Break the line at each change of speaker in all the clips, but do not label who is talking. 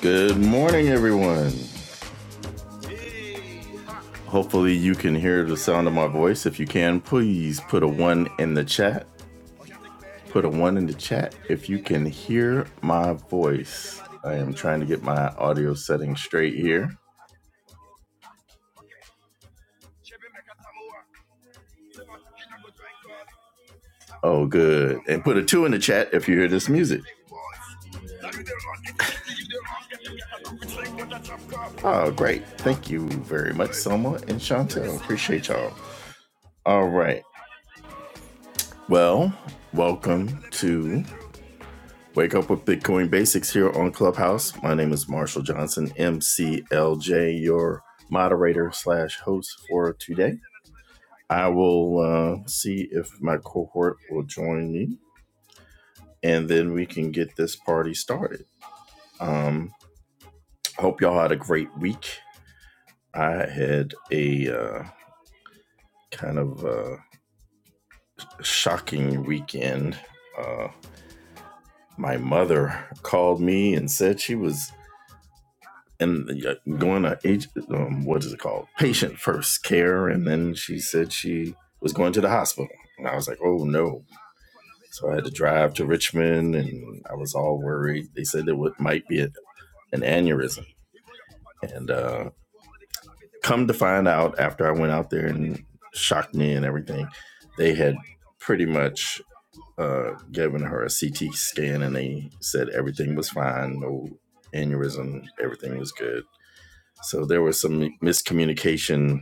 Good morning, everyone. Hopefully, you can hear the sound of my voice. If you can, please put a one in the chat. Put a one in the chat if you can hear my voice. I am trying to get my audio settings straight here. Oh, good. And put a two in the chat if you hear this music. Oh, great. Thank you very much, Selma and Chantel. Appreciate y'all. All right. Well, welcome to Wake up with Bitcoin Basics here on Clubhouse. My name is Marshall Johnson, MCLJ, your moderator slash host for today. I will uh, see if my cohort will join me, and then we can get this party started. Um, hope y'all had a great week. I had a uh, kind of uh, shocking weekend. Uh, my mother called me and said she was and uh, going to age, um, what is it called? Patient first care. And then she said she was going to the hospital. And I was like, oh no. So I had to drive to Richmond and I was all worried. They said it would, might be a, an aneurysm. And uh, come to find out, after I went out there and shocked me and everything, they had pretty much uh, given her a CT scan and they said everything was fine, no aneurysm, everything was good. So there was some miscommunication,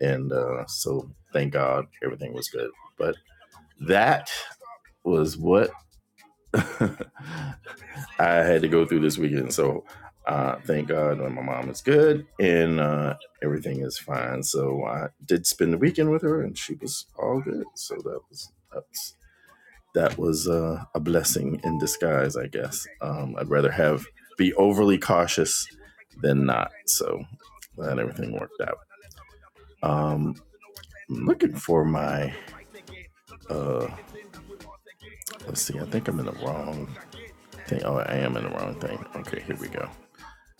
and uh, so thank God everything was good. But that was what I had to go through this weekend. So uh, thank God my mom is good and uh, everything is fine. So I did spend the weekend with her, and she was all good. So that was that's that was uh, a blessing in disguise, I guess. Um, I'd rather have be overly cautious than not. So that everything worked out. Um, I'm looking for my. Uh, let's see. I think I'm in the wrong thing. Oh, I am in the wrong thing. Okay, here we go.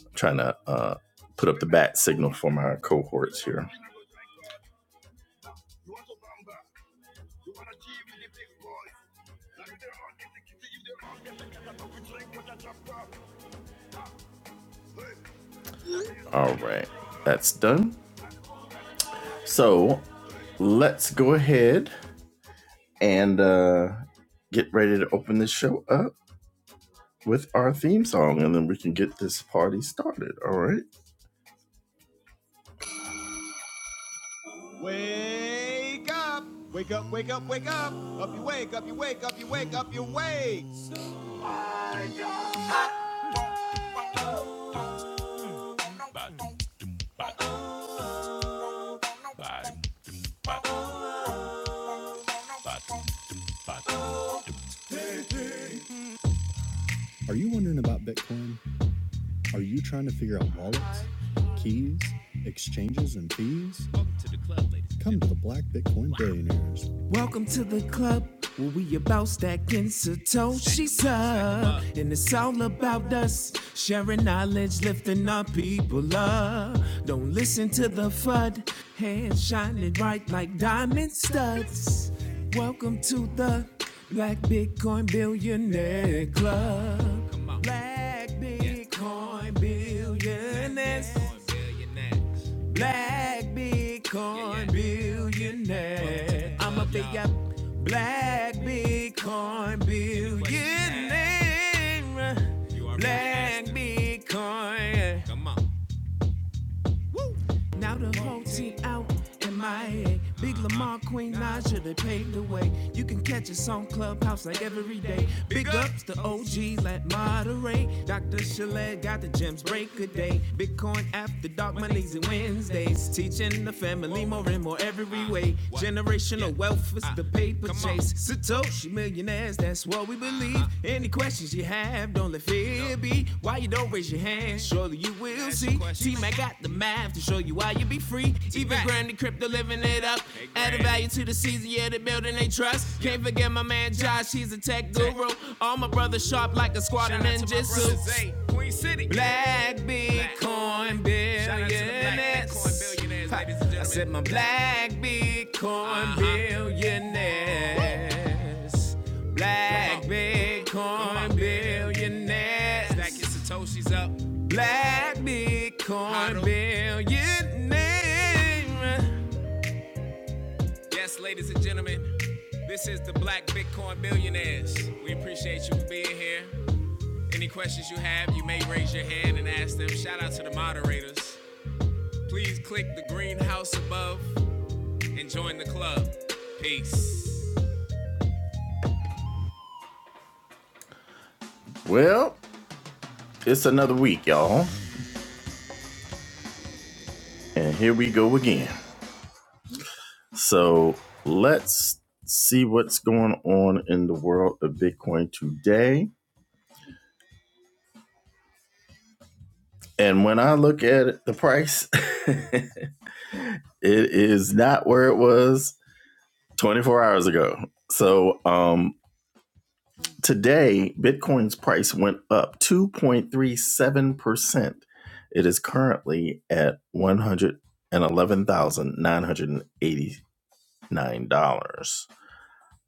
I'm trying to uh put up the bat signal for my cohorts here. All right, that's done. So let's go ahead and uh get ready to open this show up with our theme song, and then we can get this party started. All right. Wake up! Wake up! Wake up! Wake up! Up you wake! Up you wake! Up you wake! Up you wake! Welcome to the club where we about stacking Satoshi's up. And it's all about us sharing knowledge, lifting our people up. Don't listen to the FUD, hands shining bright like diamond studs. Welcome to the Black Bitcoin Billionaire Club. Come on. Black Bitcoin Billionaires. Black Bitcoin billionaire. I'm a big up black Bitcoin billionaire. Black Bitcoin. Come on. Woo! Now the whole team out in my Big Lamar, Queen Naja, they paved the way. You can catch us on Clubhouse like every day. Big ups to OGs, let moderate. Dr. Chalet got the gems, break a day. Bitcoin after dark, Mondays and Wednesdays. Teaching the family more and more every way. Generational wealth is the paper Triple J's, Satoshi millionaires. That's what we believe. Uh, Any questions you have, don't let fear no. be. Why you don't raise your hand? Surely you will Ask see. your T Mac got the math to show you why you be free. Even T-Mac. Even Granny Crypto living it up. Big Added value to the season, yeah, they building they trust. Can't forget my man Josh, he's a tech guru. All my brothers sharp like a squad of out ninjutsu. Black Bitcoin billionaires. I said my black Bitcoin Uh-huh. billionaires. Black Bitcoin on. Stack billionaires. your satoshis up. Black Bitcoin billionaires. Yes, ladies and gentlemen, this is the Black Bitcoin Billionaires. We appreciate you being here. Any questions you have, you may raise your hand and ask them. Shout out to the moderators. Please click the green house above and join the club. Peace. Well, it's another week, y'all, and here we go again. So let's see what's going on in the world of Bitcoin today. And when I look at it, the price, it is not where it was 24 hours ago. So um, Today, Bitcoin's price went up 2.37%. It is currently at $111,989.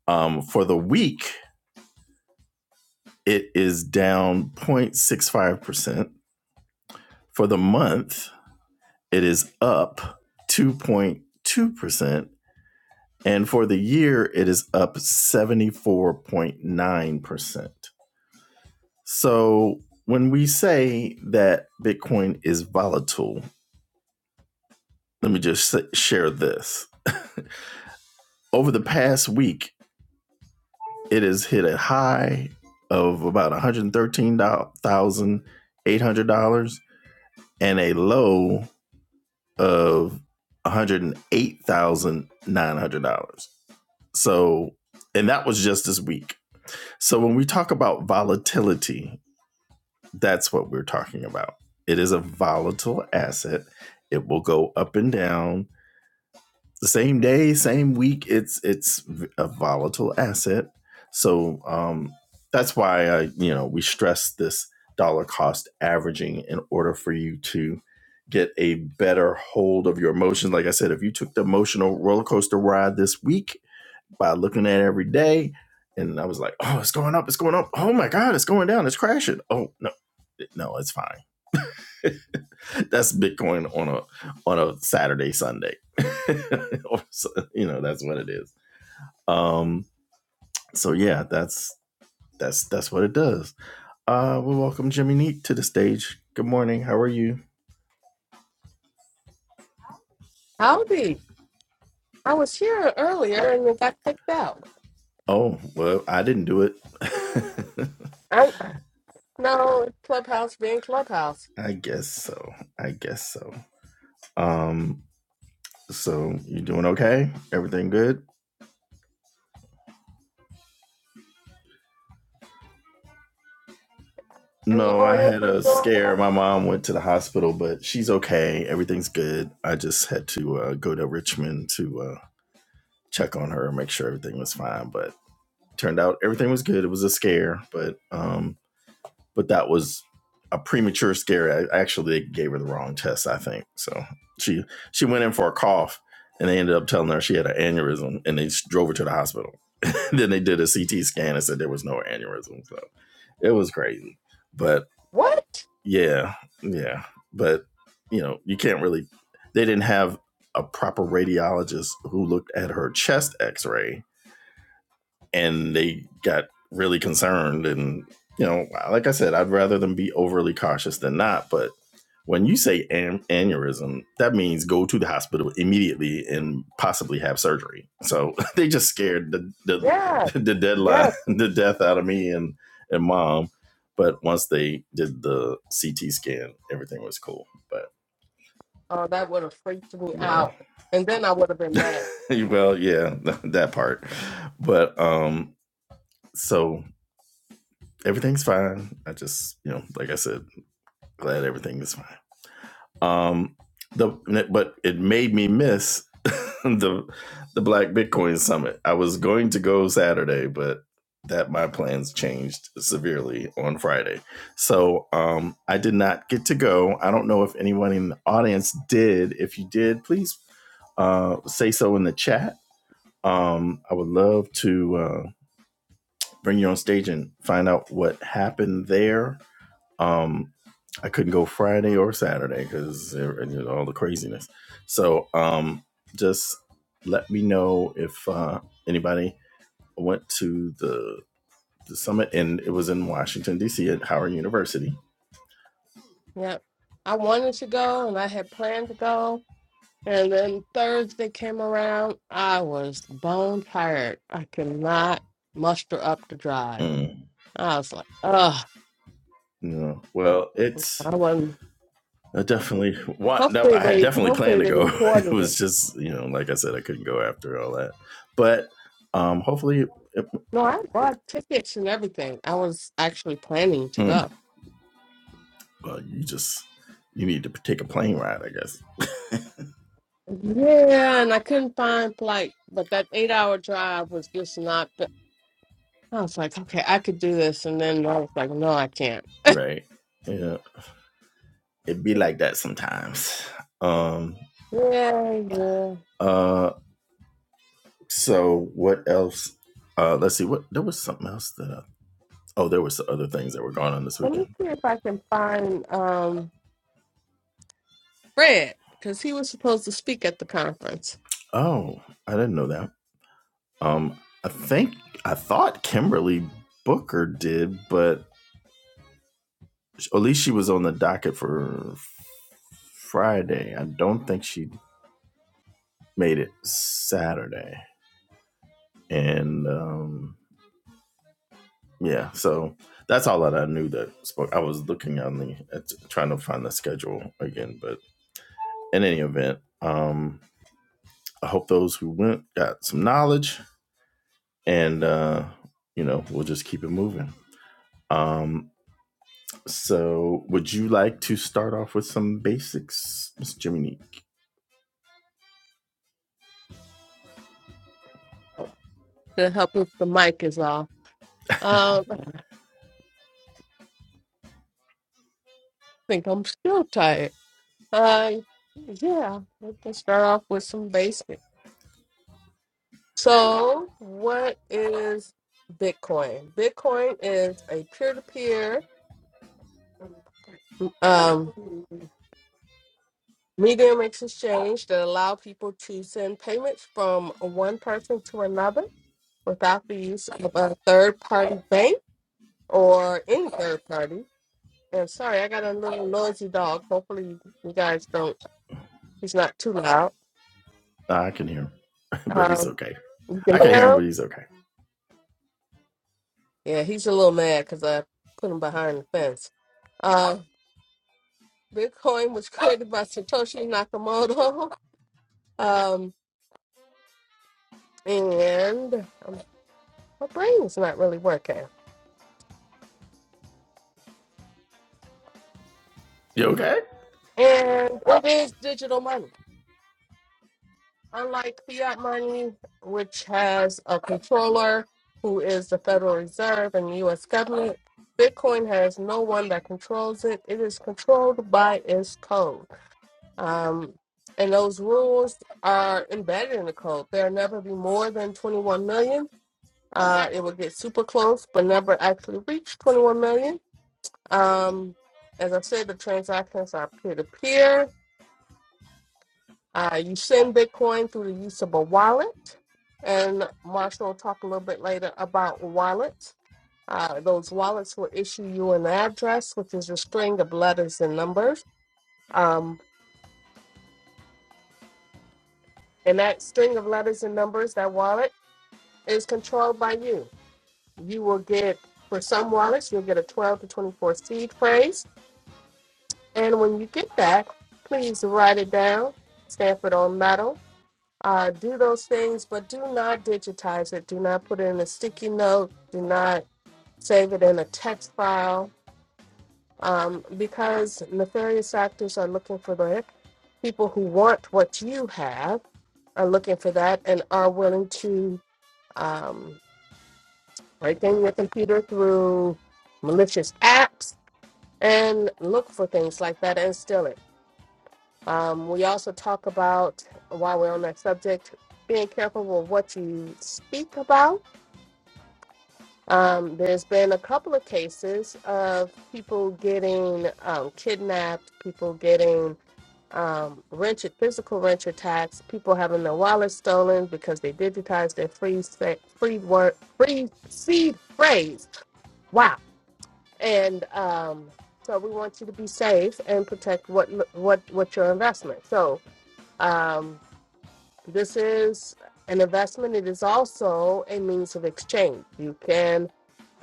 Um, for the week, it is down 0.65%. For the month, it is up 2.2%. And for the year, it is up 74.9%. So when we say that Bitcoin is volatile, let me just share this. Over the past week, it has hit a high of about $113,800 and a low of $108,900. So, and that was just this week. So when we talk about volatility, That's what we're talking about. It is a volatile asset. It will go up and down the same day, same week. It's it's a volatile asset. So um, that's why uh, you know we stress this dollar cost averaging in order for you to get a better hold of your emotions. Like I said, if you took the emotional roller coaster ride this week by looking at it every day, and I was like, oh, it's going up, it's going up. Oh my God, it's going down, it's crashing. Oh no, no, it's fine that's Bitcoin on a on a Saturday Sunday. you know that's what it is. Um, so yeah, that's that's that's what it does. Uh, we welcome Jimmy Neat to the stage. Good morning. How are you?
Howdy. I was here earlier and it got kicked out.
Oh well, I didn't do it.
I'm Clubhouse being Clubhouse.
I guess so. I guess so. Um, so you doing okay? Everything good?
And the
No, I
audience
had
is
a
going,
scare.
well.
My mom went to the hospital, but she's okay. Everything's good. I just had to uh, go to Richmond to uh, check on her and make sure everything was fine. But turned out everything was good. It was a scare, but um, but that was a premature scare. I actually they gave her the wrong test, I think. So she she went in for a cough, and they ended up telling her she had an aneurysm, and they drove her to the hospital. then they did a CT scan and said there was no aneurysm. So it was crazy. But
What?
yeah, yeah. But you know, you can't really. They didn't have a proper radiologist who looked at her chest X-ray and they got really concerned. And you know, like I said, I'd rather them be overly cautious than not. But when you say an- aneurysm, that means go to the hospital immediately and possibly have surgery. So they just scared the the,
Yes.
the deadline,
Yes.
the death out of me and and mom. But once they did the CT scan, everything was cool. But
Oh, that would have freaked me
yeah,
out. And then I would have been mad.
well, yeah, that part. But um, so everything's fine. I just, you know, like I said, glad everything is fine. Um, the but it made me miss the the Black Bitcoin Summit. I was going to go Saturday, but that my plans changed severely on Friday. So um, I did not get to go. I don't know if anyone in the audience did. If you did, please uh, say so in the chat. Um, I would love to uh, bring you on stage and find out what happened there. Um, I couldn't go Friday or Saturday because all the craziness. So um, just let me know if uh, anybody went to the the summit, and it was in Washington D.C. at Howard University.
Yep. I wanted to go and I had planned to go. And then Thursday came around. I was bone tired. I could not muster up the drive.
Mm,
I was like, ugh.
yeah. Well, it's
I wasn't.
I definitely want. No,
Hopefully
I had
they
definitely planned
hopefully
to
they
go. it
recorded it
was just you know, like I said, I couldn't go after all that. But um, hopefully, it,
No, I bought tickets and everything. I was actually planning to
mm,
go.
well, you just you need to take a plane ride, I guess.
Yeah, and I couldn't find flight, but that eight hour drive was just not. the- I was like, okay, I could do this, and then I was like, no, I can't.
Right? Yeah, it'd be
Yeah,
like that sometimes. Um.
yeah.
Uh. So what else? Uh. Let's see. What there was something else that. I, oh, there was other things that were going on this
Let me
weekend.
see if I can find um Fred because he was supposed to speak at the conference
Oh, I didn't know that. Um. I think I thought Kimberly Booker did, but at least she was on the docket for Friday. I don't think she made it Saturday. And um, yeah, so that's all that I knew that spoke. I was looking on the at, trying to find the schedule again, but in any event, um, I hope those who went got some knowledge, and uh, you know we'll just keep it moving. Um, so, would you like to start off with some basics, Miss Jiminique?
to help if the mic is off. Um, I think I'm still tired. Uh, yeah, we can start off with some bass So, what is Bitcoin? Bitcoin is a peer-to-peer um, medium exchange that allow people to send payments from one person to another without the use of a third-party bank or any third party. And sorry, I got a little noisy dog. Hopefully, you guys don't. He's not too loud.
Uh, I can hear him, but he's
Um,
okay.
you
I
can
can hear
hear
him,
him.
but he's okay.
Yeah, he's a little mad because I put him behind the fence. Uh, Bitcoin was created by Satoshi Nakamoto. Um, and um, my brain's not really working.
You okay?
And it is digital money. Unlike fiat money, which has a controller who is the Federal Reserve and the US government, Bitcoin has no one that controls it. It is controlled by its code. Um, and those rules are embedded in the code. There'll never be more than 21 million Uh, it would get super close, but never actually reach 21 million. Um, as I said, the transactions are peer to peer. Uh, You send Bitcoin through the use of a wallet. And Marshall will talk a little bit later about wallets. Uh, those wallets will issue you an address, which is a string of letters and numbers. Um, and that string of letters and numbers, that wallet, is controlled by you. You will get, for some wallets, you'll get a 12 to 24 seed phrase And when you get that, please write it down, stamp it on metal. Uh, do those things, but do not digitize it. Do not put it in a sticky note. Do not save it in a text file um, because nefarious actors are looking for that. People who want what you have are looking for that and are willing to um, break in your computer through malicious apps and look for things like that and steal it. Um, we also talk about, while we're on that subject, being careful with what you speak about. Um, there's been a couple of cases of people getting um, kidnapped, people getting um, wrench, physical wrench attacks, people having their wallets stolen because they digitized their free se- free word, free seed phrase. Wow! And um, so we want you to be safe and protect what what what your investment. So. Um, This is an investment. It is also a means of exchange. You can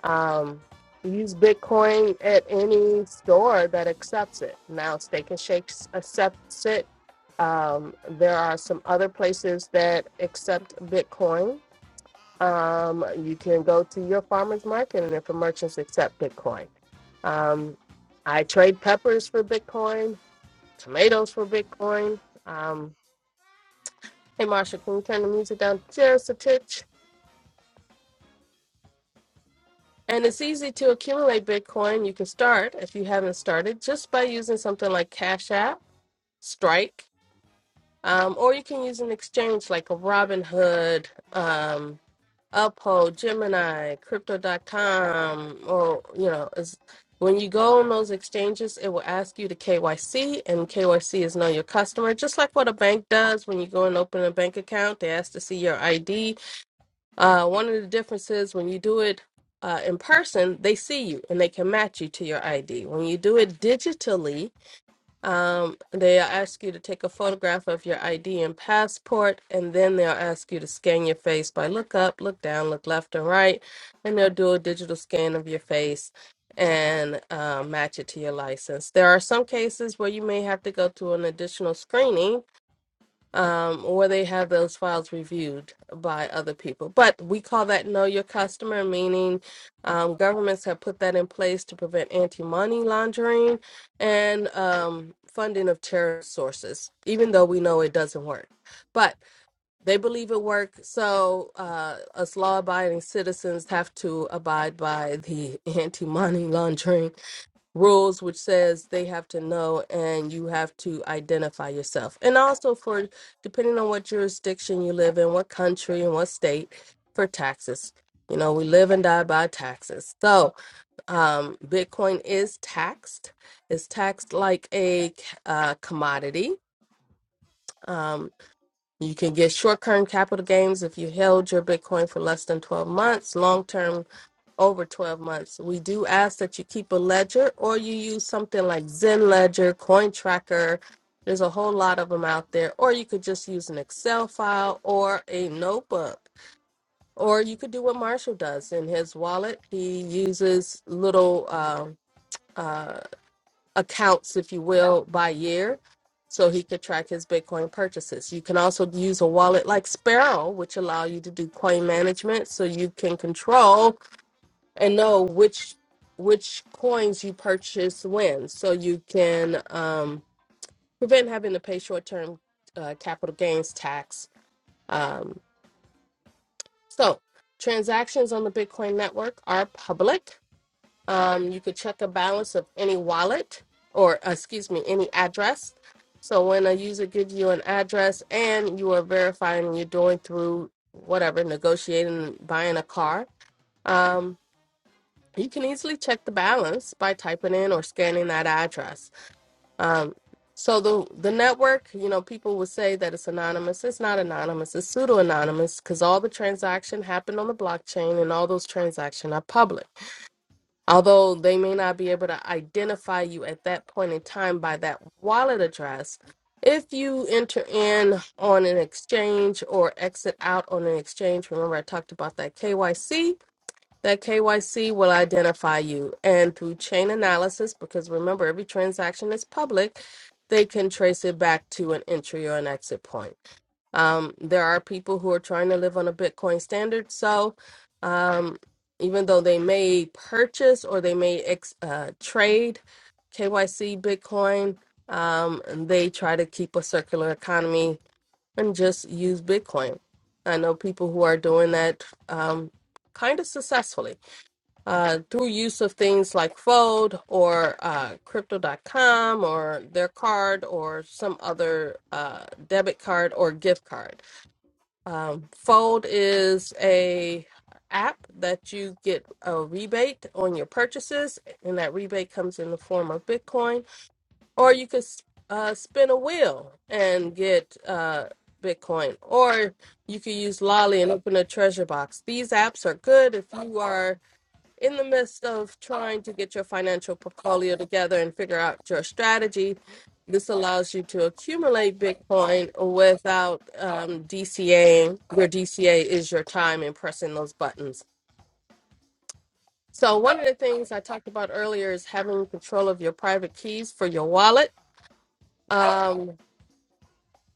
um, use Bitcoin at any store that accepts it. Now, Steak and Shakes accepts it. Um, there are some other places that accept Bitcoin. Um, you can go to your farmer's market, and if the merchants accept Bitcoin, um, I trade peppers for Bitcoin, tomatoes for Bitcoin. Um, Hey, Marsha, can you turn the music down just a titch? And it's easy to accumulate Bitcoin. You can start if you haven't started just by using something like Cash App, Strike, um, or you can use an exchange like a Robinhood, um, Uphold, Gemini, Crypto.com, or you know, is when you go on those exchanges, it will ask you to KYC, and KYC is know your customer, just like what a bank does when you go and open a bank account. They ask to see your ID Uh, one of the differences when you do it uh, in person, they see you and they can match you to your ID. When you do it digitally, um, they'll ask you to take a photograph of your ID and passport, and then they'll ask you to scan your face by look up, look down, look left and right, and they'll do a digital scan of your face and uh, match it to your license. There are some cases where you may have to go to an additional screening um, or they have those files reviewed by other people. But we call that know your customer, meaning um, governments have put that in place to prevent anti money laundering and um, funding of terrorist sources, even though we know it doesn't work. But they believe it works, so uh, us law abiding citizens have to abide by the anti money laundering rules which says they have to know and you have to identify yourself and also for depending on what jurisdiction you live in what country and what state for taxes you know we live and die by taxes so um bitcoin is taxed it's taxed like a uh, commodity um you can get short-term capital gains if you held your bitcoin for less than 12 months long-term over 12 months. We do ask that you keep a ledger or you use something like Zen Ledger, Coin Tracker. There's a whole lot of them out there. Or you could just use an Excel file or a notebook. Or you could do what Marshall does in his wallet. He uses little um, uh, accounts, if you will, by year so he could track his Bitcoin purchases. You can also use a wallet like Sparrow, which allow you to do coin management so you can control and know which which coins you purchase when so you can um, prevent having to pay short-term uh, capital gains tax um, so transactions on the bitcoin network are public um, you could check a balance of any wallet or uh, excuse me any address so when a user gives you an address and you are verifying you're doing through whatever negotiating buying a car um, you can easily check the balance by typing in or scanning that address. Um, so the the network, you know, people would say that it's anonymous. It's not anonymous. It's pseudo anonymous because all the transaction happened on the blockchain, and all those transactions are public. Although they may not be able to identify you at that point in time by that wallet address, if you enter in on an exchange or exit out on an exchange, remember I talked about that KYC that KYC will identify you. And through chain analysis, because remember, every transaction is public, they can trace it back to an entry or an exit point. Um, there are people who are trying to live on a Bitcoin standard. So um, even though they may purchase or they may ex- uh, trade KYC Bitcoin, um, they try to keep a circular economy and just use Bitcoin. I know people who are doing that um, kind of successfully uh, through use of things like Fold or uh, Crypto.com or their card or some other uh, debit card or gift card. Um, Fold is a app that you get a rebate on your purchases, and that rebate comes in the form of Bitcoin. Or you could s- uh, spin a wheel and get uh, Bitcoin, or you could use Lolly and open a treasure box. These apps are good if you are in the midst of trying to get your financial portfolio together and figure out your strategy, this allows you to accumulate Bitcoin without um, DCAing. Your DCA is your time in pressing those buttons. So, one of the things I talked about earlier is having control of your private keys for your wallet. Um,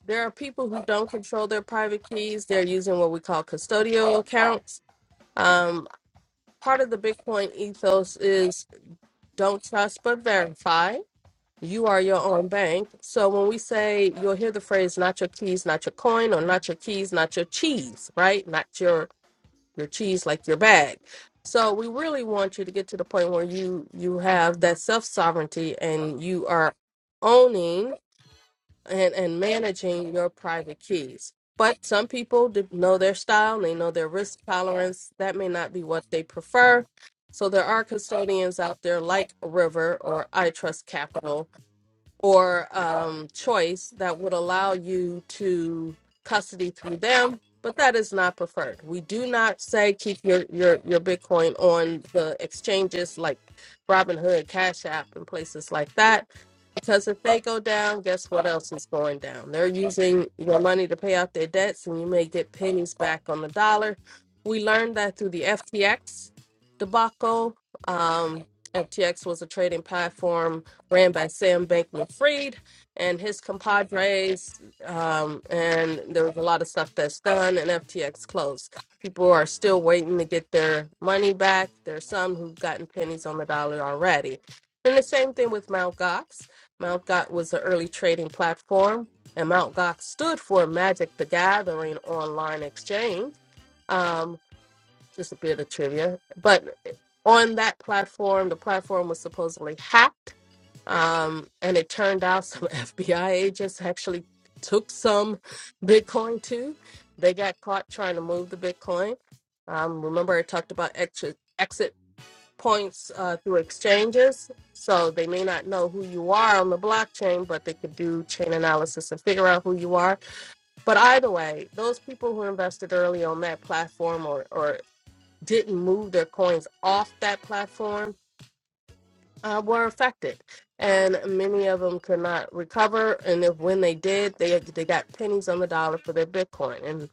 there are people who don't control their private keys, they're using what we call custodial accounts. Um, part of the Bitcoin ethos is don't trust but verify you are your own bank. So when we say you'll hear the phrase not your keys, not your coin, or not your keys, not your cheese, right? Not your your cheese like your bag. So we really want you to get to the point where you you have that self sovereignty and you are owning and and managing your private keys. But some people d- know their style, they know their risk tolerance. That may not be what they prefer. So there are custodians out there like River or I Trust Capital or um, choice that would allow you to custody through them, but that is not preferred. We do not say keep your your your Bitcoin on the exchanges like Robinhood, Cash App, and places like that. Because if they go down, guess what else is going down? They're using your money to pay out their debts, and you may get pennies back on the dollar. We learned that through the FTX debacle. Um, FTX was a trading platform ran by Sam Bankman Fried and his compadres. Um, and there was a lot of stuff that's done, and FTX closed. People are still waiting to get their money back. There's some who've gotten pennies on the dollar already. And the same thing with Mt. Gox. Mt. Gox was an early trading platform, and Mt. Gox stood for Magic the Gathering Online Exchange. Um, just a bit of trivia. But on that platform, the platform was supposedly hacked um, and it turned out some FBI agents actually took some Bitcoin too. They got caught trying to move the Bitcoin. Um, remember, I talked about exit, exit points uh, through exchanges. So they may not know who you are on the blockchain, but they could do chain analysis and figure out who you are. But either way, those people who invested early on that platform or, or didn't move their coins off that platform uh, were affected, and many of them could not recover. And if when they did, they they got pennies on the dollar for their Bitcoin. And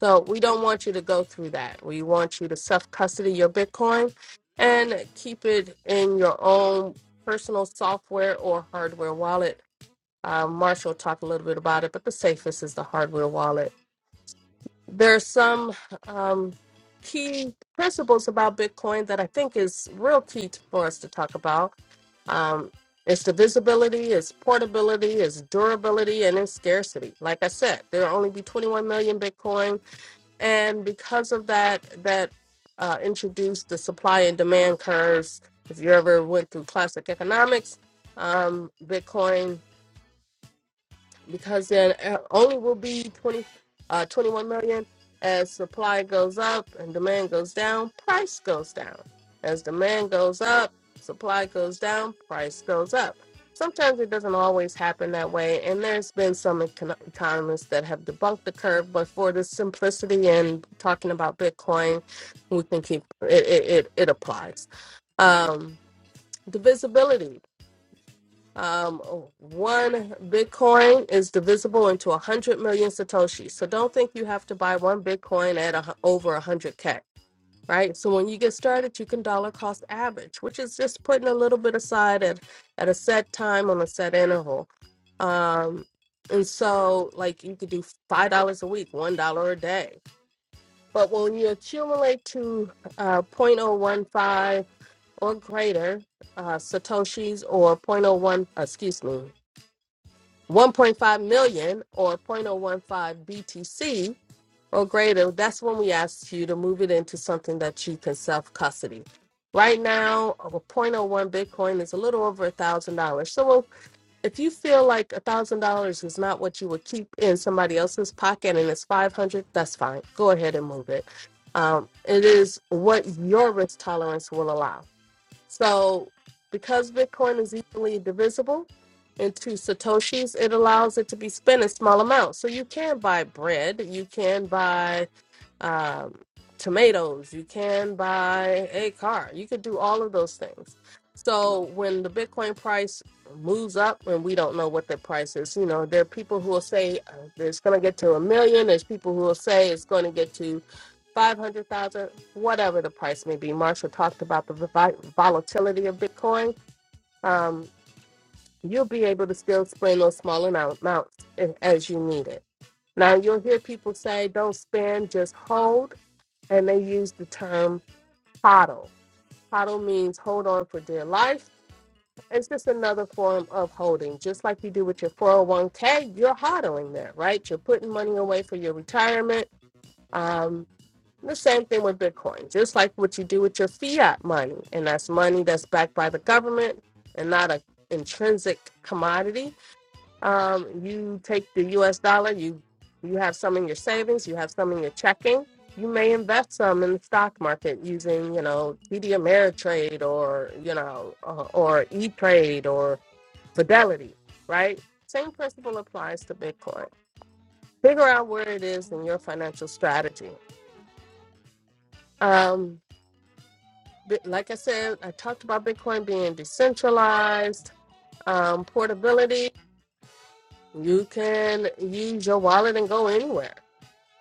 so we don't want you to go through that. We want you to self custody your Bitcoin and keep it in your own personal software or hardware wallet. Uh, Marshall talked a little bit about it, but the safest is the hardware wallet. There are some um, key principles about Bitcoin that I think is real key t- for us to talk about um, it's divisibility, it's portability, it's durability, and it's scarcity. Like I said, there will only be 21 million Bitcoin, and because of that, that uh, introduced the supply and demand curves. If you ever went through classic economics, um, Bitcoin because then uh, only will be 20, uh, 21 million as supply goes up and demand goes down, price goes down. As demand goes up, supply goes down, price goes up. Sometimes it doesn't always happen that way, and there's been some econ- economists that have debunked the curve. But for the simplicity in talking about Bitcoin, we can keep it. It, it, it applies. Um, divisibility. Um, one Bitcoin is divisible into a hundred million satoshis. So don't think you have to buy one Bitcoin at a, hu- over a hundred k, right? So when you get started, you can dollar cost average, which is just putting a little bit aside at at a set time on a set interval. Um, and so like you could do five dollars a week, one dollar a day. But when you accumulate to uh, 0.015 or greater uh, satoshis or zero point zero 0.01, excuse me, 1.5 million or 0.015 BTC or greater, that's when we ask you to move it into something that you can self custody. Right now, a zero point zero 0.01 Bitcoin is a little over a $1,000. So well, if you feel like a $1,000 is not what you would keep in somebody else's pocket and it's 500, that's fine. Go ahead and move it. Um, it is what your risk tolerance will allow so because Bitcoin is easily divisible into Satoshis, it allows it to be spent in small amounts. So you can buy bread, you can buy um, tomatoes. You can buy a car. You could do all of those things. So when the Bitcoin price moves up, and we don't know what the price is, you know, there are people who will say uh, it's going to get to a million. There's people who will say it's going to get to 500,000, whatever the price may be. Marshall talked about the vi- volatility of Bitcoin. Um, you'll be able to still spend those small amount- amounts a- as you need it. Now, you'll hear people say, don't spend, just hold and they use the term hodl. Hodl means hold on for dear life. It's just another form of holding, just like you do with your 401k. You're hodling that, right? You're putting money away for your retirement. Um, the same thing with Bitcoin, just like what you do with your fiat money, and that's money that's backed by the government and not an intrinsic commodity um, you take the U.S. dollar. You you have some in your savings. You have some in your checking. You may invest some in the stock market using you know TD Ameritrade or you know uh, or E Trade or Fidelity. Right. Same principle applies to Bitcoin. Figure out where it is in your financial strategy. Um, but like I said, I talked about Bitcoin being decentralized, um, portability. You can use your wallet and go anywhere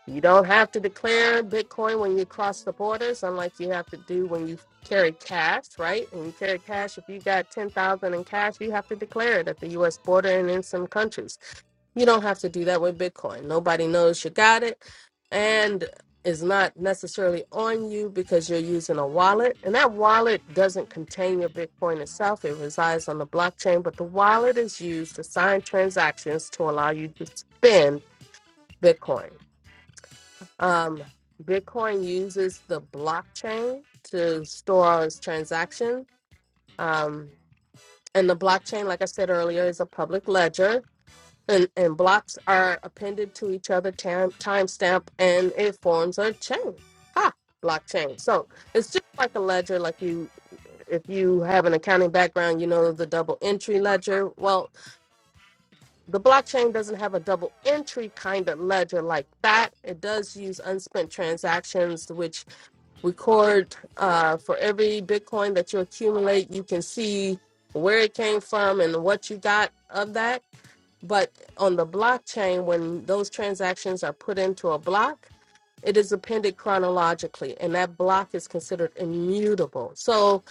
You don't have to declare Bitcoin when you cross the borders, unlike you have to do when you carry cash, right? When you carry cash, if you got 10,000 in cash, you have to declare it at the US border and in some countries. You don't have to do that with Bitcoin. Nobody knows you got it and is not necessarily on you because you're using a wallet. And that wallet doesn't contain your Bitcoin itself, it resides on the blockchain, but the wallet is used to sign transactions to allow you to spend Bitcoin. Um, Bitcoin uses the blockchain to store all its transactions. Um, and the blockchain, like I said earlier, is a public ledger, and, and blocks are appended to each other, time timestamp, and it forms a chain. Ha! Blockchain. So it's just like a ledger, like you if you have an accounting background, you know the double entry ledger. Well, the blockchain doesn't have a double entry kind of ledger like that. It does use unspent transactions, which record uh, for every Bitcoin that you accumulate. You can see where it came from and what you got of that. But on the blockchain, when those transactions are put into a block, it is appended chronologically, and that block is considered immutable. So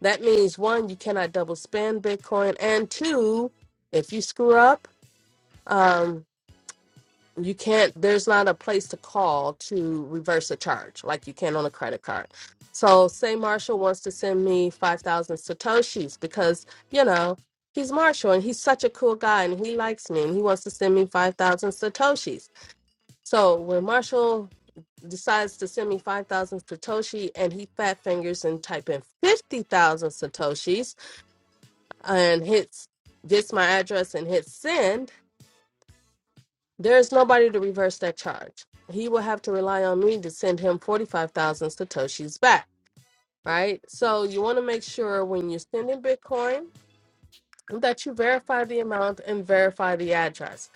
that means one, you cannot double spend Bitcoin, and two, if you screw up, um, you can't there's not a place to call to reverse a charge like you can on a credit card so say marshall wants to send me 5000 satoshis because you know he's marshall and he's such a cool guy and he likes me and he wants to send me 5000 satoshis so when marshall decides to send me 5000 satoshi and he fat fingers and type in 50000 satoshis and hits gets my address and hits send There is nobody to reverse that charge. He will have to rely on me to send him 45,000 Satoshis back, right? So you want to make sure when you're sending Bitcoin that you verify the amount and verify the address.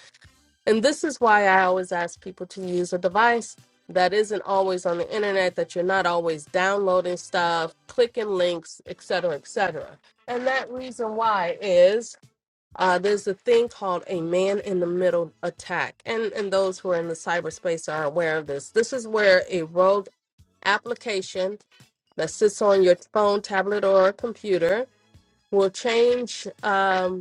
And this is why I always ask people to use a device that isn't always on the internet, that you're not always downloading stuff, clicking links, etc., etc. And that reason why is uh, there's a thing called a man in the middle attack, and and those who are in the cyberspace are aware of this. This is where a rogue application that sits on your phone, tablet, or computer will change. Um,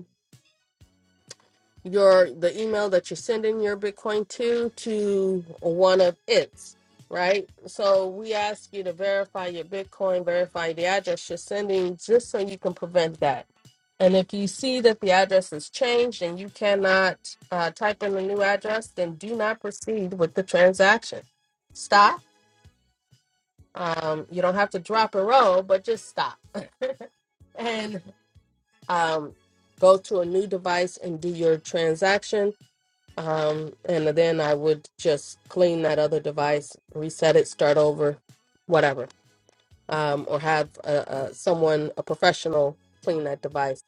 your the email that you're sending your Bitcoin to to one of its, right? So we ask you to verify your Bitcoin, verify the address you're sending, just so you can prevent that. And if you see that the address is changed and you cannot uh, type in the new address, then do not proceed with the transaction. Stop. Um, you don't have to drop and roll, but just stop and um, go to a new device and do your transaction um, and then I would just clean that other device, reset it, start over, whatever. Um, or have uh uh someone, a professional, clean that device.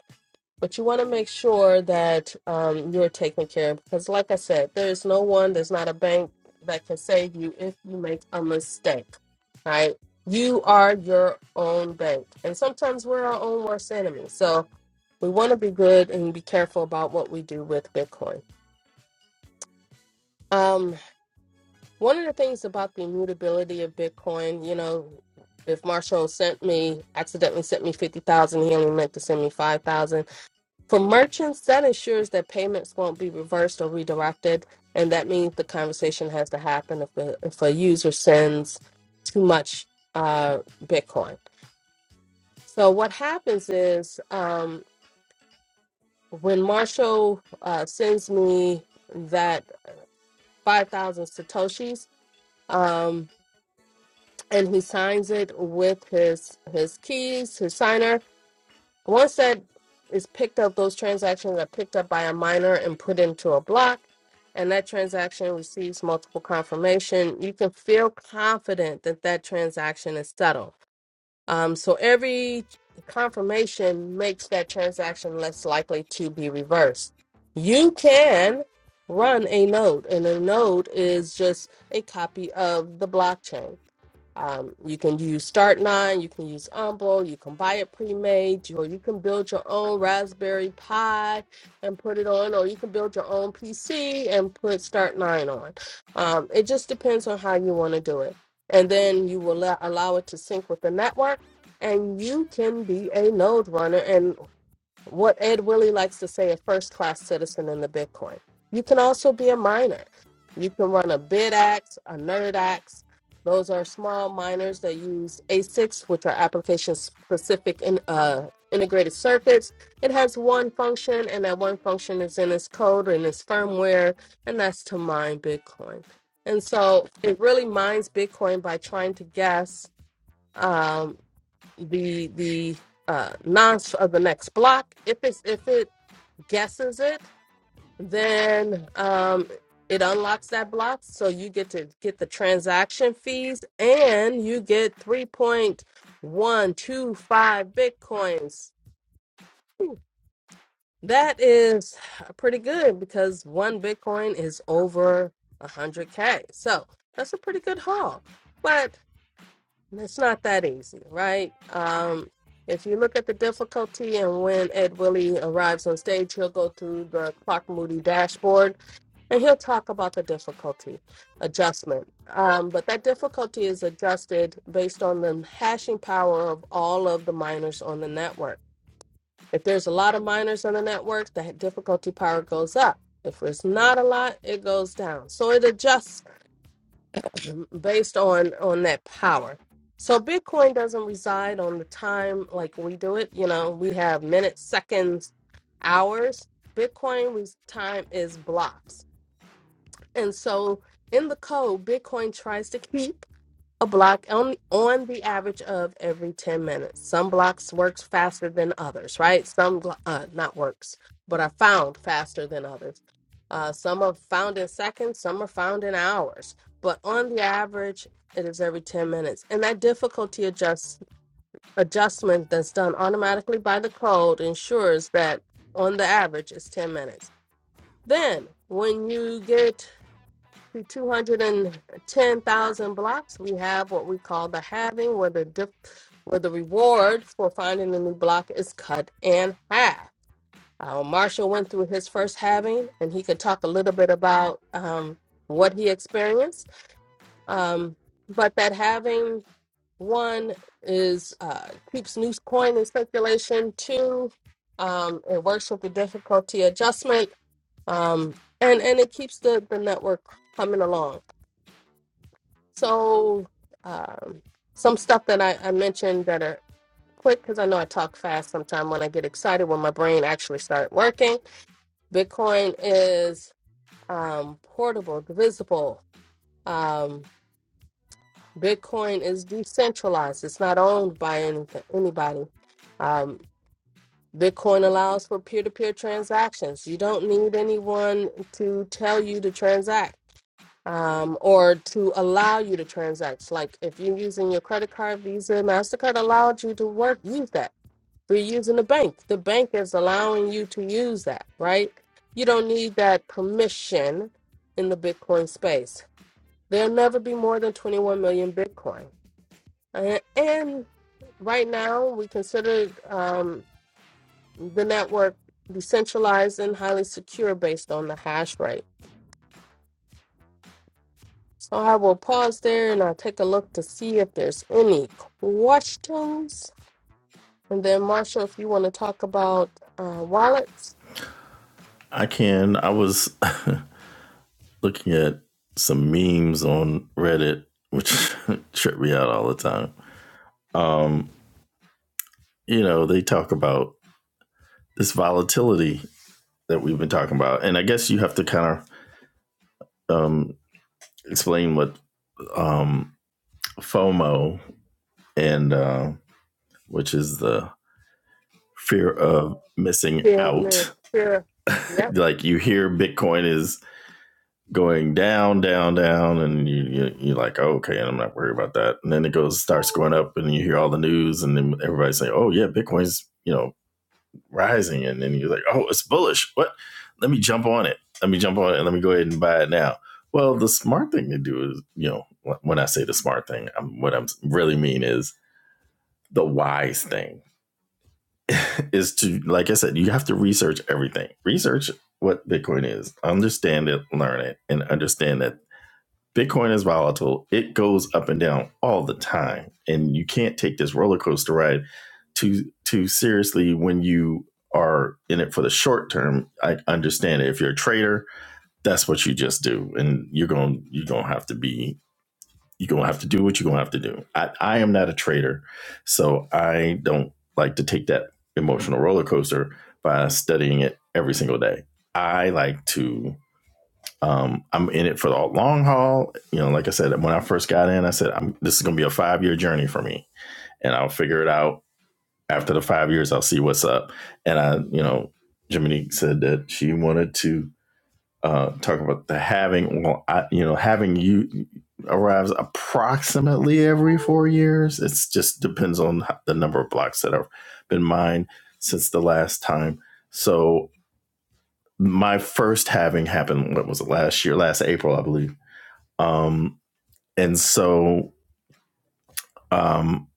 But you want to make sure that um, you're taken care of because, like I said, there's no one, there's not a bank that can save you if you make a mistake, right? You are your own bank. And sometimes we're our own worst enemy. So we want to be good and be careful about what we do with Bitcoin. Um, One of the things about the immutability of Bitcoin, you know, if Marshall sent me, accidentally sent me 50,000, he only meant to send me 5,000. For merchants, that ensures that payments won't be reversed or redirected. And that means the conversation has to happen if, the, if a user sends too much uh, Bitcoin. So what happens is um, when Marshall uh, sends me that 5,000 Satoshis, um, and he signs it with his his keys, his signer. Once that is picked up, those transactions are picked up by a miner and put into a block, and that transaction receives multiple confirmation. You can feel confident that that transaction is settled um, so every confirmation makes that transaction less likely to be reversed. You can run a node, and a node is just a copy of the blockchain. Um, you can use Start9, you can use Umble, you can buy it pre-made, or you can build your own Raspberry Pi and put it on, or you can build your own PC and put Start9 on. Um, it just depends on how you want to do it and then you will allow, allow it to sync with the network and you can be a node runner and what Ed Willie likes to say, a first class citizen in the Bitcoin. You can also be a miner. You can run a BidAx, a NerdAx. Those are small miners that use ASICs, which are application specific in, uh, integrated circuits. It has one function, and that one function is in its code and its firmware, and that's to mine Bitcoin. And so it really mines Bitcoin by trying to guess. um the the uh nonce of the next block. If it's if it guesses it, then um it unlocks that block. So you get to get the transaction fees and you get three point one two five bitcoins. Whew. That is pretty good because one bitcoin is over a hundred K. So that's a pretty good haul. But It's not that easy, right? Um, if you look at the difficulty and when Ed Willie arrives on stage, he'll go through the Clark Moody dashboard and he'll talk about the difficulty adjustment. Um, but that difficulty is adjusted based on the hashing power of all of the miners on the network. If there's a lot of miners on the network, the difficulty power goes up. If there's not a lot, it goes down. So it adjusts based on on that power so bitcoin doesn't reside on the time like we do it you know we have minutes seconds hours bitcoin res- time is blocks and so in the code bitcoin tries to keep a block on on the average of every 10 minutes some blocks works faster than others right some blo- uh not works but are found faster than others uh some are found in seconds some are found in hours but on the average it is every 10 minutes and that difficulty adjust adjustment that's done automatically by the code ensures that on the average it's 10 minutes then when you get to 210,000 blocks, we have what we call the halving, where the diff, where the reward for finding a new block is cut in half. Uh, Marshall went through his first halving, and he could talk a little bit about um, what he experienced. Um, but that halving one is uh, keeps new coin in circulation. Two, um, it works with the difficulty adjustment, um, and and it keeps the the network coming along. So, um, some stuff that I, I mentioned that are quick because I know I talk fast sometimes when I get excited when my brain actually start working. Bitcoin is um, portable, divisible. Um, Bitcoin is decentralized. It's not owned by any, anybody. Um, Bitcoin allows for peer-to-peer transactions. You don't need anyone to tell you to transact. um, or to allow you to transact. Like if you're using your credit card, Visa, MasterCard allowed you to work, use that. If you're using the bank, the bank is allowing you to use that, right? You don't need that permission in the Bitcoin space. There'll never be more than 21 million Bitcoin. And, and right now, we consider um, the network decentralized and highly secure based on the hash rate. So I will pause there and I'll take a look to see if there's any questions. And then, Marshall, if you want to talk about uh, wallets,
I can. I was looking at some memes on Reddit, which trip me out all the time. Um, you know, they talk about this volatility that we've been talking about, and I guess you have to kind of um, explain what um, FOMO and uh, which is the fear of missing
fear, man,
out.
fear. Yep,
like you hear Bitcoin is going down, down, down, and you, you you're like, oh, okay, I'm not worried about that. And then it goes starts going up, and you hear all the news, and then everybody's saying, oh yeah, Bitcoin's you know rising, and then you're like, oh, it's bullish. What? Let me jump on it. Let me jump on it. and Let me go ahead and buy it now. Well, the smart thing to do is, you know, when I say the smart thing, I'm, what I'm really mean is the wise thing is to, like I said, you have to research everything. Research what Bitcoin is, understand it, learn it, and understand that Bitcoin is volatile. It goes up and down all the time, and you can't take this roller coaster ride too too seriously when you are in it for the short term. I understand it. If you're a trader, that's what you just do, and you're going you're going to have to be you're going to have to do what you're going to have to do. I, I am not a trader, so I don't like to take that emotional roller coaster by studying it every single day. I like to um, I'm in it for the long haul. You know, like I said, when I first got in, I said, I'm, this is going to be a five year journey for me and I'll figure it out after the five years. I'll see what's up. And I, you know, Jiminy said that she wanted to uh, talk about the having, well, I, you know, having you arrives approximately every four years. It just depends on the number of blocks that have been mined since the last time. So my first having happened, what was it last year, last April, I believe um, and so um,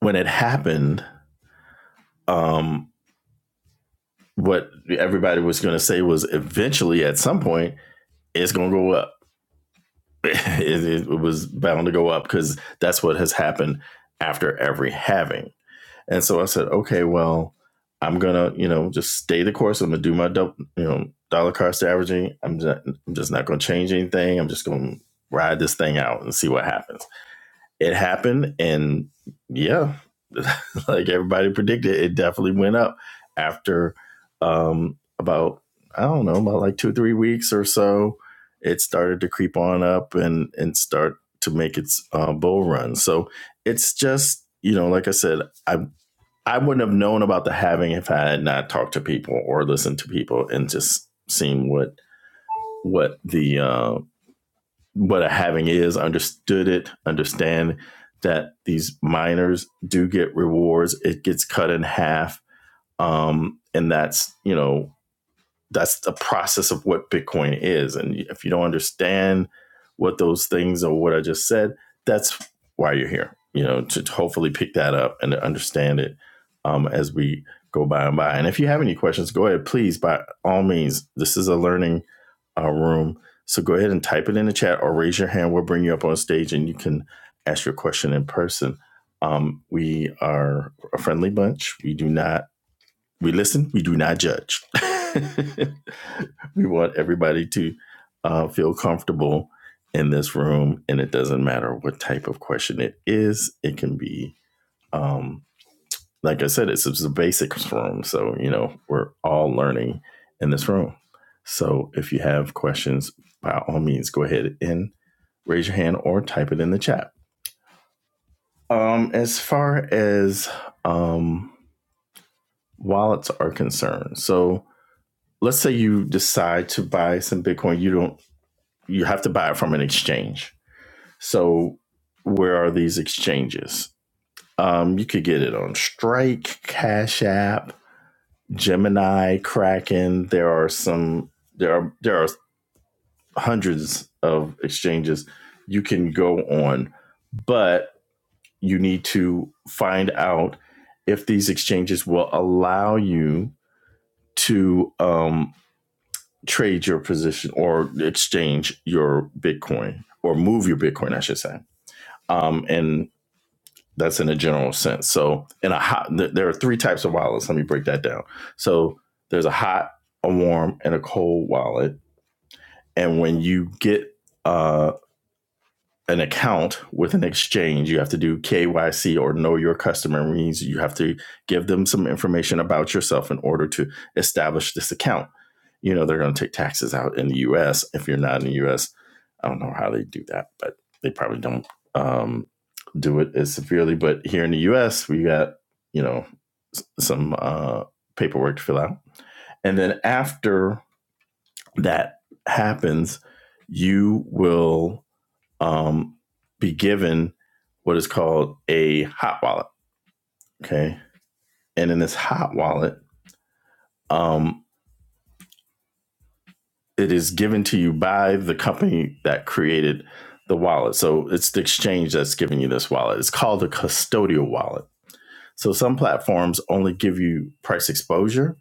when it happened, um, what everybody was going to say was eventually at some point it's going to go up. it, it was bound to go up because that's what has happened after every having. And so I said, okay, well, I'm gonna, you know, just stay the course. I'm gonna do my, dou- you know, dollar cost averaging. I'm just, I'm just not gonna change anything. I'm just gonna ride this thing out and see what happens. It happened, and yeah, like everybody predicted, it definitely went up after um, about I don't know about like two or three weeks or so. It started to creep on up and and start to make its uh, bull run. So it's just you know, like I said, I I wouldn't have known about the having if I had not talked to people or listened to people and just seen what what the uh, what a having is, understood it, understand that these miners do get rewards. It gets cut in half. Um, and that's, you know, that's the process of what Bitcoin is. And if you don't understand what those things are, what I just said, that's why you're here, you know, to, to hopefully pick that up and to understand it um, as we go by and by. And if you have any questions, go ahead, please, by all means, this is a learning uh, room. So go ahead and type it in the chat or raise your hand. We'll bring you up on stage and you can ask your question in person. Um, we are a friendly bunch. We do not we listen, we do not judge. we want everybody to uh, feel comfortable in this room, and it doesn't matter what type of question it is. It can be, um, like I said, it's, it's a basics room. So, you know, we're all learning in this room. So, if you have questions, by all means, go ahead and raise your hand or type it in the chat. Um, as far as um, wallets are concerned, so let's say you decide to buy some Bitcoin, you don't you have to buy it from an exchange. So where are these exchanges? Um, you could get it on Strike, Cash App, Gemini, Kraken. There are some there are there are hundreds of exchanges you can go on, but you need to find out if these exchanges will allow you to um, trade your position or exchange your Bitcoin or move your Bitcoin, I should say. Um, and that's in a general sense. So, in a hot, there are three types of wallets. Let me break that down. So, there's a hot, a warm, and a cold wallet. And when you get uh, an account with an exchange, you have to do KYC or know your customer It means you have to give them some information about yourself in order to establish this account. You know, they're going to take taxes out in the US. If you're not in the US, I don't know how they do that, but they probably don't um, do it as severely. But here in the US, we got, you know, some uh, paperwork to fill out. And then after that happens, you will um, be given what is called a hot wallet. Okay. And in this hot wallet, um, it is given to you by the company that created the wallet. So it's the exchange that's giving you this wallet. It's called a custodial wallet. So some platforms only give you price exposure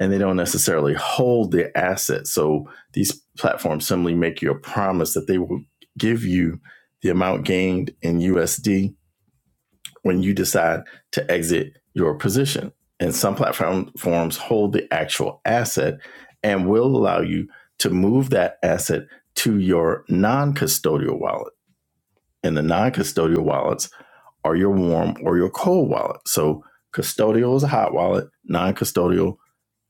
and they don't necessarily hold the asset. So these platforms simply make you a promise that they will give you the amount gained in USD when you decide to exit your position. And some platform forms hold the actual asset and will allow you to move that asset to your non custodial wallet. And the non custodial wallets are your warm or your cold wallet. So custodial is a hot wallet, non custodial,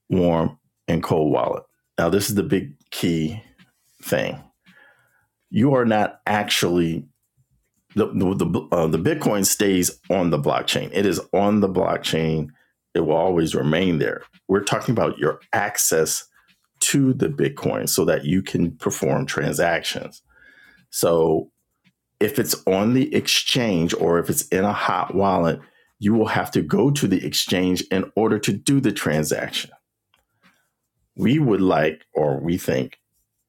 warm, and cold wallet. Now, this is the big key thing. You are not actually the the the, uh, the Bitcoin stays on the blockchain. It is on the blockchain. It will always remain there. We're talking about your access to the Bitcoin so that you can perform transactions. So if it's on the exchange or if it's in a hot wallet, you will have to go to the exchange in order to do the transaction. We would like, or we think,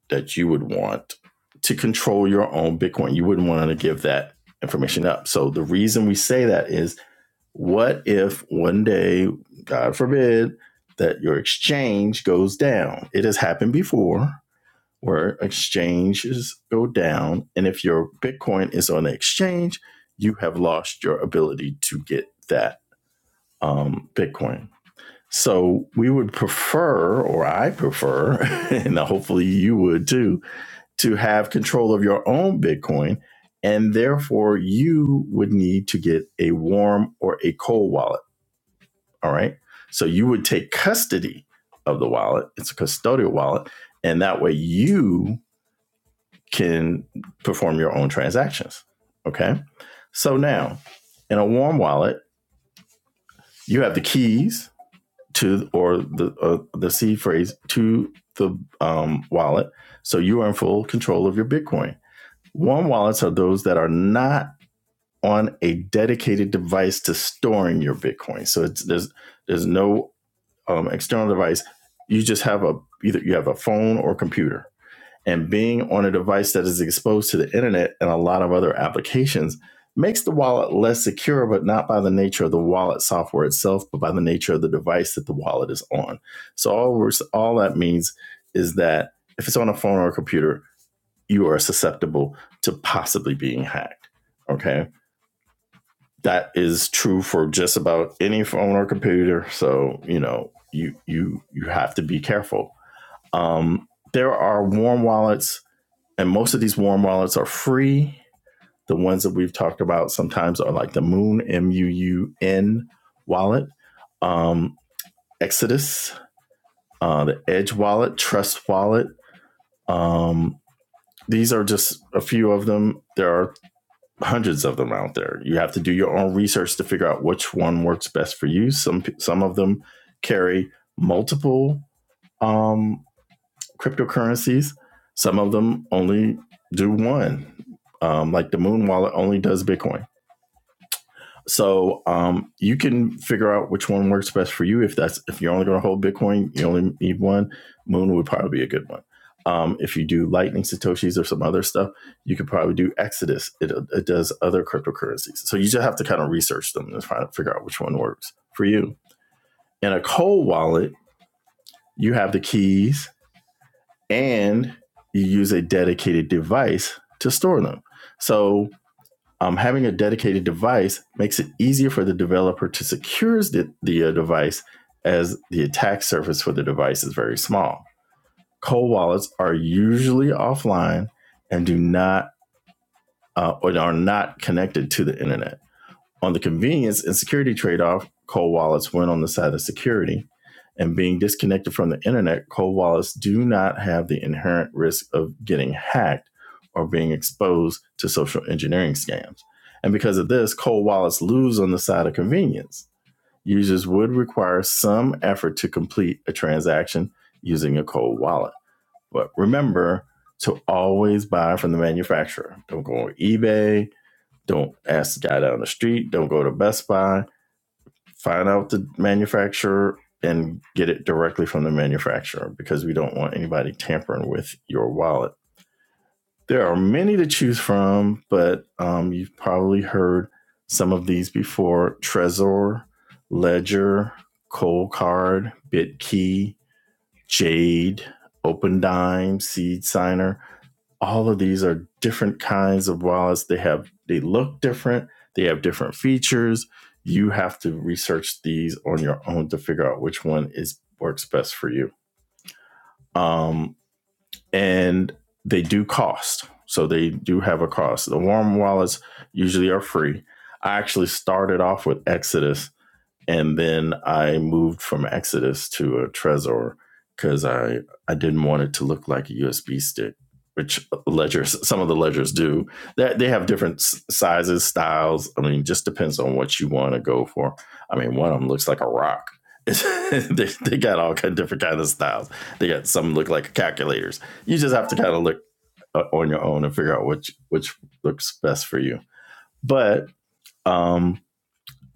that you would want to control your own Bitcoin. You wouldn't want to give that information up. So the reason we say that is what if one day, God forbid, that your exchange goes down? It has happened before where exchanges go down. And if your Bitcoin is on the exchange, you have lost your ability to get that um, Bitcoin. So we would prefer, or I prefer, and hopefully you would too, to have control of your own Bitcoin. And therefore, you would need to get a warm or a cold wallet. All right. So you would take custody of the wallet, it's a custodial wallet. And that way, you can perform your own transactions. Okay. So now, in a warm wallet, you have the keys to, or the, uh, the seed phrase to the um, wallet. So you are in full control of your Bitcoin Warm wallets are those that are not on a dedicated device to storing your Bitcoin. So it's, there's there's no um, external device. You just have a either you have a phone or computer. And being on a device that is exposed to the internet and a lot of other applications makes the wallet less secure, but not by the nature of the wallet software itself, but by the nature of the device that the wallet is on. So all all that means is that if it's on a phone or a computer, you are susceptible to possibly being hacked. Okay. That is true for just about any phone or computer. So, you know, you you you have to be careful. Um, there are warm wallets, and most of these warm wallets are free. The ones that we've talked about sometimes are like the Moon M U U N wallet, um, Exodus, uh, the Edge wallet, Trust wallet. Um, these are just a few of them. There are hundreds of them out there. You have to do your own research to figure out which one works best for you. Some some of them carry multiple um, cryptocurrencies. Some of them only do one. Um, like the Moon Wallet only does Bitcoin. So um, you can figure out which one works best for you. If that's if you're only going to hold Bitcoin, you only need one. Moon would probably be a good one. Um, if you do Lightning Satoshis or some other stuff, you could probably do Exodus. It, it does other cryptocurrencies. So you just have to kind of research them and find figure out which one works for you. In a cold wallet, you have the keys and you use a dedicated device to store them. So um, having a dedicated device makes it easier for the developer to secure the, the uh, device as the attack surface for the device is very small. Cold wallets are usually offline and do not uh, or are not connected to the internet. On the convenience and security trade off, cold wallets win on the side of security. And being disconnected from the internet, cold wallets do not have the inherent risk of getting hacked or being exposed to social engineering scams. And because of this, cold wallets lose on the side of convenience. Users would require some effort to complete a transaction using a cold wallet. But remember to always buy from the manufacturer. Don't go on eBay, don't ask the guy down the street. Don't go to Best Buy. Find out the manufacturer and get it directly from the manufacturer because we don't want anybody tampering with your wallet. There are many to choose from, but um, you've probably heard some of these before Trezor, Ledger, Cold Card, BitKey, Jade, OpenDime, Seed Signer. All of these are different kinds of wallets. They have they look different. They have different features. You have to research these on your own to figure out which one is works best for you. Um, and they do cost, so they do have a cost. The warm wallets usually are free. I actually started off with Exodus and then I moved from Exodus to a Trezor because I I didn't want it to look like a USB stick, which uh, ledgers some of the ledgers do. That they, have different sizes, styles. I mean, just depends on what you want to go for. I mean, one of them looks like a rock. they, they got all kind of different kind of styles. They got some look like calculators. You just have to kind of look uh, on your own and figure out which which looks best for you. But um,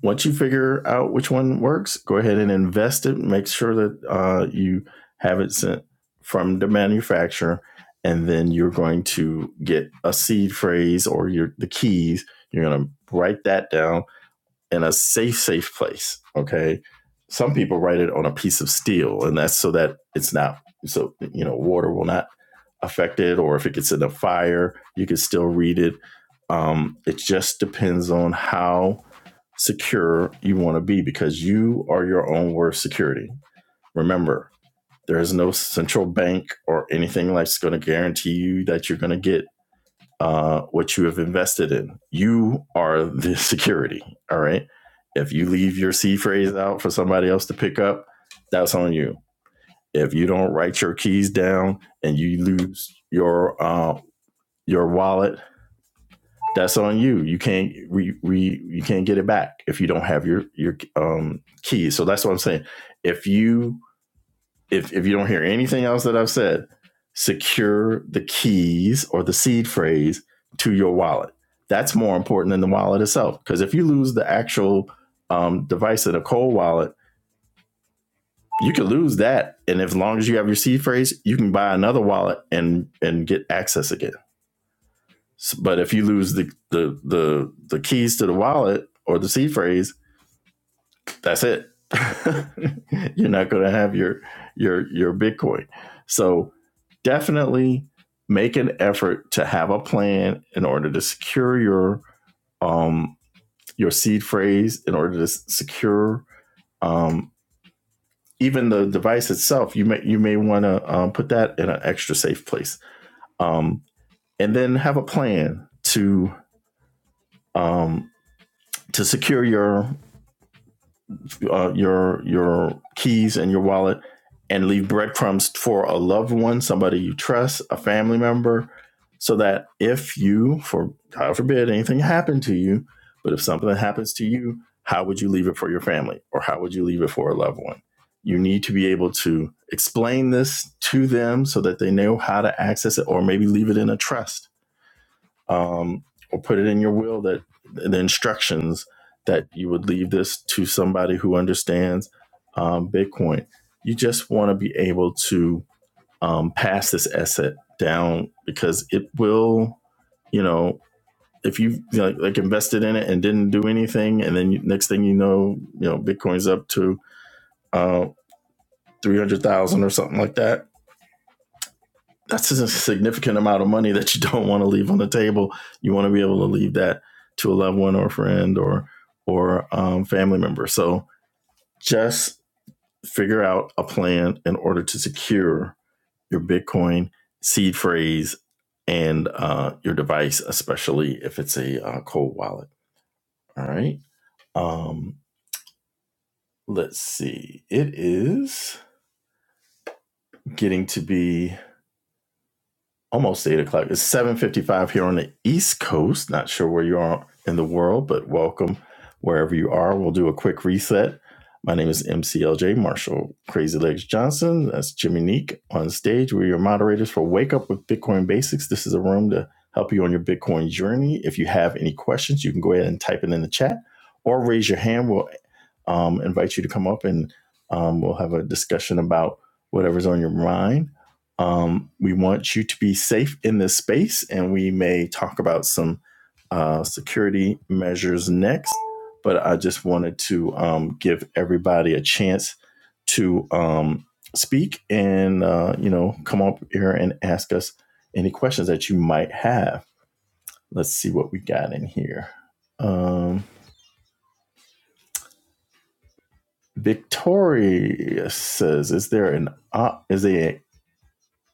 once you figure out which one works, go ahead and invest it. Make sure that uh, you have it sent from the manufacturer, and then you're going to get a seed phrase or your the keys. You're going to write that down in a safe, safe place. Okay. Some people write it on a piece of steel, and that's so that it's not so you know water will not affect it, or if it gets in a fire, you can still read it. Um, it just depends on how secure you want to be because you are your own worst security. Remember, there is no central bank or anything that's going to guarantee you that you're going to get uh, what you have invested in. You are the security. All right. If you leave your C phrase out for somebody else to pick up, that's on you. If you don't write your keys down and you lose your uh, your wallet, that's on you. You can't re, re you can't get it back if you don't have your your um keys. So that's what I'm saying. If you if if you don't hear anything else that I've said, secure the keys or the seed phrase to your wallet. That's more important than the wallet itself. Because if you lose the actual um, device in a cold wallet, you could lose that. And as long as you have your seed phrase, you can buy another wallet and and get access again. But if you lose the the the, the keys to the wallet or the seed phrase, that's it. You're not going to have your your your Bitcoin. So definitely make an effort to have a plan in order to secure your um, your seed phrase in order to secure um, even the device itself. You may you may want to um, put that in an extra safe place, um, and then have a plan to um, to secure your uh, your your keys and your wallet and leave breadcrumbs for a loved one, somebody you trust, a family member, so that if you, for God forbid, anything happened to you, but if something happens to you, how would you leave it for your family or how would you leave it for a loved one? You need to be able to explain this to them so that they know how to access it or maybe leave it in a trust um, or put it in your will that the instructions that you would leave this to somebody who understands um, Bitcoin. You just want to be able to um, pass this asset down because it will, you know, if you you know, like, like invested in it and didn't do anything, and then you, next thing you know, you know, Bitcoin's up to uh, three hundred thousand or something like that that's a significant amount of money that you don't want to leave on the table. You want to be able to leave that to a loved one or a friend or or um, family member. So just figure out a plan in order to secure your Bitcoin seed phrase and uh, your device, especially if it's a uh, cold wallet. All right. Um, let's see. It is getting to be almost eight o'clock. It's seven fifty-five here on the East Coast. Not sure where you are in the world, but welcome wherever you are. We'll do a quick reset. My name is MCLJ Marshall Crazy Legs Johnson. That's Jimmy Neek on stage. We're your moderators for Wake Up with Bitcoin Basics. This is a room to help you on your Bitcoin journey. If you have any questions, you can go ahead and type it in the chat or raise your hand. We'll um, invite you to come up and um, we'll have a discussion about whatever's on your mind. Um, we want you to be safe in this space, and we may talk about some uh, security measures next. But I just wanted to um, give everybody a chance to um, speak and uh, you know come up here and ask us any questions that you might have. Let's see what we got in here. Um, Victoria says, "Is there an uh, is a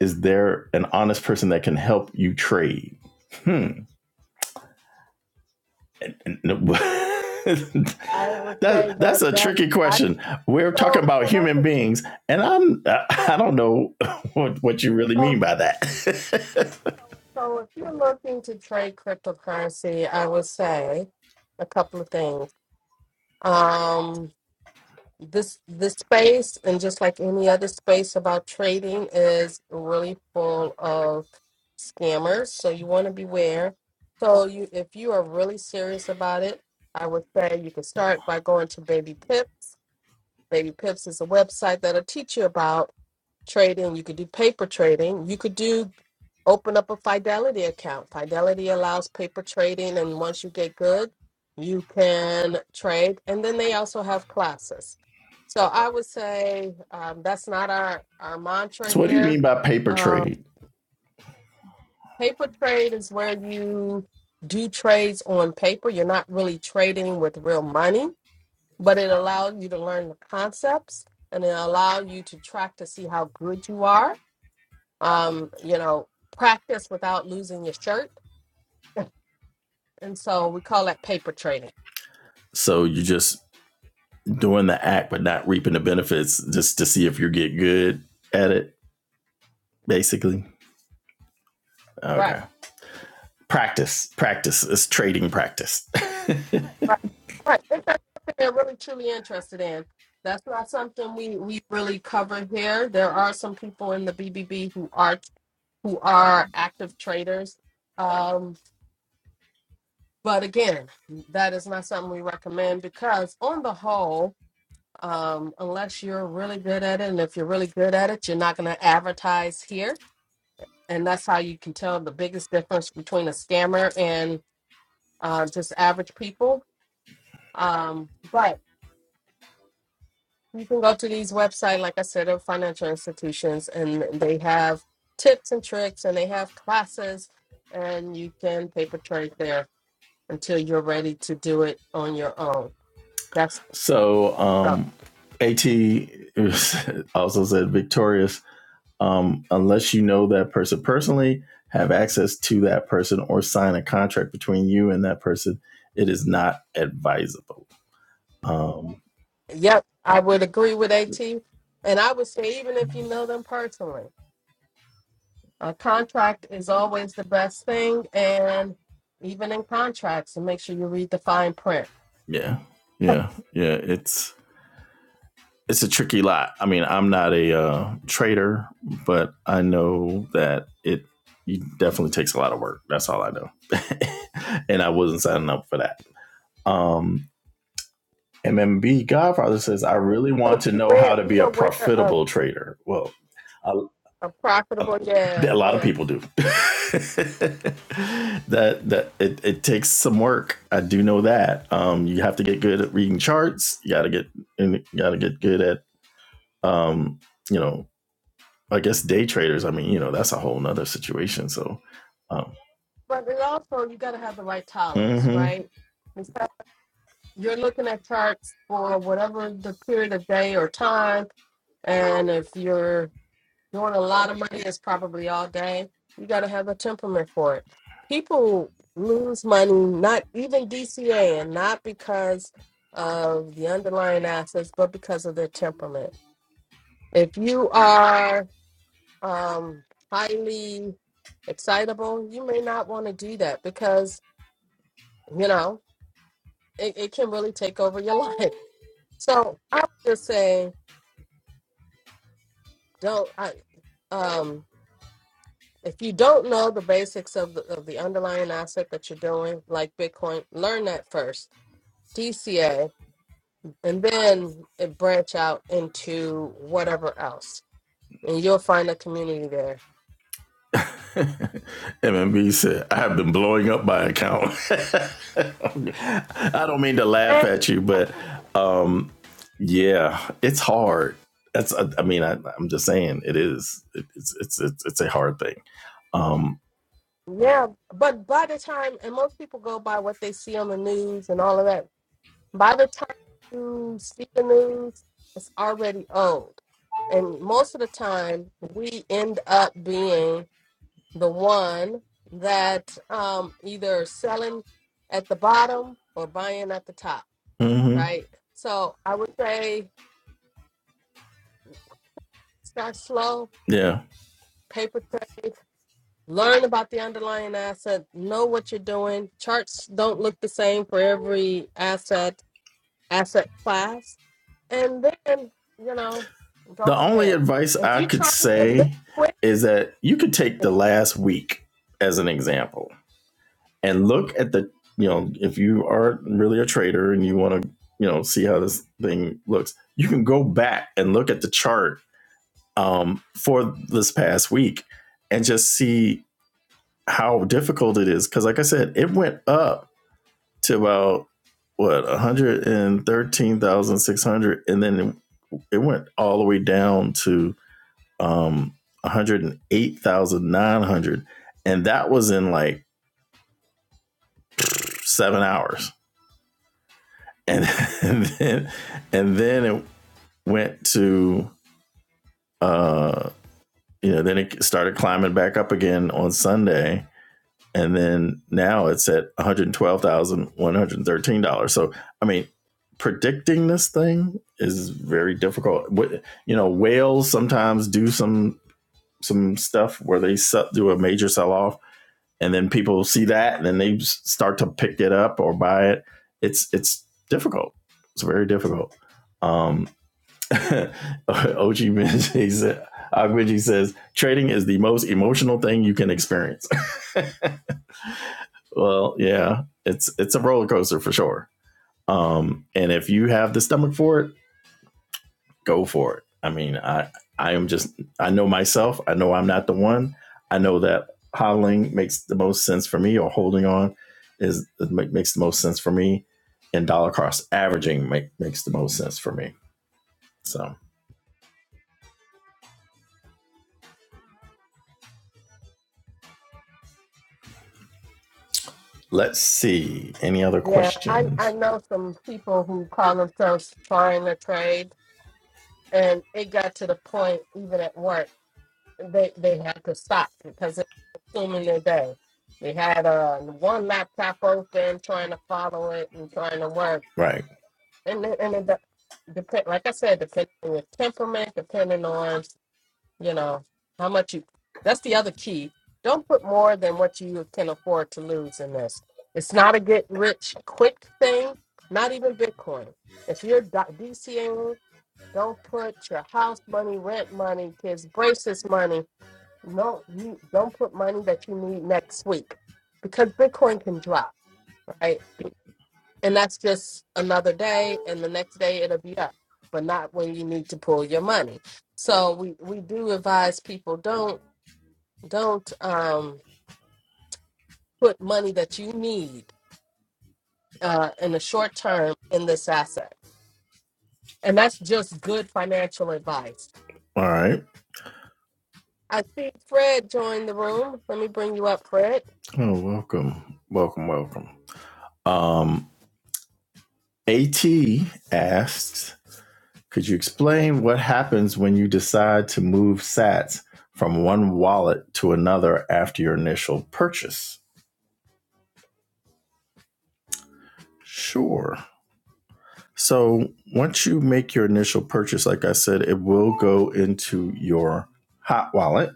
is there an honest person that can help you trade?" Hmm. that
I would say that
that's a
that
tricky
I
question. We're talking
so
about
so that's
human
a,
beings, and I'm I don't know what what you really mean
so
by that.
so if you're looking to trade cryptocurrency, I would say a couple of things. Um, this this space and just like any other space about trading is really full of scammers so you want to beware so you if you are really serious about it i would say you can start by going to baby pips Baby Pips is a website that'll teach you about trading. You could do paper trading. You could do open up a Fidelity account. Fidelity allows paper trading, and once you get good, you can trade. And then they also have classes. So I would say um, that's not our, our mantra
so, what do you
here.
mean by paper
Um,
trade?
paper trade is where you do trades on paper. You're not really trading with real money but it allowed you to learn the concepts and it allowed you to track to see how good you are. Um, you know, practice without losing your shirt. And so we call that paper training.
So you're just doing the act, but not reaping the benefits, just to see if you get good at it, basically.
Right,
Okay, practice, practice is trading practice.
right, right. If that's something they're really truly interested in, that's not something we, we really cover here. There are some people in the BBB who are who are active traders. Um, but again, that is not something we recommend because on the whole, um, unless you're really good at it. And if you're really good at it, you're not going to advertise here. And that's how you can tell the biggest difference between a scammer and uh, just average people. Um, but you can go to these websites, like I said, of financial institutions, and they have tips and tricks and they have classes, and you can paper trade there until you're ready to do it on your own. That's
so,
so,
um, At also said victorious um, unless you know that person personally, have access to that person, or sign a contract between you and that person, it is not advisable. Um,
yep, I would agree with AT. And I would say, even if you know them personally, A contract is always the best thing, and even in contracts, and make sure you read the fine print.
yeah, yeah, yeah. It's it's a tricky lot. I mean, I'm not a uh, trader, but I know that it, it definitely takes a lot of work. That's all I know, and I wasn't signing up for that. Um, MMB Godfather says, "I really
So
want to
be
know how
aware,
to
be
be a
aware of
profitable trader." Well, a
a profitable. Yeah,
A lot of
yeah.
people do. that that it, it takes some work. I do know that. Um, you have to get good at reading charts. You gotta get and you gotta get good at um, you know, I guess day traders. I mean, you know, that's a whole nother situation. So um,
But it also you got to have the right tolerance,
mhm.
right? Because you're looking at charts for whatever the period of day or time, and if you're doing a lot of money is probably all day. You got to have a temperament for it. People lose money, not even DCA, and not because of the underlying assets, but because of their temperament. If you are um, highly excitable, you may not want to do that because, you know, it, it can really take over your life. So I would just say, don't, I, um, If you don't know the basics of the, of the underlying asset that you're doing, like Bitcoin, learn that first, DCA, and then it branch out into whatever else. And you'll find a community there.
MMB said, I have been blowing up my account. I don't mean to laugh
And
at you, but um, yeah, it's hard. That's, I, I mean, I, I'm just saying it is. It, it's, it's, it's, it's a hard thing. Um,
yeah, but by the time, and most people go by what they see on the news and all of that. By the time you see the news, it's already old. And most of the time, we end up being the one that um either selling at the bottom or buying at the top,
mhm,
right? So I would say start slow,
yeah.
paper trade, learn about the underlying asset, know what you're doing. Charts don't look the same for every asset asset class, and then you know go
The
from
only
there.
advice
If
I
you
could
try to get this
say
quick,
is that you could take the last week as an example. and look at the you know if you are really a trader and you want to you know see how this thing looks you can go back and look at the chart um, for this past week and just see how difficult it is because like i said it went up to about what 113600 and then it, it went all the way down to um, 108900 and that was in like seven hours and, and then and then it went to uh you know then it started climbing back up again on Sunday and then now it's at one hundred twelve thousand one hundred thirteen dollars. So I mean, predicting this thing is very difficult. you know, whales sometimes do some some stuff where they do a major sell off, and then people see that, and then they start to pick it up or buy it. It's it's difficult. It's very difficult. Um, OG Benji said, Benji says trading is the most emotional thing you can experience. well, yeah, it's it's a roller coaster for sure. Um, and if you have the stomach for it, go for it. I mean, I I am just I know myself. I know I'm not the one. I know that hodling makes the most sense for me, or holding on is makes the most sense for me, and dollar cost averaging make, makes the most sense for me. So let's see any other
yeah, I I
questions.
know some people who call themselves trying to trade and it got to the point even at work they they had to stop because it was consuming their day. They had uh, one laptop open trying to follow it and trying to work,
Right.
and it, and it de- depend like I said, depending on your temperament, depending on you know how much you. That's the other key. Don't put more than what you can afford to lose in this. It's not a get rich quick thing. Not even Bitcoin. If you're do- DCing. Don't put your house money, rent money, kids' braces money. No, you don't put money that you need next week because Bitcoin can drop, right? And that's just another day, and the next day it'll be up, but not when you need to pull your money. So we we do advise people don't don't um put money that you need uh in the short term in this asset, and that's just good financial advice
All right.
I see Fred joined the room. Let me bring you up, Fred.
Oh, welcome. Welcome, welcome. Um, AT asks, could you explain what happens when you decide to move sats from one wallet to another after your initial purchase? Sure. So once you make your initial purchase, like I said, it will go into your hot wallet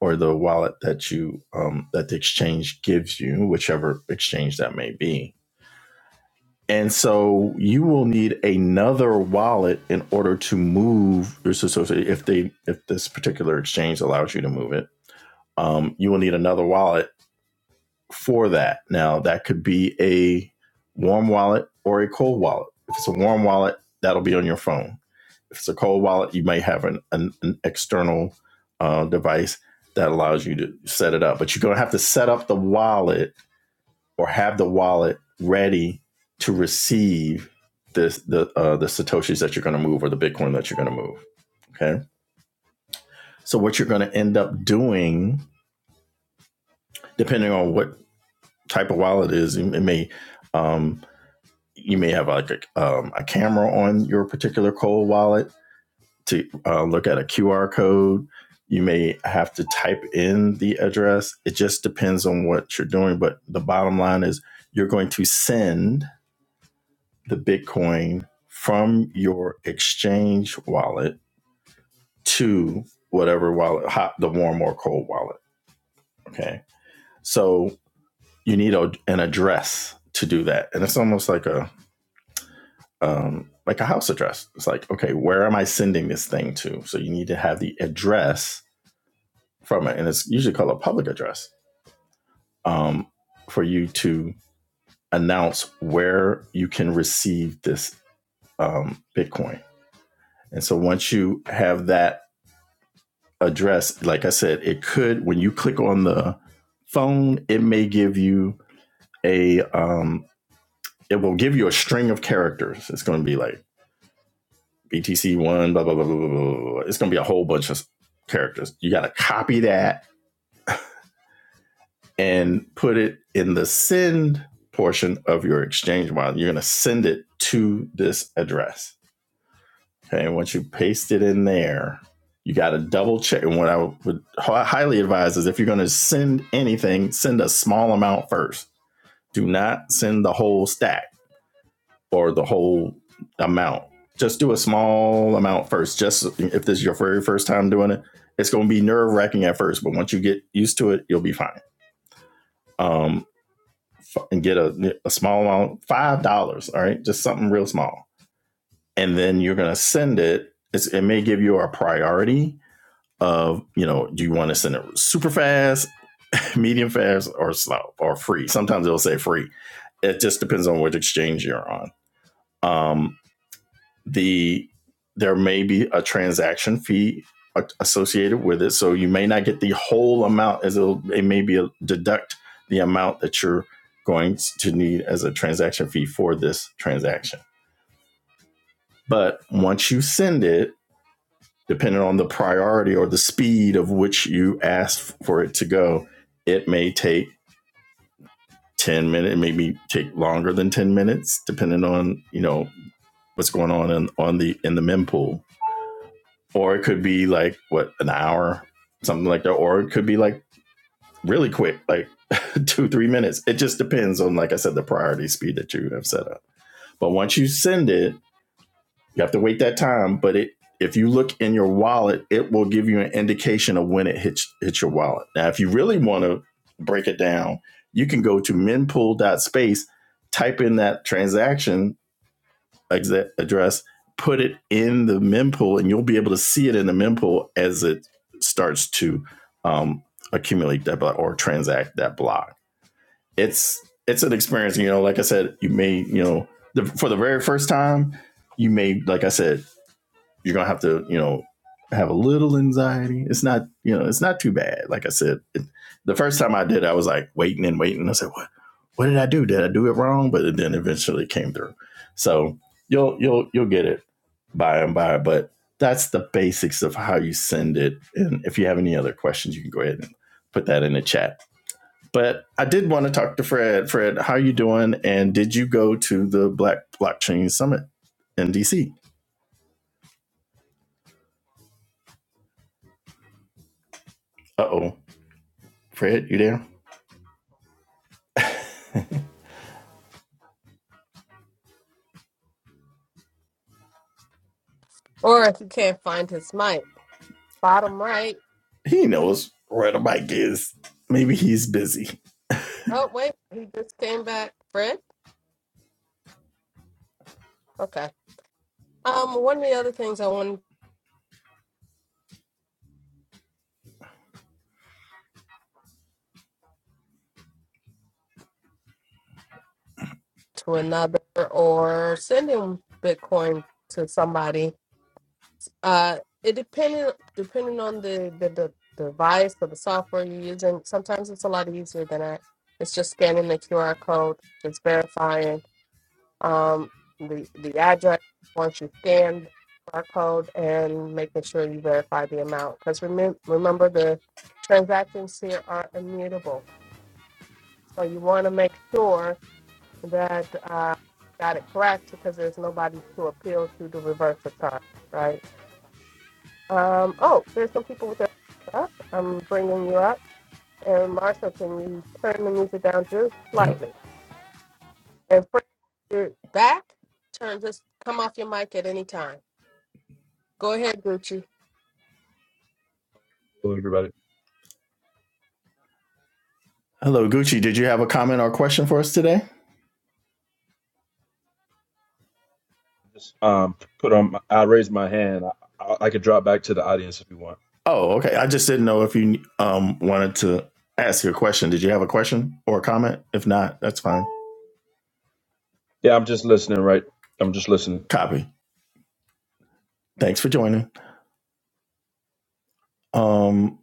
or the wallet that you um, that the exchange gives you, whichever exchange that may be And so you will need another wallet in order to move your so, so so if they if this particular exchange allows you to move it, um, you will need another wallet for that. Now that could be a warm wallet or a cold wallet. If it's a warm wallet, that'll be on your phone. If it's a cold wallet, you may have an, an, an external uh, device that allows you to set it up. But you're gonna have to set up the wallet or have the wallet ready to receive this, the uh, the satoshis that you're going to move or the Bitcoin that you're going to move. Okay, so what you're going to end up doing, depending on what type of wallet it is, it may um, you may have like a, um, a camera on your particular cold wallet to uh, look at a QR code. You may have to type in the address. It just depends on what you're doing. But the bottom line is you're going to send the Bitcoin from your exchange wallet to whatever wallet, hot, the warm or cold wallet. Okay. So you need a, an address to do that. And it's almost like a, um, like a house address. It's like, okay, where am I sending this thing to? So you need to have the address from it. And it's usually called a public address um, for you to announce where you can receive this um, Bitcoin. And so once you have that address, like I said, it could when you click on the phone, it may give you a um, it will give you a string of characters. It's going to be like BTC one, blah blah blah blah blah. blah. It's going to be a whole bunch of characters. You got to copy that and put it in the send portion of your exchange wallet. You're going to send it to this address. Okay, once you paste it in there, you got to double check. And what I would highly advise is if you're going to send anything, send a small amount first. Do not send the whole stack or the whole amount. Just do a small amount first. Just if this is your very first time doing it, it's going to be nerve wracking at first, but once you get used to it, you'll be fine. Um, and get a, a small amount, five dollars. All right, just something real small, and then you're going to send it. It's, it may give you a priority of you know do you want to send it super fast medium fast or slow or free sometimes it'll say free it just depends on which exchange you're on um, the there may be a transaction fee associated with it so you may not get the whole amount as it'll, it may be a, deduct the amount that you're going to need as a transaction fee for this transaction but once you send it depending on the priority or the speed of which you asked for it to go, it may take 10 minutes, Maybe take longer than 10 minutes, depending on, you know, what's going on in, on the in the mempool. Or it could be like what, an hour, something like that. Or it could be like really quick, like two, three minutes. It just depends on, like I said, the priority speed that you have set up. But once you send it, You have to wait that time, but it if you look in your wallet, it will give you an indication of when it hits hits your wallet. Now, if you really want to break it down, you can go to mempool dot space, type in that transaction exa- address, put it in the mempool, and you'll be able to see it in the mempool as it starts to um, accumulate that block or transact that block. It's it's an experience, you know. Like I said, you may you know the, for the very first time, you may like I said you're gonna have to you know have a little anxiety. It's not you know it's not too bad. Like I said, it, the first time I did, I was like waiting and waiting. I said, what what did I do? Did I do it wrong? But it then eventually came through. So you'll you'll you'll get it by and by. But that's the basics of how you send it. And if you have any other questions, you can go ahead and put that in the chat. But I did want to talk to Fred. Fred, how are you doing? And did you go to the Black Blockchain Summit in DC? Uh oh, Fred, you there?
Or if you can't find his mic, bottom right.
He knows where the bike is. Maybe he's busy.
Oh, wait, he just came back. Fred? Okay. Um, one of the other things I wanted to another or sending Bitcoin to somebody. Uh, it depending depending on the, the, the device or the software you're using. Sometimes it's a lot easier than that. It's just scanning the QR code, just verifying. um, the, the address once you scan the barcode and making sure you verify the amount. Because remember, remember the transactions here are immutable. So you want to make sure that uh, you got it correct because there's nobody to appeal to the reverse of time, right? Um, oh, there's some people with their hands up. I'm bringing you up. And Marsha, can you turn the music down just
Yep.
slightly? And Fred, you're back. Turn, just come off your mic at any time. Go ahead, Gucci.
Hello, everybody.
Hello, Gucci. Did you have a comment or question for us today?
Just um, put on. My, I raised my hand. I, I, I could drop back to the audience if you want.
Oh, okay. I just didn't know if you um wanted to ask a question. Did you have a question or a comment? If not, that's fine.
Yeah, I'm just listening. Right. I'm just listening.
Copy. Thanks for joining. Um,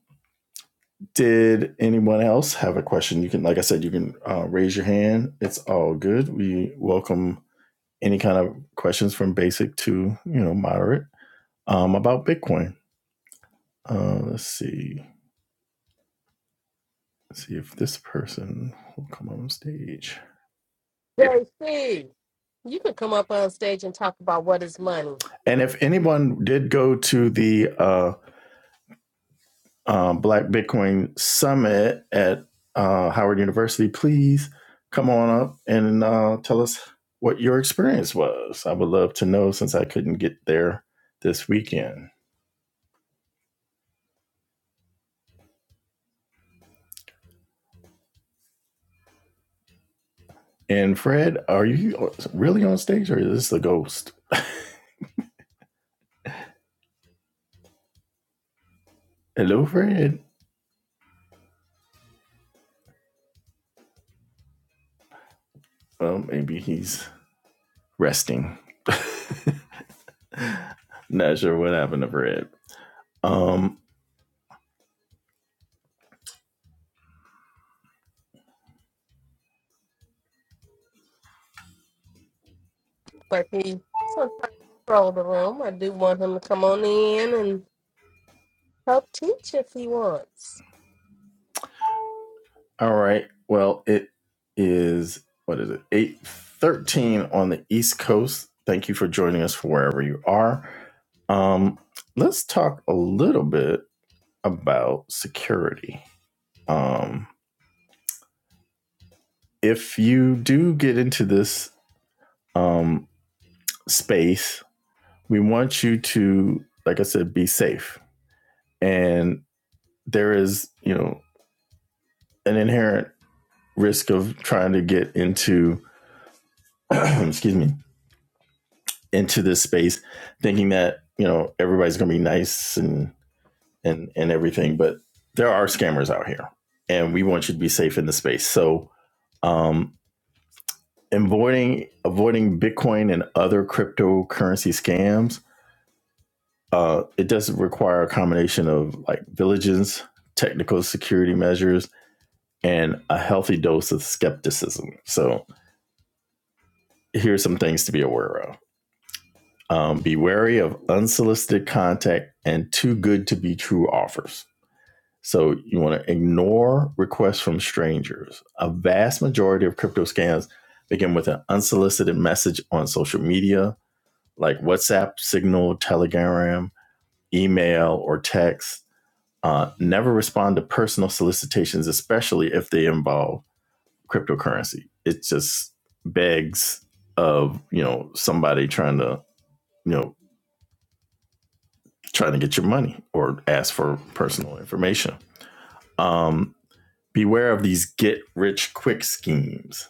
did anyone else have a question? You can, like I said, you can uh, raise your hand. It's all good. We welcome any kind of questions from basic to you know moderate um, about Bitcoin. Uh, let's see. Let's see if this person will come on stage.
JC, you could come up on stage and talk about what is money,
And if anyone did go to the uh, uh, Black Bitcoin Summit at uh, Howard University, please come on up and uh, tell us what your experience was. I would love to know since I couldn't get there this weekend. And Fred, are you really on stage or is this a ghost? Hello, Fred. Well, maybe he's resting. Not sure what happened to Fred. Um,
but he sometimes troll the room. I do want him to come on in and help teach if he wants.
All right. Well, it is what is it? Eight thirteen on the East Coast. Thank you for joining us for wherever you are. Um, let's talk a little bit about security. Um, if you do get into this um, space, we want you to, like I said, be safe. And there is, you know, an inherent risk of trying to get into, excuse me, into this space thinking that you know everybody's going to be nice and and and everything but there are scammers out here and we want you to be safe in the space so um avoiding avoiding bitcoin and other cryptocurrency scams uh it does require a combination of like diligence technical security measures and a healthy dose of skepticism so here's some things to be aware of Um, be wary of unsolicited contact and too good to be true offers. So you want to ignore requests from strangers. A vast majority of crypto scams begin with an unsolicited message on social media, like WhatsApp, Signal, Telegram, email, or text. Uh, never respond to personal solicitations, especially if they involve cryptocurrency. It just begs of you know somebody trying to you know trying to get your money or ask for personal information. Um, beware of these get rich quick schemes.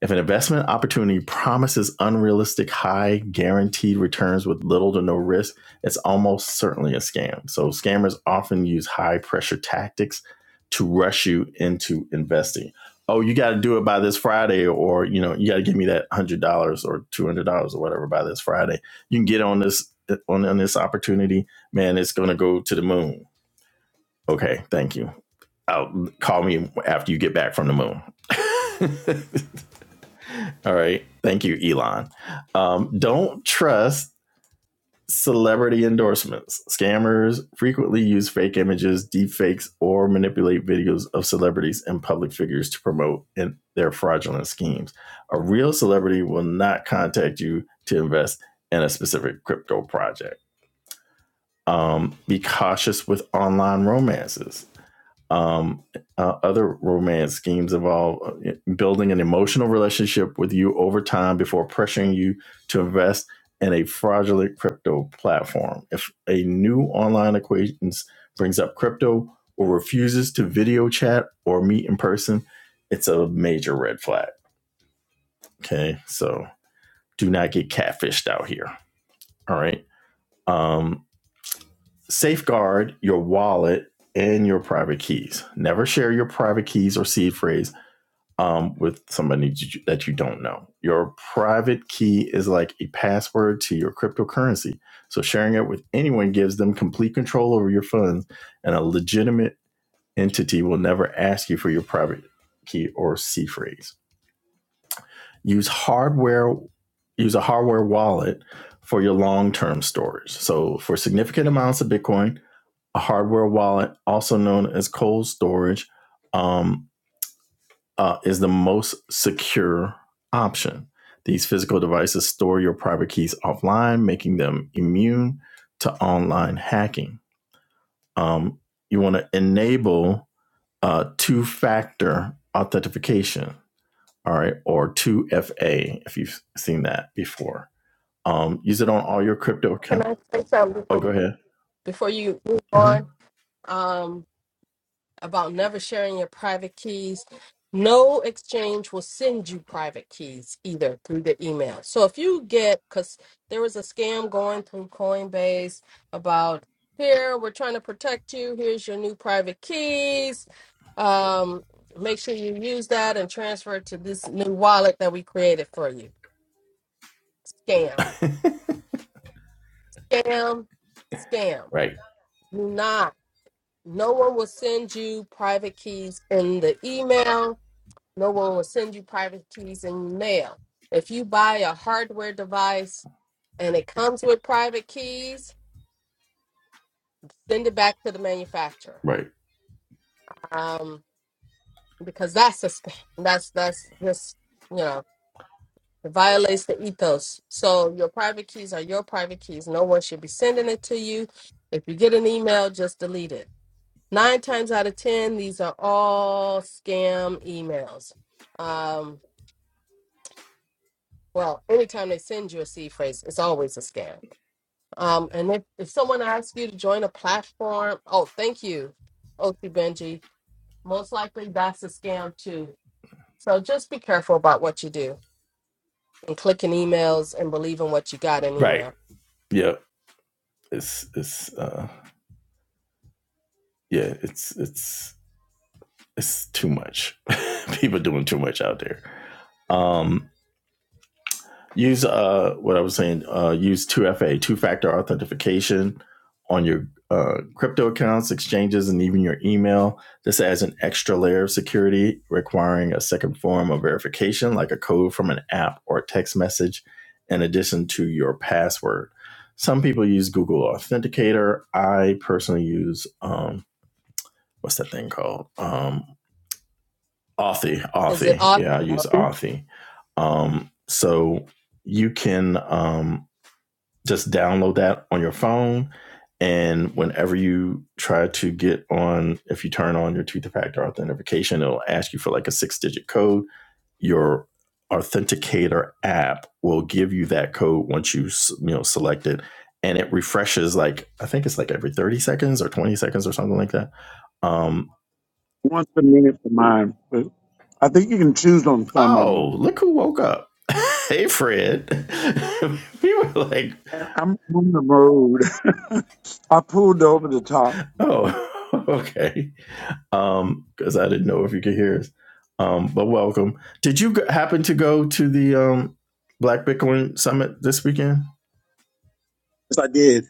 If an investment opportunity promises unrealistic high guaranteed returns with little to no risk, it's almost certainly a scam. So scammers often use high pressure tactics to rush you into investing. Oh, you got to do it by this Friday, or you know, you got to give me that one hundred dollars or two hundred dollars or whatever by this Friday. You can get on this on, on this opportunity, man. It's going to go to the moon. Okay, thank you. I'll call me after you get back from the moon. All right. Thank you, Elon. Um, don't trust celebrity endorsements. Scammers frequently use fake images, deepfakes, or manipulate videos of celebrities and public figures to promote in their fraudulent schemes. A real celebrity will not contact you to invest in a specific crypto project. Um, be cautious with online romances. Um, uh, other romance schemes involve uh, building an emotional relationship with you over time before pressuring you to invest in a fraudulent crypto platform. If a new online acquaintance brings up crypto or refuses to video chat or meet in person, it's a major red flag. Okay, so do not get catfished out here. All right. Um, safeguard your wallet and your private keys. Never share your private keys or seed phrase um, with somebody that you don't know. Your private key is like a password to your cryptocurrency. So sharing it with anyone gives them complete control over your funds, and a legitimate entity will never ask you for your private key or C phrase. Use hardware. Use a hardware wallet for your long-term storage. So for significant amounts of Bitcoin, a hardware wallet, also known as cold storage, um, uh, is the most secure option. These physical devices store your private keys offline, making them immune to online hacking. Um, you want to enable uh, two factor authentication, all right, or 2FA if you've seen that before. Um, use it on all your crypto
Can
accounts.
I say something before
Oh, go
you,
ahead.
before you move
hmm
on? Um, about never sharing your private keys. No exchange will send you private keys either through the email. So if you get, because there was a scam going through Coinbase about here, we're trying to protect you. Here's your new private keys. Um, make sure you use that and transfer it to this new wallet that we created for you. Scam, scam, scam.
Right,
Do not. No one will send you private keys in the email No one will send you private keys in mail. If you buy a hardware device and it comes with private keys, send it back to the manufacturer
right,
um, because that's a, sp- that's that's just you know it violates the ethos. So your private keys are your private keys. No one should be sending it to you. If you get an email, just delete it. Nine times out of ten, these are all scam emails. Um, well, anytime they send you a seed phrase, it's always a scam Um, and if, if someone asks you to join a platform, oh, thank you, OT Benji. Most likely that's a scam too. So just be careful about what you do and clicking emails and believing what you got in
right.
email.
Yeah, it's, it's, uh, yeah, it's, it's, it's too much. People doing too much out there. Um, use uh, what I was saying. Uh, use two FA, two factor authentication on your uh, crypto accounts, exchanges, and even your email. This adds an extra layer of security, requiring a second form of verification, like a code from an app or a text message, in addition to your password. Some people use Google Authenticator. I personally use um, what's that thing called? Um, Authy,
Is it
Authy.
Author
Yeah, I
I
use
think
Authy. Um, so you can um, just download that on your phone. And whenever you try to get on, if you turn on your two factor authentication, it'll ask you for like a six digit code. Your authenticator app will give you that code once you you know select it, and it refreshes like I think it's like every thirty seconds or twenty seconds or something like that. Um,
once a minute for mine, but I think you can choose on some of them.
Oh, look who woke up. hey, Fred. we were like,
And I'm on the road. I pulled over the top.
oh, okay. Um, because I didn't know if you could hear us. Um, but welcome. Did you happen to go to the um Black Bitcoin Summit this weekend?
Yes, I did.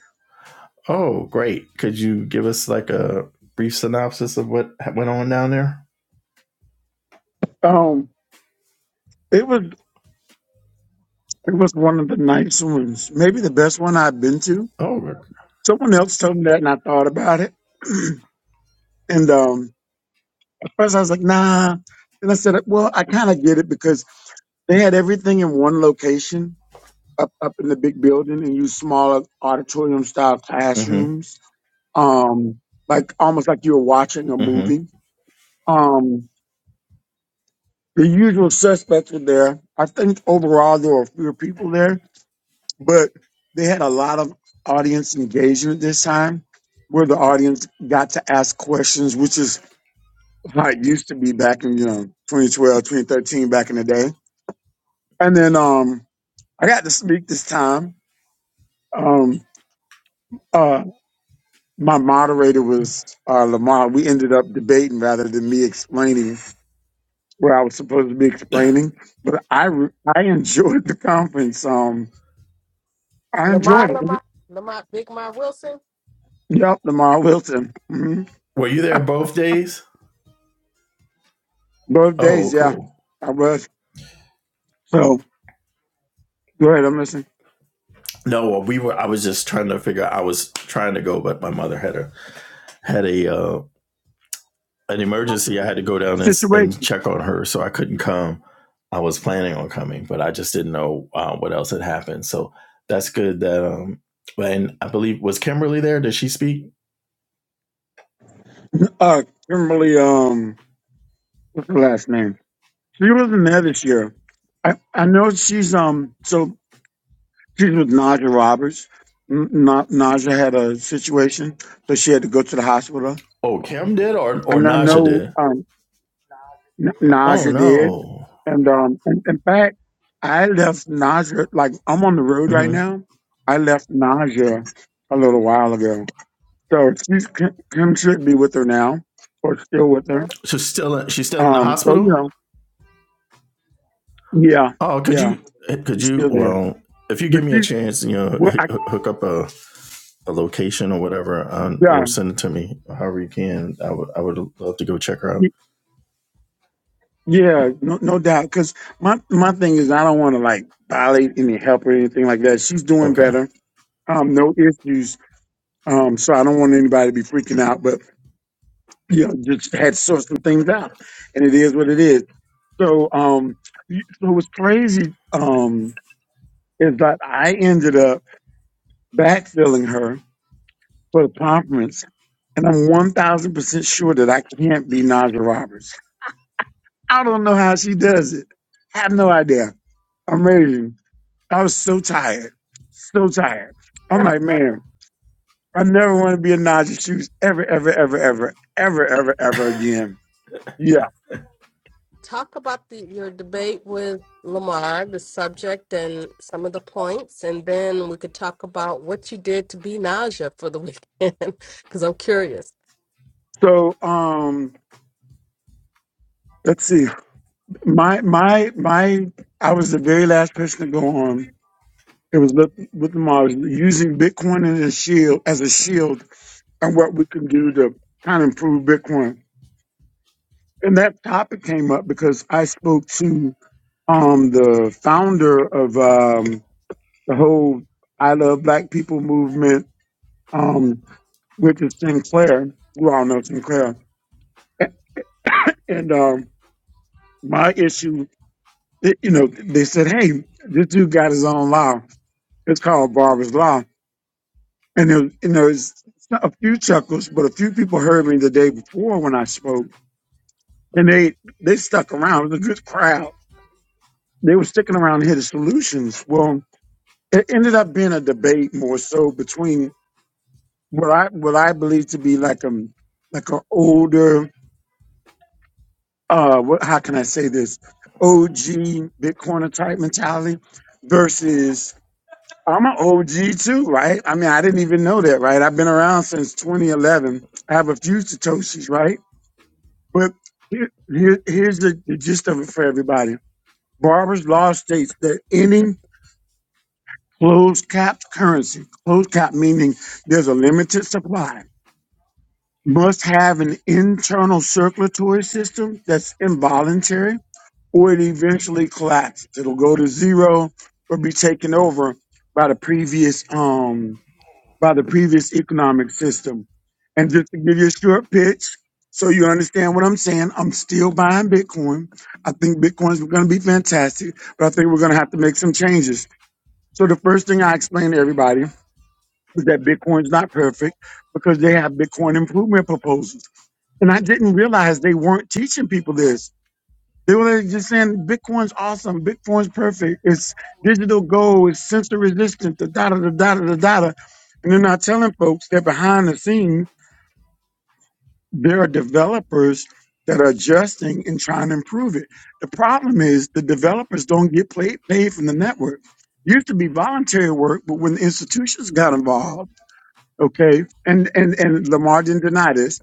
Oh, great. Could you give us like a brief synopsis of what went on down there?
Um, it was it was one of the nice ones, maybe the best one I've been to.
Oh,
Someone else told me that, and I thought about it. and um, at first I was like, nah. And I said, well, I kind of get it because they had everything in one location up up in the big building, and used smaller auditorium style
mm-hmm.
classrooms um, like almost like you were watching a
Mm-hmm.
movie. Um, the usual suspects were there. I think overall there were fewer people there, but they had a lot of audience engagement this time, where the audience got to ask questions, which is how it used to be back in you know 2012 2013 back in the day. And then um, I got to speak this time. Um, uh, my moderator was uh, Lamar. We ended up debating rather than me explaining Where I was supposed to be explaining, but I re- I enjoyed the conference. Um, I
Lamar
enjoyed it.
Lamar Lamar Big Mar Wilson?
Yep, Lamar Wilson. hmm
Were you there both days?
Both
Oh,
days, yeah,
cool.
I was. So go ahead, I'm listening.
No, well, we were. I was just trying to figure. I was trying to go, but my mother had a had a uh, an emergency. I had to go down and
Situation.
and check on her, so I couldn't come. I was planning on coming, but I just didn't know uh, what else had happened. So that's good that um. And I believe was Kimberly there? Did she speak?
Uh, Kimberly. Um, what's her last name? She wasn't there this year. I I know she's um. So she's with Naja Roberts. N- Na- Naja had a situation, so she had to go to the hospital.
Oh, Kim did, or
I
or
know
Naja
no
did.
um. N-
Oh
Naja did.
no.
And um, in, in fact, I left nausea. Like I'm on the road right
hmm
now. I left nausea a little while ago. So she's Kim Kim should be with her now, or still with her.
So still, she's still in the
Um, so you
hospital.
know, yeah,
Oh, could
yeah,
you? Could
she's
you?
still there.
Well, if you
But
give me a
she,
chance, you know,
well,
h-
I,
hook up a a location or whatever, um, or
yeah,
send it to me however you can. I would I would love to go check her out.
y- yeah, no, no doubt. Because my my thing is, I don't want to like violate any help or anything like that. She's doing
Okay.
better. Um, no issues. Um, so I don't want anybody to be freaking out. But you know, just had to sort some things out, and it is what it is. So, um, y- so what's crazy um, is that I ended up backfilling her for the conference, and I'm one thousand percent sure that I can't be Naja Roberts. I don't know how she does it. I have no idea. Amazing. I was so tired, so tired. I'm like, man, I never want to be in Naja's shoes ever, ever, ever, ever, ever, ever, ever again. Yeah.
Talk about the, your debate with Lamar, the subject and some of the points, and then we could talk about what you did to be nausea for the weekend because I'm curious.
So, um, let's see. My my my I was the very last person to go on. It was with with the Mars using Bitcoin as a shield as a shield and what we can do to kind of improve Bitcoin. And that topic came up because I spoke to um the founder of um the whole I Love Black People movement, um, which is Sinclair. We all know Sinclair. And um my issue, you know, they said, Hey, this dude got his own law. It's called Barber's Law And there, and there was a few chuckles, but a few people heard me the day before when I spoke, and they they stuck around. It was a good crowd. They were sticking around to hear the solutions. Well, it ended up being a debate more so between what I what I believe to be like um like an older uh what how can I say this OG Bitcoiner type mentality versus I'm an OG too, right? I mean, I didn't even know that, right? I've been around since 2011. I have a few satoshis, right? But here, here, here's the, the gist of it for everybody. Barber's law states that any closed cap currency, closed cap meaning there's a limited supply, must have an internal circulatory system that's involuntary or it eventually collapses. It'll go to zero or be taken over by the previous um by the previous economic system. And just to give you a short pitch, so you understand what I'm saying, I'm still buying Bitcoin. I think Bitcoin's going to be fantastic, but I think we're going to have to make some changes. So the first thing I explain to everybody is that Bitcoin's not perfect because they have Bitcoin improvement proposals. And I didn't realize they weren't teaching people this. They were just saying Bitcoin's awesome, Bitcoin's perfect, it's digital gold, it's sensor resistant, the data, the data, the data. And they're not telling folks that behind the scene, there are developers that are adjusting and trying to improve it. The problem is the developers don't get paid, paid from the network. Used to be voluntary work, but when the institutions got involved, okay, and and and Lamar didn't deny this,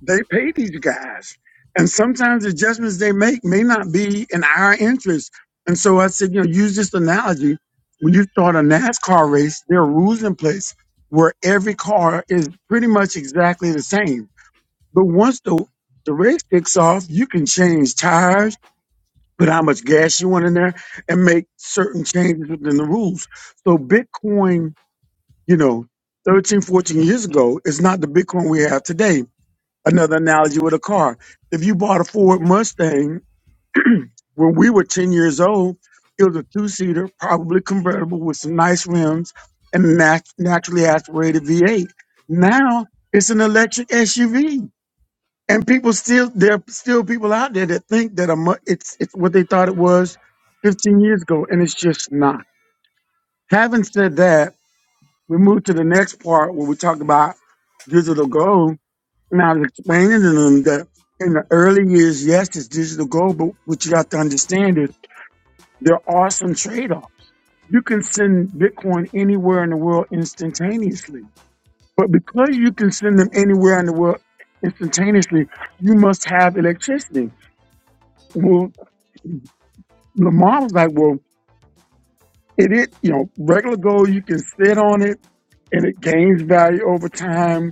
They pay these guys. And sometimes the judgments they make may not be in our interest. And so I said, you know, use this analogy. When you start a NASCAR race, there are rules in place where every car is pretty much exactly the same. But once the, the race kicks off, you can change tires, put how much gas you want in there, and make certain changes within the rules. So Bitcoin, you know, 13, 14 years ago is not the Bitcoin we have today another analogy with a car. If you bought a Ford Mustang when we were 10 years old, it was a two seater, probably convertible with some nice rims and a nat- naturally aspirated V8. Now it's an electric SUV. And people still, there are still people out there that think that a mu- it's, it's what they thought it was 15 years ago, and it's just not. Having said that, we move to the next part where we talk about digital gold And I was explaining to them that in the early years, yes, it's digital gold, but what you have to understand is there are some trade offs. You can send Bitcoin anywhere in the world instantaneously, but because you can send them anywhere in the world instantaneously, you must have electricity. Well, Lamar was like, well, it is, you know, regular gold, you can sit on it and it gains value over time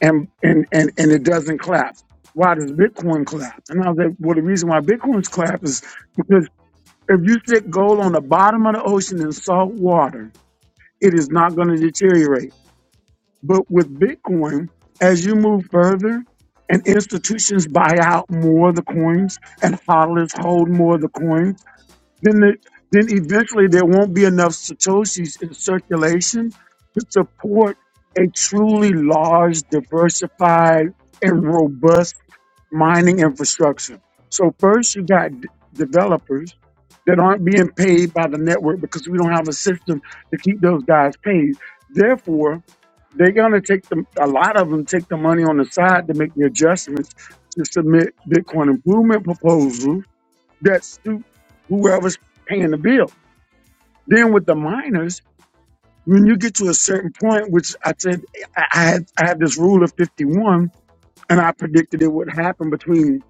and and and and it doesn't collapse. Why does Bitcoin collapse? And I was like, well, the reason why Bitcoin's collapse is because if you stick gold on the bottom of the ocean in salt water, it is not going to deteriorate. But with Bitcoin, as you move further and institutions buy out more of the coins and hodlers hold more of the coins then the, then eventually there won't be enough satoshis in circulation to support a truly large, diversified, and robust mining infrastructure. So first, you got d- developers that aren't being paid by the network because we don't have a system to keep those guys paid. Therefore, they're gonna take the a lot of them take the money on the side to make the adjustments to submit Bitcoin improvement proposals that suit whoever's paying the bill. Then with the minors, when you get to a certain point, which I said I I had, I had this rule of 51, and I predicted it would happen between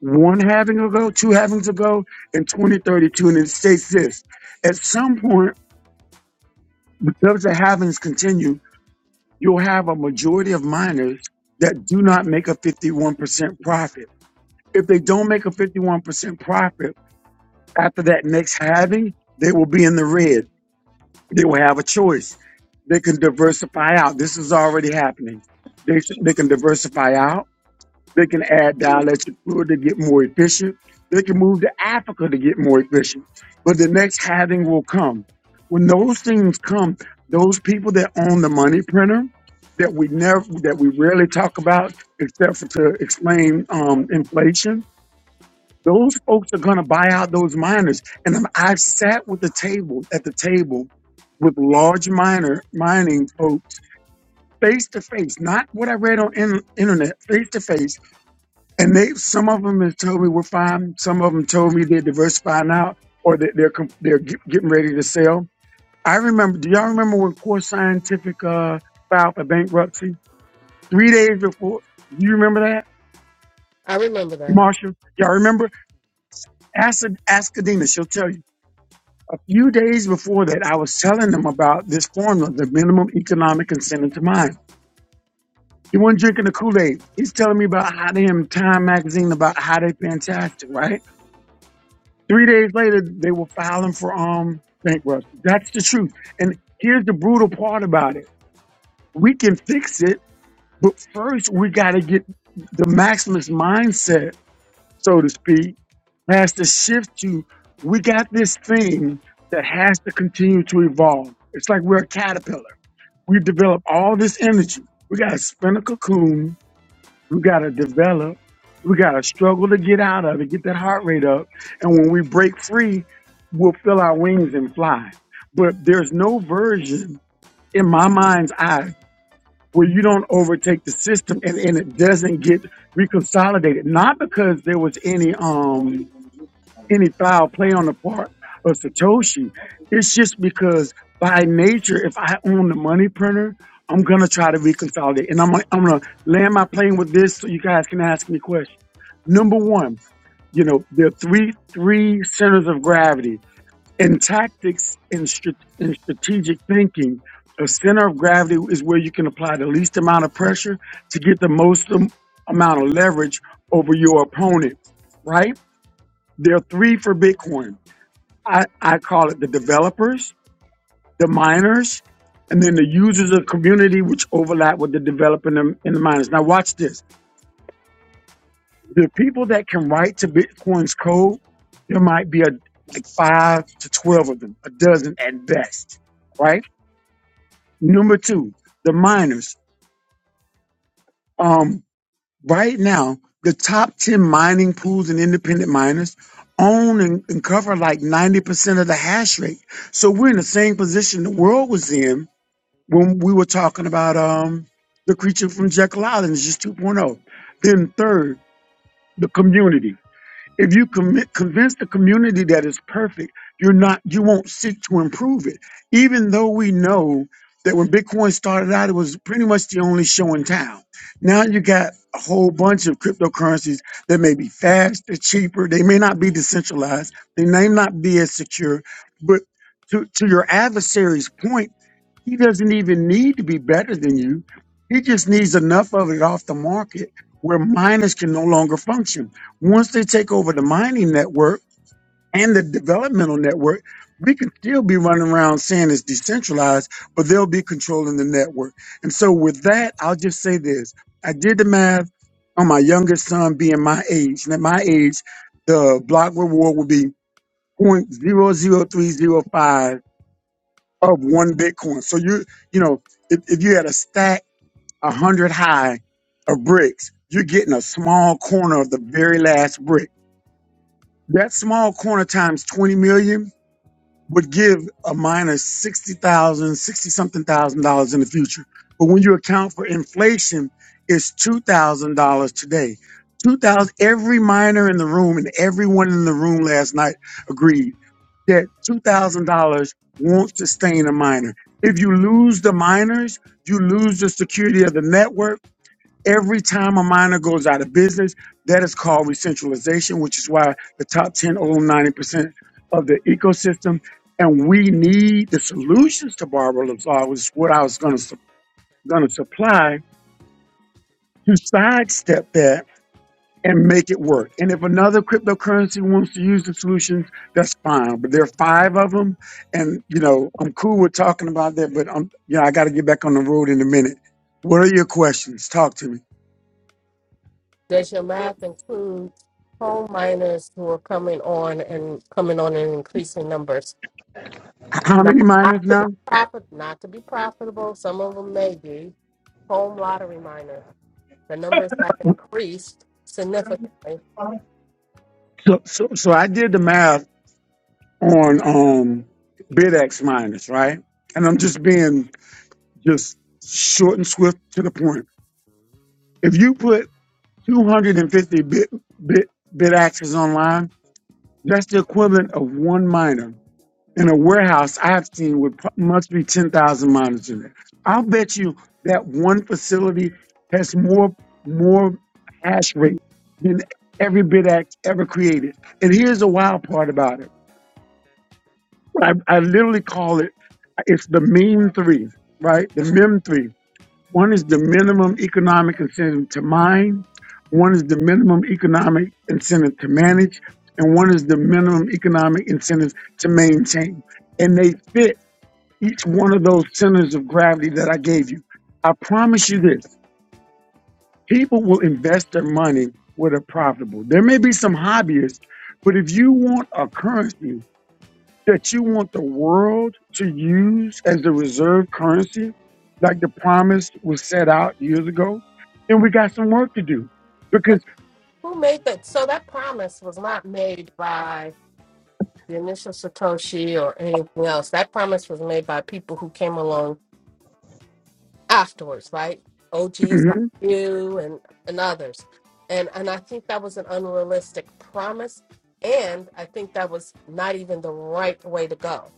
one having ago, two havings ago, and 2032. And it states this at some point, because the havings continue, you'll have a majority of minors that do not make a 51% profit. If they don't make a 51% profit after that next halving, they will be in the red They will have a choice. They can diversify out. This is already happening. They, they can diversify out. They can add dielectric fluid to get more efficient. They can move to Africa to get more efficient. But the next halving will come. When those things come, those people that own the money printer that we never, that we rarely talk about, except for to explain um, inflation, those folks are going to buy out those miners. And I'm- I've sat with the table at the table with large miner mining folks face to face, not what I read on in, internet, face to face. And they, some of them have told me we're fine. Some of them told me they're diversifying out or that they're, com- they're get, getting ready to sell. I remember, do y'all remember when Core Scientific, uh, filed for bankruptcy three days before? Do you remember that,
I remember that.
Marshall? Y'all remember? Ask, ask Adina. She'll tell you. few days before that, I was telling them about this formula, the minimum economic incentive to mine. He wasn't drinking the Kool Aid. He's telling me about how they in Time magazine about how they fantastic, right? Three days later, they were filing for um bankruptcy. That's the truth. And here's the brutal part about it: we can fix it, but first we got to get the maximalist mindset, so to speak, has to shift to we got this thing that has to continue to evolve. It's like we're a caterpillar We develop all this energy. We got to spin a cocoon. We got to develop. We got to struggle to get out of it, get that heart rate up. And when we break free, we'll fill our wings and fly. But there's no version in my mind's eye where you don't overtake the system and, and it doesn't get reconsolidated. Not because there was any, um any foul play on the part of Satoshi. It's just because by nature, if I own the money printer, I'm gonna try to reconcile it, and I'm gonna- I'm gonna land my plane with this, so you guys can ask me questions. Number one, you know there are three three centers of gravity in tactics and, strat- and strategic thinking. A center of gravity is where you can apply the least amount of pressure to get the most am- amount of leverage over your opponent. Right? There are three for Bitcoin. I, I call it the developers, the miners, and then the users of the community, which overlap with the developer and the, and the miners. Now, watch this. The people that can write to Bitcoin's code, there might be a, like five to 12 of them, a dozen at best, right? Number two, the miners. Um, right now, the top 10 mining pools and independent miners own and, and cover like 90% of the hash rate. So we're in the same position the world was in when we were talking about um the creature from Jekyll Island it's just 2.0. Then third, the community. If you commit, convince the community that it's perfect, you're not you won't seek to improve it. Even though we know that when Bitcoin started out, it was pretty much the only show in town. Now you got a whole bunch of cryptocurrencies that may be faster, cheaper. They may not be decentralized. They may not be as secure. But to, to your adversary's point he doesn't even need to be better than you. He just needs enough of it off the market where miners can no longer function. Once they take over the mining network and the developmental network, we can still be running around saying it's decentralized, but they'll be controlling the network. And so with that, I'll just say this. I did the math on my youngest son being my age. And at my age, the block reward would be 0.00305 of one Bitcoin. So you, you know, if, if you had a stack a hundred high of bricks, you're getting a small corner of the very last brick. That small corner times 20 million would give a miner 60,000, something thousand dollars in the future. But when you account for inflation, it's $2,000 today. 2000 every miner in the room and everyone in the room last night agreed that $2,000 won't sustain a miner. If you lose the miners, you lose the security of the network Every time a miner goes out of business, that is called recentralization, which is why the top 10 own 90% of the ecosystem. And we need the solutions to Barbara Lazar, was what I was going to going to supply to sidestep that and make it work. And if another cryptocurrency wants to use the solutions, that's fine. But there are five of them, and you know I'm cool with talking about that. But I'm, you know, I got to get back on the road in a minute. What are your questions? Talk to me.
Does your math include home miners who are coming on and coming on in increasing numbers?
H- How
Not
many miners
not to be
now?
profit, not to be profitable. Some of them may be home lottery miners. The numbers have increased significantly,
So, so, so I did the math on um, BidX minus, right? And I'm just being just short and swift to the point. If you put 250 bit bit bit bid axes online, that's the equivalent of one miner in a warehouse. I have seen with pro- must be 10,000 miners in it. I'll bet you that one facility has more more hash rate than every bit axe ever created. And here's the wild part about it. I, I literally call it it's the mean three, right? The mem three. One is the minimum economic incentive to mine, one is the minimum economic incentive to manage, and one is the minimum economic incentive to maintain. And they fit each one of those centers of gravity that I gave you. I promise you this people will invest their money where they're profitable. There may be some hobbyists, but if you want a currency that you want the world to use as the reserve currency, like the promise was set out years ago, then we got some work to do.
but
Because
who made that? So that promise was not made by the initial Satoshi or anything else. That promise was made by people who came along afterwards, right? OGs like
Mhm.
you and, and others. And and I think that was an unrealistic promise. And I think that was not even the right way to go.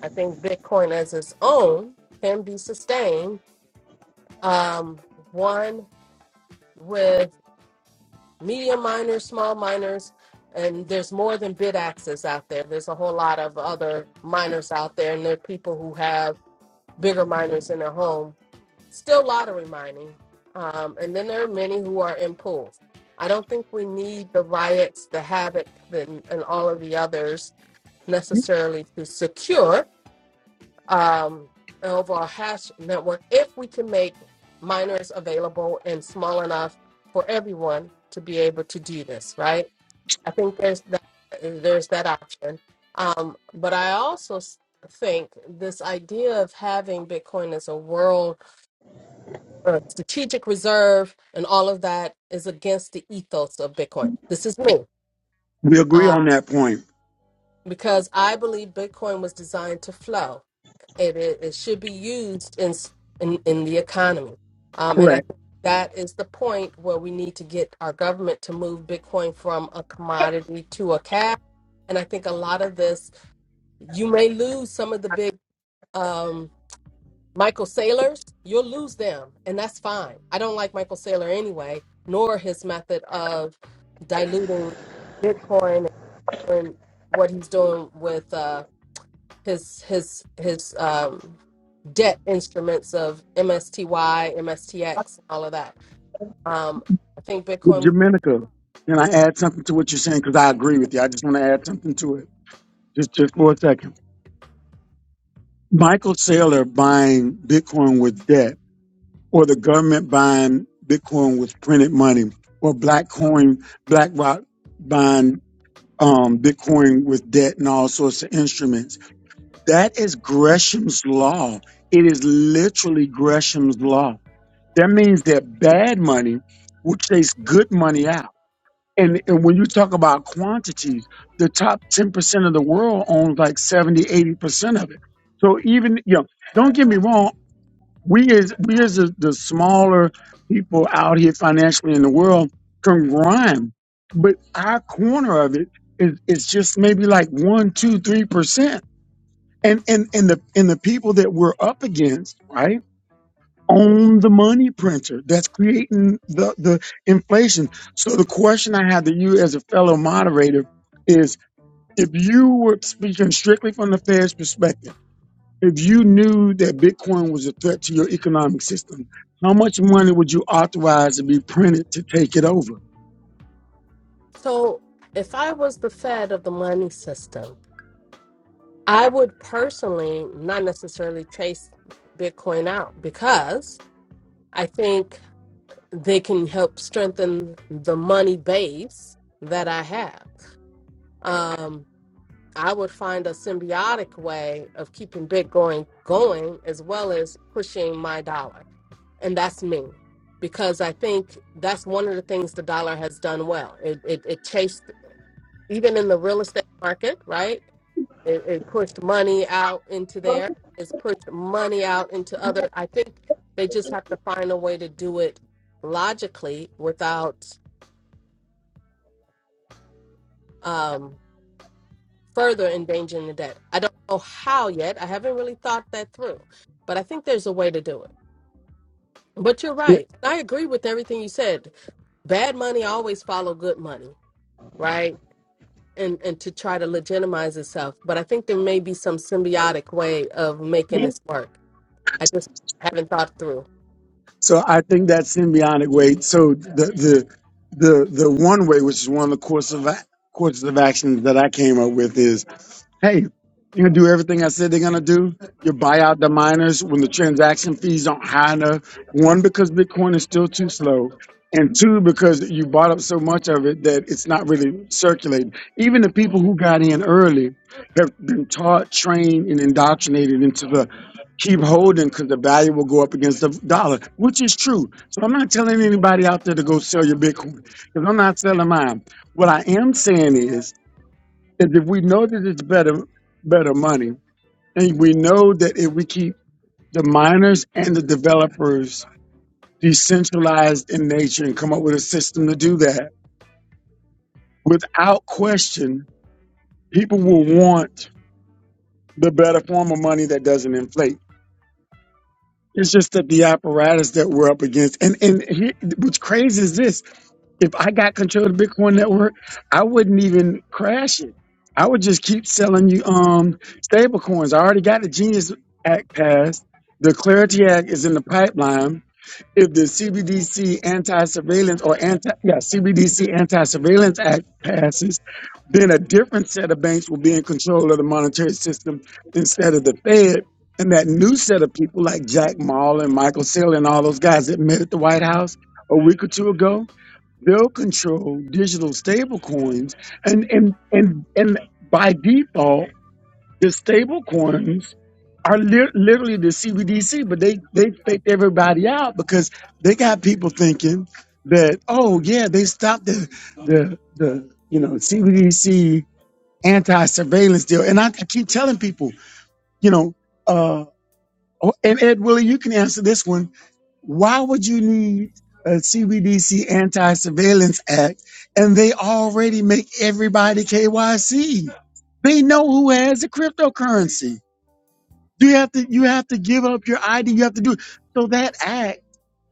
I think Bitcoin as its own can be sustained. Um, one with medium miners, small miners, and there's more than bid out there. There's a whole lot of other miners out there, and there are people who have bigger miners in their home still lottery mining. Um, and then there are many who are in pools. I don't think we need the riots, the havoc, and, and all of the others necessarily to secure um, an overall hash network if we can make miners available and small enough for everyone to be able to do this, right? I think there's that, there's that option. Um, but I also s- think this idea of having Bitcoin as a world uh, strategic reserve and all of that is against the ethos of Bitcoin. This is me
we agree
uh,
on that point.
because I believe Bitcoin was designed to flow. It, it, it should be used in s- in, in the economy, um, and I
Correct.
think that is the point where we need to get our government to move Bitcoin from a commodity to a cash. And I think a lot of this, you may lose some of the big. um. Michael Saylor's, you'll lose them, and that's fine. I don't like Michael Saylor anyway, nor his method of diluting Bitcoin and what he's doing with uh, his his his um, debt instruments of MSTY, MSTX, and all of that. Um, I think
With
Bitcoin
Jamaica, can I add something to what you're saying? Because I agree with you. I just want to add something to it. Just, just for a second. Michael Saylor buying Bitcoin with debt, or the government buying Bitcoin with printed money, or Black Coin, BlackRock buying. um, Bitcoin with debt and all sorts of instruments. That is Gresham's law. It is literally Gresham's law. That means that bad money will chase good money out. And, and when you talk about quantities, the top 10% of the world owns like seventy, eighty percent of it. So even, you know, don't get me wrong, we as we as the, the smaller people out here financially in the world can grind, but our corner of it is it's just maybe like one, two, three percent. And and and the and the people that we're up against, right, own the money printer that's creating the the inflation. So the question I have to you as a fellow moderator is if you were speaking strictly from the Fed's perspective if you knew that Bitcoin was a threat to your economic system, how much money would you authorize to be printed to take it over?
so, if I was the Fed of the money system, I would personally not necessarily chase Bitcoin out because I think they can help strengthen the money base that I have. Um, I would find a symbiotic way of keeping bit going going as well as pushing my dollar. And that's me. Because I think that's one of the things the dollar has done well. It it, it chased even in the real estate market, right? It, it pushed money out into there. It's pushed money out into other I think they just have to find a way to do it logically without um, further endangering the debt. I don't know how yet. I haven't really thought that through, but I think there's a way to do it. But you're right. And I agree with everything you said. Bad money always follow good money, right? And and to try to legitimize itself. But I think there may be some symbiotic way of making
Yeah.
this work. I just haven't thought through.
So I think that symbiotic way. So the the the the one way, which is one of the course of a- courses of actions that I came up with, is Hey, you're gonna do everything I said they're gonna do. You buy out the miners when the transaction fees aren't high enough. One, because Bitcoin is still too slow. And two, because you bought up so much of it that it's not really circulating. Even the people who got in early have been taught, trained, and indoctrinated into the keep holding because the value will go up against the dollar, which is true. So I'm not telling anybody out there to go sell your Bitcoin because I'm not selling mine. What I am saying is is if we know that it's better better money, and we know that if we keep the miners and the developers decentralized in nature and come up with a system to do that, without question, people will want the better form of money that doesn't inflate. It's just that the apparatus that we're up against, and and here, what's crazy is this: If I got control of the Bitcoin network, I wouldn't even crash it. I would just keep selling you um stable coins. I already got the Genius Act passed. The Clarity Act is in the pipeline. If the CBDC anti-surveillance or anti yeah CBDC anti-surveillance act passes, then a different set of banks will be in control of the monetary system instead of the Fed. And that new set of people like Jack Mall and Michael Saylor and all those guys that met at the White House a week or two ago, They'll control digital stable coins and and and and by default, the stable coins are lit literally the CBDC, but they they faked everybody out because they got people thinking that oh yeah they stopped the the the you know CBDC anti surveillance deal, and I, I keep telling people you know uh, Oh, and Ed Willie, you can answer this one. Why would you need a CBDC Anti Surveillance Act? And they already make everybody KYC. They know who has the cryptocurrency. You have to you have to give up your ID. You have to do it. So that act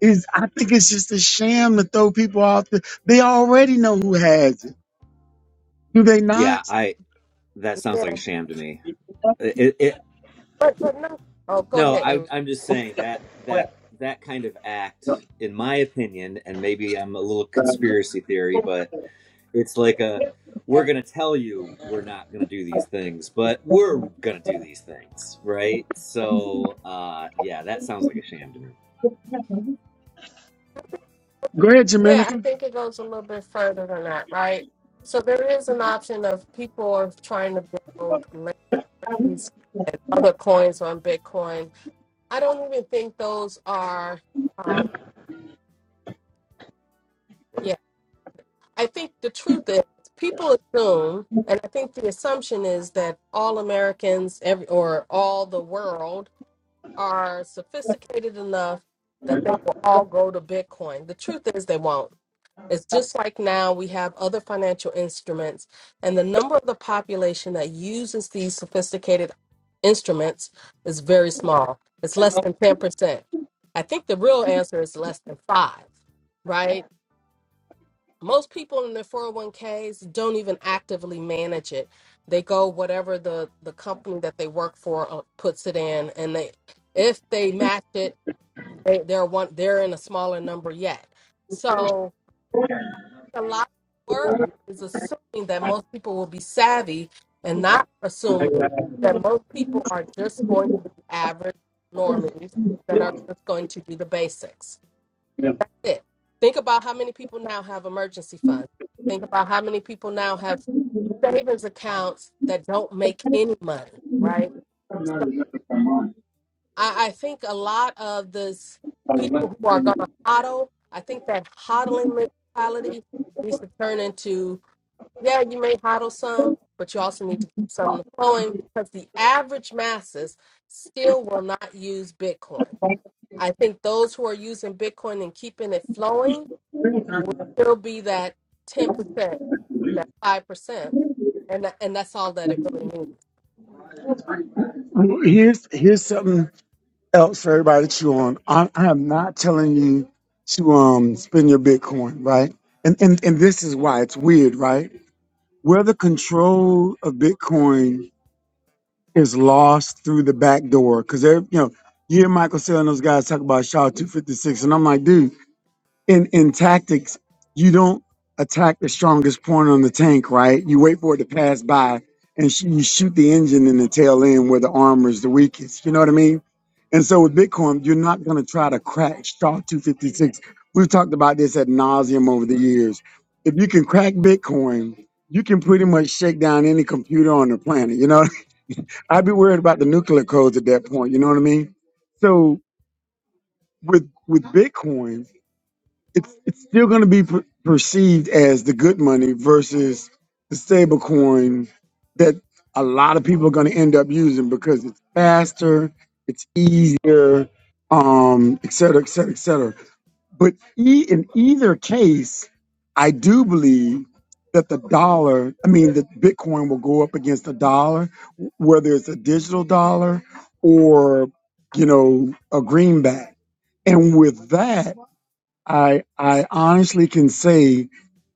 is I think it's just a sham to throw people off. The, they already know who has it. Do they not?
Yeah, I that sounds like
Yeah.
a sham to me. It, it, it-
But but no. Oh, go
no, I
ahead,
I'm just saying that that that kind of act, in my opinion, and maybe I'm a little conspiracy theory, but it's like a we're gonna tell you we're not gonna do these things, but we're gonna do these things, right? So, uh, yeah, that sounds like a sham to me.
Go ahead,
Yeah, I
Jamenica.
think it goes a little bit further than that, right? So there is an option of people are trying to build layer threes and other coins on Bitcoin. I don't even think those are, um, yeah. I think the truth is people assume, and I think the assumption is that all Americans, every or all the world, are sophisticated enough that they will all go to Bitcoin. The truth is they won't It's just like now we have other financial instruments, and the number of the population that uses these sophisticated instruments is very small. It's less than 10%. I think the real answer is less than five, right? Most people in their 401ks don't even actively manage it. They go whatever the, the company that they work for uh, puts it in, and they if they match it, they, they're one they're in a smaller number yet. So a lot of worry is assuming that most people will be savvy and not assuming that most people are just going to be average normies that are just going to do the basics. It. Think about how many people now have emergency funds. Think about how many people now have savings accounts that don't make any money, right? So I, I think a lot of this people
Well,
who are going to hodl, I think that hodling mentality needs to turn into yeah, you may hodl some, but you also need to keep some of the flowing because the average masses still will not use Bitcoin. I think those who are using Bitcoin and keeping it flowing will still be that 10%, that 5%. And, tha- and that's all that it really means.
Here's here's something else for everybody to chew on. I, I am not telling you to um spend your Bitcoin, right? And and and this is why it's weird, right? Whether control of Bitcoin is lost through the back door, because you know, you hear Michael Saylor and those guys talk about SHA two fifty six, and I'm like, dude in in tactics, you don't attack the strongest point on the tank, right? You wait for it to pass by, and sh- you shoot the engine in the tail end where the armor is the weakest. You know what I mean? And so with Bitcoin, you're not going to try to crack Star 256. We've talked about this at nauseum over the years. If you can crack Bitcoin, you can pretty much shake down any computer on the planet. You know, I'd be worried about the nuclear codes at that point. You know what I mean? So with with Bitcoin, it's, it's still going to be per- perceived as the good money versus the stable coin that a lot of people are going to end up using because it's faster, it's easier, um, et cetera, et cetera, et cetera. But e- in either case, I do believe that the dollar, I mean, that Bitcoin will go up against the dollar, w- whether it's a digital dollar or, you know, a greenback. And with that, I I honestly can say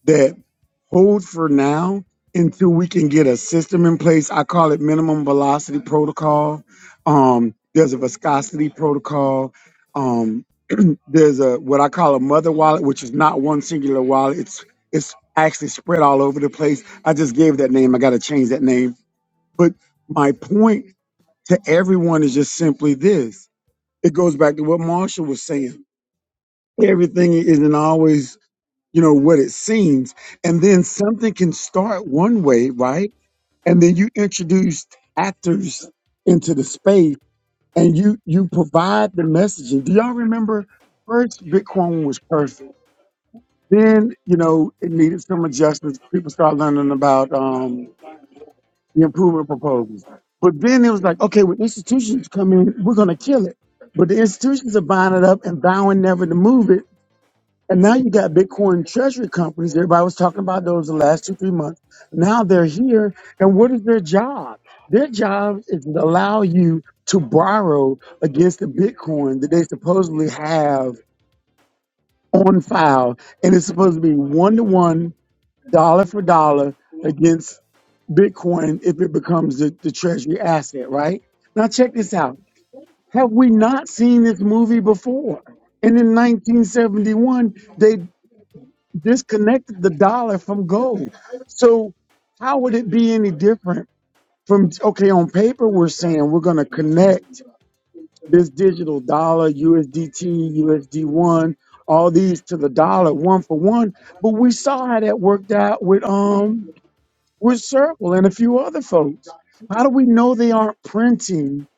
that hold for now until we can get a system in place. I call it minimum velocity protocol. Um, there's a viscosity protocol. Um, there's a what I call a mother wallet, which is not one singular wallet. It's it's actually spread all over the place. I just gave that name. I got to change that name. But my point to everyone is just simply this. It goes back to what Marshall was saying. Everything isn't always you know what it seems and then something can start one way right and then you introduce actors into the space and you you provide the messaging do y'all remember first bitcoin was perfect then you know it needed some adjustments people start learning about um the improvement proposals but then it was like okay when institutions come in we're going to kill it but the institutions are buying it up and vowing never to move it and now you got Bitcoin treasury companies. Everybody was talking about those the last two, three months. Now they're here. And what is their job? Their job is to allow you to borrow against the Bitcoin that they supposedly have on file. And it's supposed to be one to one, dollar for dollar against Bitcoin if it becomes the, the treasury asset, right? Now check this out. Have we not seen this movie before? And in 1971, they disconnected the dollar from gold. So how would it be any different from okay, on paper we're saying we're gonna connect this digital dollar, USDT, USD one, all these to the dollar one for one. But we saw how that worked out with um with Circle and a few other folks. How do we know they aren't printing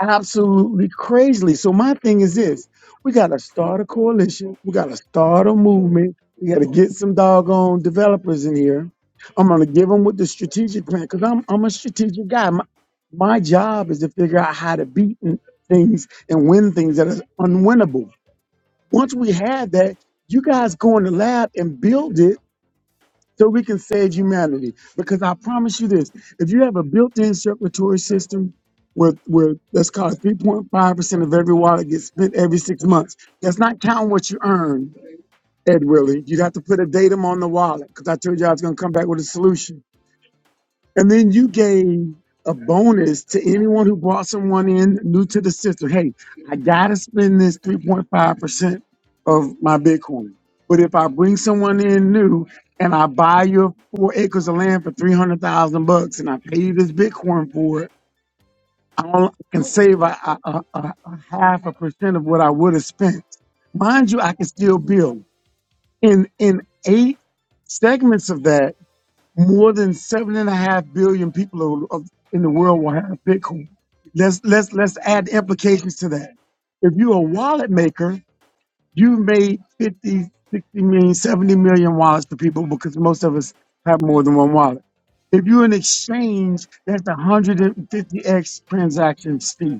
absolutely crazily? So my thing is this: we got to start a coalition. We got to start a movement. We got to get some doggone developers in here. I'm gonna give them with the strategic plan because I'm I'm a strategic guy. My, my job is to figure out how to beat n- things and win things that are unwinnable. Once we have that, you guys go in the lab and build it so we can save humanity. Because I promise you this: if you have a built-in circulatory system, where where let's call it three point five percent of every dollar gets spent every six months, that's not counting what you earn, Ed Willie. You have to put a datum on the wallet because I told you I was going to come back with a solution and then you gave a bonus to anyone who brought someone in new to the system. Hey, I gotta spend this 3.5% of my Bitcoin. But if I bring someone in new and I buy your four acres of land for 300,000 bucks and I pay you this Bitcoin for it, I only can save a, a, a, a a half a percent of what I would have spent. Mind you, I can still build in, in eight segments of that. More than seven and a half billion people of, of- in the world will have Bitcoin. Let's let's let's add implications to that. If you're a wallet maker, you made fifty, sixty million, seventy million wallets for people because most of us have more than one wallet. If you're an exchange, that's 150x transaction speed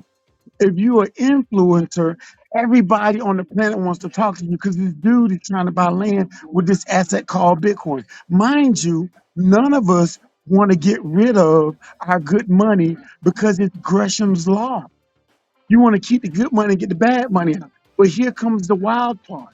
if you're an influencer, everybody on the planet wants to talk to you because this dude is trying to buy land with this asset called Bitcoin. Mind you, none of us want to get rid of our good money because it's Gresham's law. You want to keep the good money and get the bad money out. But here comes the wild part.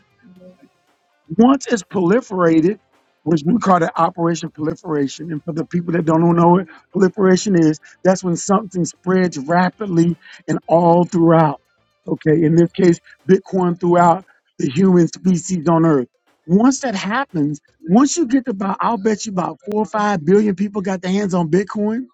Once it's proliferated, which we call the operation proliferation, and for the people that don't know what proliferation is, that's when something spreads rapidly and all throughout. Okay, in this case, Bitcoin throughout the human species on Earth. Once that happens, once you get to about, I'll bet you about four or five billion people got their hands on Bitcoin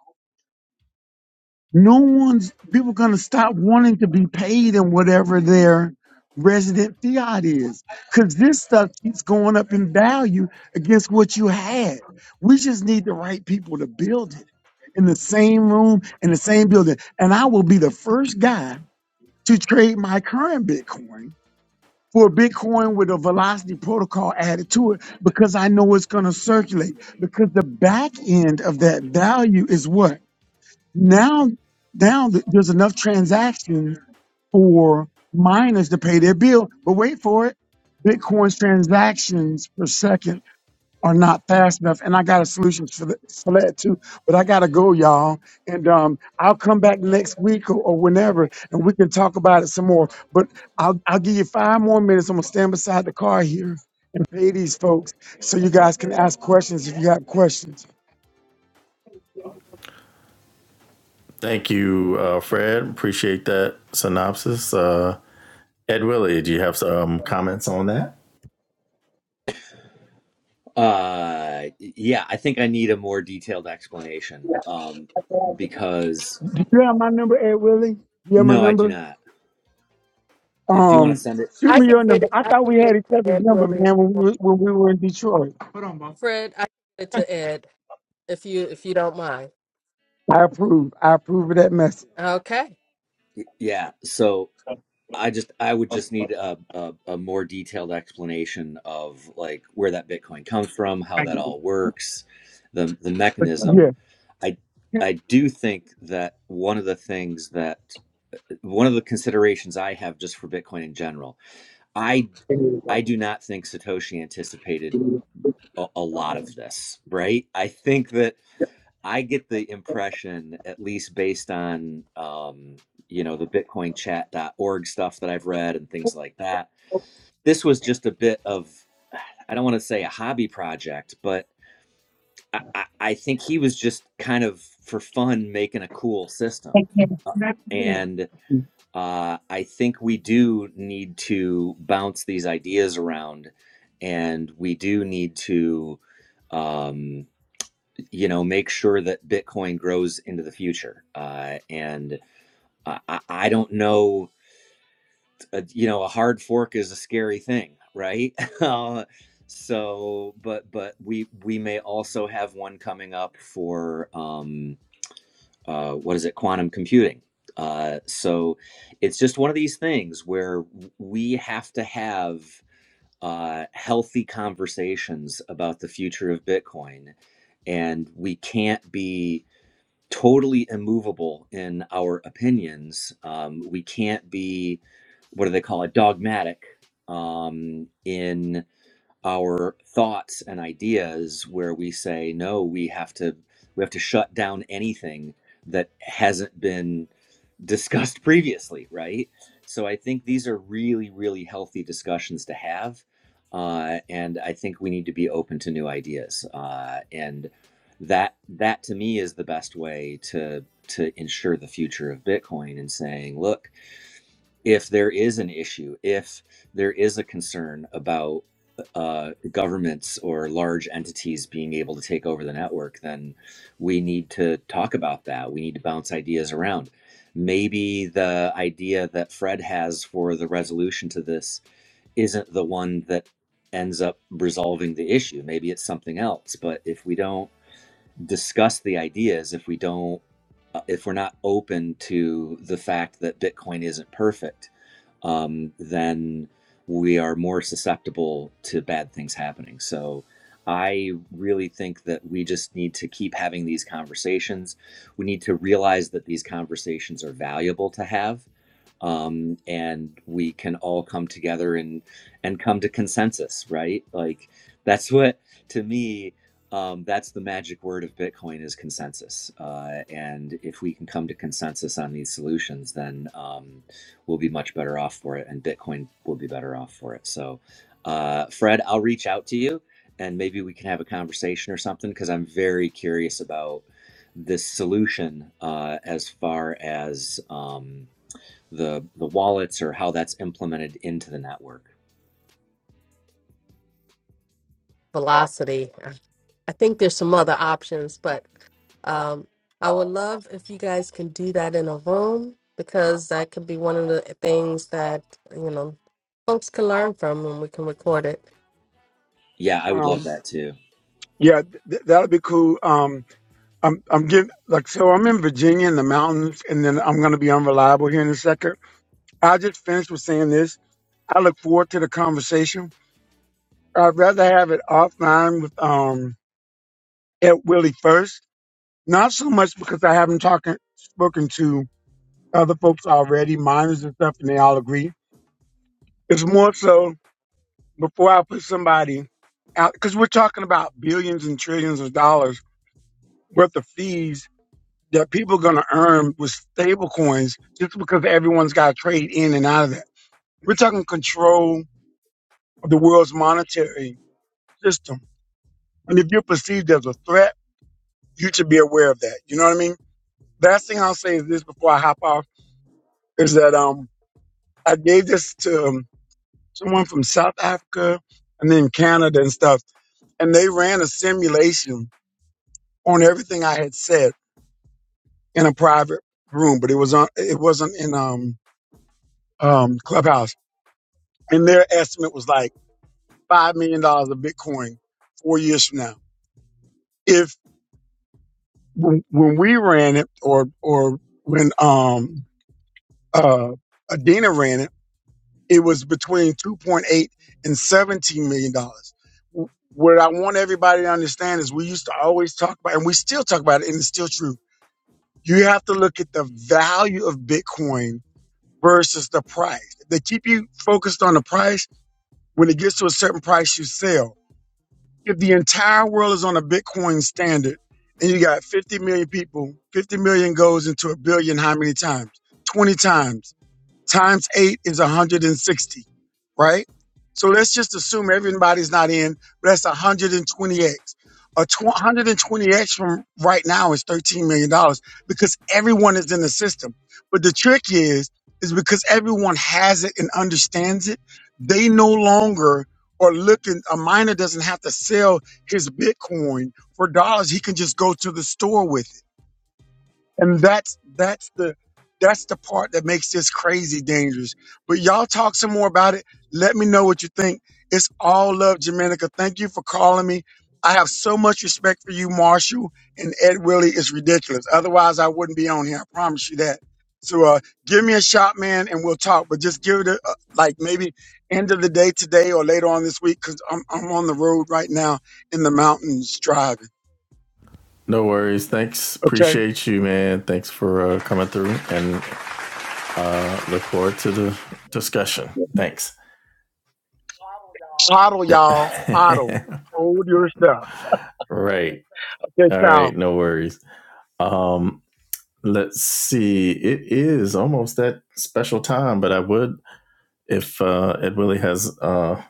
no one's people gonna stop wanting to be paid in whatever their resident fiat is, because this stuff keeps going up in value against what you had. We just need the right people to build it in the same room in the same building, and I will be the first guy to trade my current Bitcoin. For a Bitcoin with a velocity protocol added to it, because I know it's going to circulate. Because the back end of that value is what? Now, now th- there's enough transactions for miners to pay their bill, but wait for it. Bitcoin's transactions per second are not fast enough, and I got a solution for, th- for that too. But I gotta go, y'all, and um, I'll come back next week or, or whenever, and we can talk about it some more. But I'll I'll give you five more minutes. I'm gonna stand beside the car here and pay these folks so you guys can ask questions if you got questions.
Thank you, uh, Fred. Appreciate that synopsis. Uh, Ed Willie, do you have some comments on that?
Uh, yeah, I think I need a more detailed explanation, um, because
Do you have my number, Ed Willie? You have my
no, I do
number?
not. If you want to
Um,
send it,
shoot
I
me your
can get
number.
it.
I
I
thought
can
we
get
had
it
each
to
other's
Ed
number,
Willie if
man,
you
when
want.
we were, when we were in Detroit.
Fred, I can get it to Ed if you if you don't mind.
I approve. I approve of that message.
Okay.
yeah. So I just I would just need a, a a more detailed explanation of like where that Bitcoin comes from, how that all works, the the
But
mechanism.
Yeah.
I I do think that one of the things that one of the considerations I have just for Bitcoin in general, I I do not think Satoshi anticipated a, a lot of this, right? I think that I get the impression, at least based on um, you know the BitcoinChat.org stuff that I've read and things like that this was just a bit of i don't want to say a hobby project but I, I I think he was just kind of for fun making a cool system Uh, and uh, i think we do need to bounce these ideas around and we do need to um, you know make sure that bitcoin grows into the future uh, and I, I I don't know a, you know a hard fork is a scary thing right uh, so but but we we may also have one coming up for um uh what is it quantum computing uh so it's just one of these things where we have to have uh healthy conversations about the future of bitcoin and we can't be totally immovable in our opinions. Um, we can't be, what do they call it, dogmatic um, in our thoughts and ideas where we say no we have to we have to shut down anything that hasn't been discussed previously right so i think these are really really healthy discussions to have uh, and i think we need to be open to new ideas uh, and that that to me is the best way to to ensure the future of bitcoin and saying look if there is an issue, if there is a concern about uh, governments or large entities being able to take over the network, then we need to talk about that. We need to bounce ideas around. Maybe the idea that Fred has for the resolution to this isn't the one that ends up resolving the issue. Maybe it's something else. But if we don't discuss the ideas, if we don't, uh, if we're not open to the fact that Bitcoin isn't perfect, um, then we are more susceptible to bad things happening. So I really think that we just need to keep having these conversations. We need to realize that these conversations are valuable to have um, and we can all come together and and come to consensus, right? Like that's what to me. Um, that's the magic word of Bitcoin is consensus, uh, and if we can come to consensus on these solutions, then um, we'll be much better off for it, and Bitcoin will be better off for it. So, uh, Fred, I'll reach out to you, and maybe we can have a conversation or something because I'm very curious about this solution uh, as far as. Um, the the wallets or how that's implemented into the network.
Velocity. I think there's some other options, but um, I would love if you guys can do that in a room because that could be one of the things that you know folks can learn from, and we can record it.
Yeah, I would love
um,
that too.
yeah, th- that'll be cool. Um, I'm I'm getting like so I'm in Virginia in the mountains, and then I'm gonna be unreliable here in a second. I just finished with saying this. I look forward to the conversation. I'd rather have it offline with um Ed Willie first. Not so much because I haven't talking spoken to other folks already, minors and stuff, and they all agree. It's more so before I put somebody out, because we're talking about billions and trillions of dollars worth of fees that people are going to earn with stable coins just because everyone's got to trade in and out of that. We're talking control of the world's monetary system. And if you're perceived as a threat, you should be aware of that. You know what I mean? Last thing I'll say is this before I hop off is that um, I gave this to um, someone from South Africa and then Canada and stuff. And they ran a simulation on everything I had said in a private room, but it was on, it wasn't in, um, um, clubhouse. And their estimate was like $5 million dollars of Bitcoin four years from now. If when, when we ran it or, or when, um, uh, Adina ran it it was between 2.8 and 17 million dollars what i want everybody to understand is we used to always talk about and we still talk about it and it's still true you have to look at the value of bitcoin versus the price If they keep you focused on the price when it gets to a certain price you sell if the entire world is on a bitcoin standard and you got 50 million people 50 million goes into a billion how many times 20 times times eight is 160, right? So let's just assume everybody's not in, but that's 120x. A tw- 120x from right now is $13 million dollars because everyone is in the system. But the trick is, is because everyone has it and understands it, they no longer are looking, a miner doesn't have to sell his Bitcoin for dollars. He can just go to the store with it and that's that's the that's the part that makes this crazy dangerous. But y'all talk some more about it. Let me know what you think. It's all love, Jamenica. Thank you for calling me. I have so much respect for you, Marshall and Ed Willie. It's ridiculous. Otherwise, I wouldn't be on here. I promise you that. So uh, give me a shot, man, and we'll talk. But just give it a, uh, like maybe end of the day today or later on this week because I'm, I'm on the road right now in the mountains driving.
No worries. Thanks.
Okay.
Appreciate you, man. Thanks for uh, coming through, and uh, look forward to the discussion. Thanks.
Huddle,
right.
y'all. Huddle. Hold your stuff.
All right.
Okay, child.
No worries. Um, let's see. It is almost that special time, but I would, if uh, Ed Willie has uh,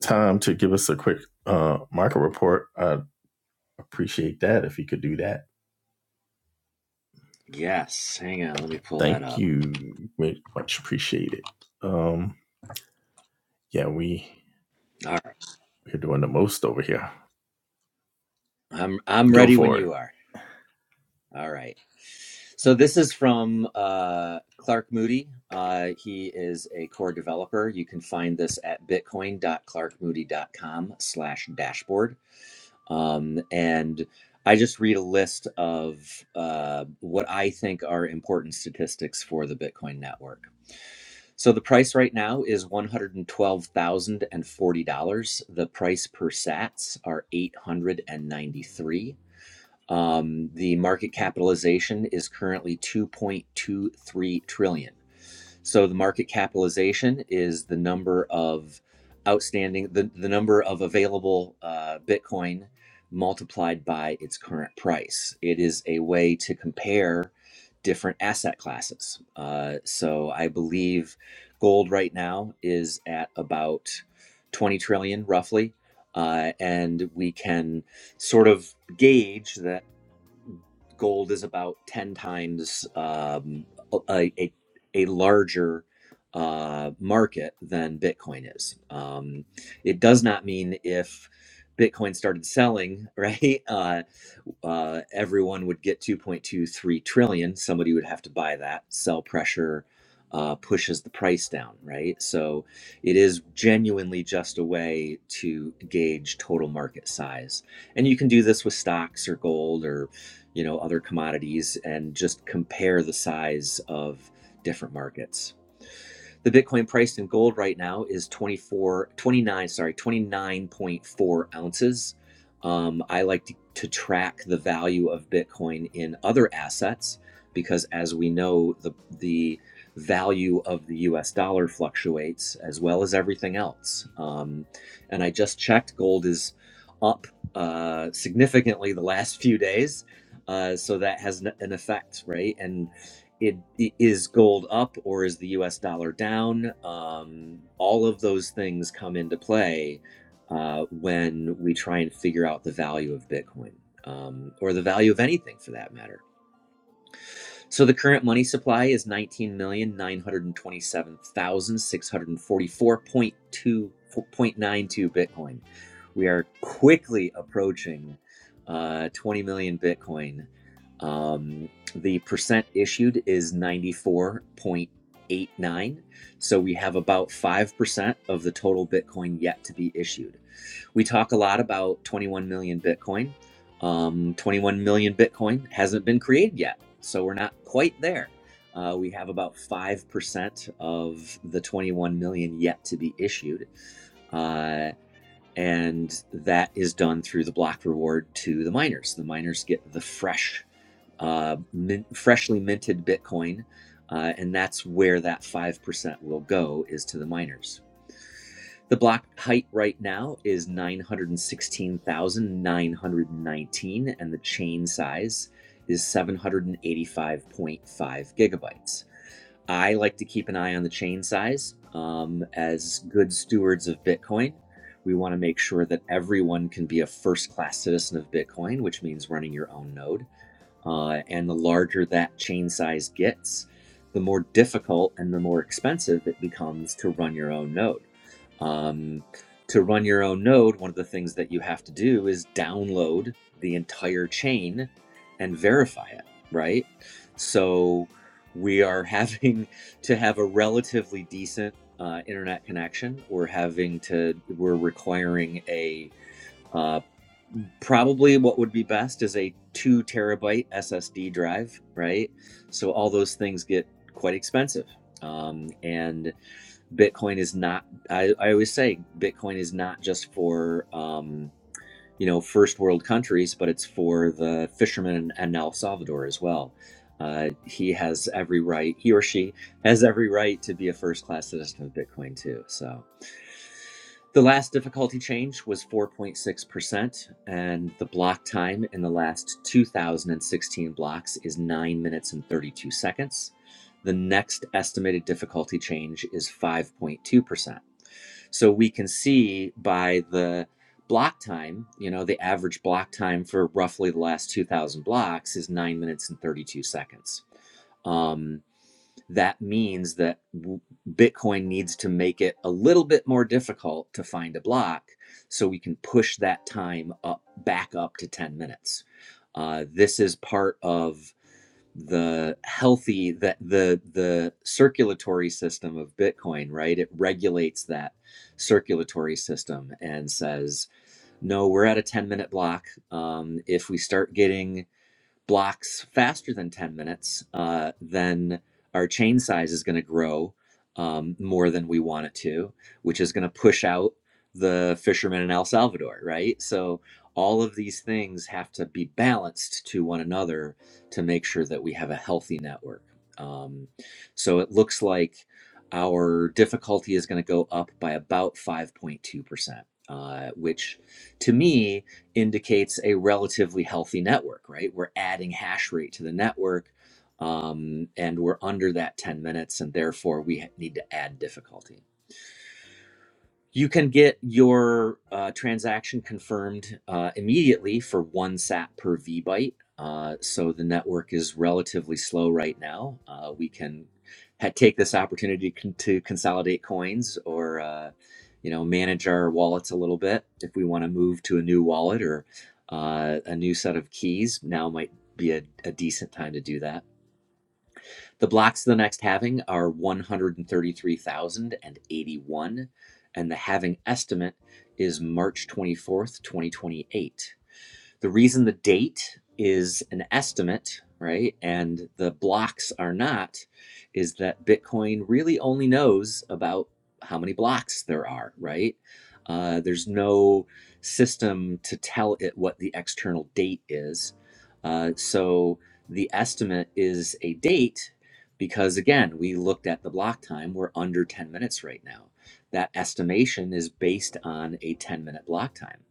time to give us a quick uh, market report, I'd appreciate that if he could do that.
Yes, hang on, let me pull that
Thank
up.
you. Mu- Much appreciated. Um, yeah, we,
All right,
we're doing the most over here.
I'm I'm
Go
ready when
for it.
you are. All right. So this is from uh, Clark Moody. Uh, he is a core developer. You can find this at bitcoin dot clark moody dot com slash dashboard. um, and I just read a list of uh, what I think are important statistics for the Bitcoin network. So the price right now is one hundred and twelve thousand and forty dollars. The price per Sats are eight hundred and ninety-three. Um, the market capitalization is currently two point two three trillion. So the market capitalization is the number of outstanding, the, the number of available uh, Bitcoin multiplied by its current price. It is a way to compare different asset classes. Uh, so I believe gold right now is at about 20 trillion roughly. Uh, and we can sort of gauge the gold is about 10 times um, a, a, a larger uh, market than Bitcoin is. Um, it does not mean if Bitcoin started selling, right? Uh, uh, everyone would get 2.23 trillion. Somebody would have to buy that. Sell pressure uh, pushes the price down, right? So it is genuinely just a way to gauge total market size, and you can do this with stocks or gold or you know other commodities, and just compare the size of different markets the Bitcoin priced in gold right now is 24, 29. sorry, 29.4 ounces. Um, I like to, to track the value of Bitcoin in other assets because, as we know, the, the value of the US dollar fluctuates as well as everything else. Um, and I just checked, gold is up uh, significantly the last few days. Uh, so that has an effect, right? And it, i- gold up or is the US dollar down? Um, all of those things come into play uh, when we try and figure out the value of Bitcoin um, or the value of anything for that matter. So the current money supply is nineteen million nine hundred and twenty-seven thousand six hundred and forty-four point two point nine two Bitcoin. We are quickly approaching uh, twenty million Bitcoin. Um, the percent issued is ninety-four point eight nine. So we have about five percent of the total Bitcoin yet to be issued. We talk a lot about 21 million Bitcoin. Um, 21 million Bitcoin hasn't been created yet, so we're not quite there. Uh, we have about 5% of the 21 million yet to be issued. Uh, and that is done through the block reward to the miners. The miners get the fresh, uh, min- freshly minted Bitcoin, uh, and that's where that 5% will go is to the miners. The block height right now is 916,919, and the chain size is 785.5 gigabytes. I like to keep an eye on the chain size. Um, as good stewards of Bitcoin, we want to make sure that everyone can be a first class citizen of Bitcoin, which means running your own node. Uh, and the larger that chain size gets, the more difficult and the more expensive it becomes to run your own node. Um, to run your own node, one of the things that you have to do is download the entire chain and verify it, right? So we are having to have a relatively decent uh, internet connection. We're having to, we're requiring a uh, probably what would be best is a two terabyte SSD drive, right? So all those things get quite expensive. Um, and Bitcoin is not, I, I always say Bitcoin is not just for, um, you know, first world countries, but it's for the fishermen in El Salvador as well. Uh, he has every right, he or she has every right to be a first class citizen of Bitcoin too. So the last difficulty change was 4.6%, and the block time in the last 2016 blocks is 9 minutes and 32 seconds. The next estimated difficulty change is 5.2% so we can see by the block time, you know, the average block time for roughly the last 2,000 blocks is nine minutes and 32 seconds. Um, that means that Bitcoin needs to make it a little bit more difficult to find a block so we can push that time up back up to 10 minutes. Uh, this is part of the healthy that the the circulatory system of bitcoin right it regulates that circulatory system and says no we're at a 10 minute block um, if we start getting blocks faster than 10 minutes, uh, then our chain size is going to grow um, more than we want it to, which is going to push out the fishermen in El Salvador, right? So all of these things have to be balanced to one another to make sure that we have a healthy network. Um, so it looks like our difficulty is going to go up by about 5.2%, uh, which to me, indicates a relatively healthy network, right? We're adding hash rate to the network um, and we're under that 10 minutes, and therefore we ha- need to add difficulty. You can get your uh, transaction confirmed uh, immediately for one SAT per VByte. Uh, so the network is relatively slow right now. Uh, we can ha- take this opportunity con- to consolidate coins or uh, you know manage our wallets a little bit if we want to move to a new wallet or uh, a new set of keys. Now might be a, a decent time to do that the blocks of the next halving are 133,081, and the halving estimate is March 24th, 2028. The reason the date is an estimate, right, and the blocks are not, is that Bitcoin really only knows about how many blocks there are, right? Uh, there's no system to tell it what the external date is. Uh, so the estimate is a date because, again, we looked at the block time. We're under 10 minutes right now. That estimation is based on a 10 minute block time.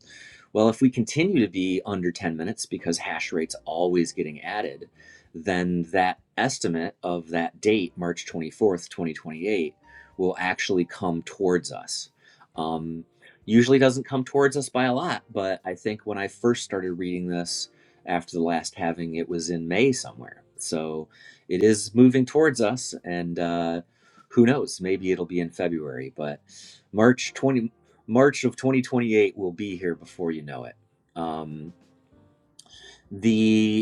Well, if we continue to be under 10 minutes because hash rate's always getting added, then that estimate of that date, March 24th, 2028, will actually come towards us. Um, usually doesn't come towards us by a lot, but I think when I first started reading this after the last having, it was in May somewhere. So it is moving towards us, and uh, who knows? Maybe it'll be in February, but March 20. March of 2028 will be here before you know it. Um, the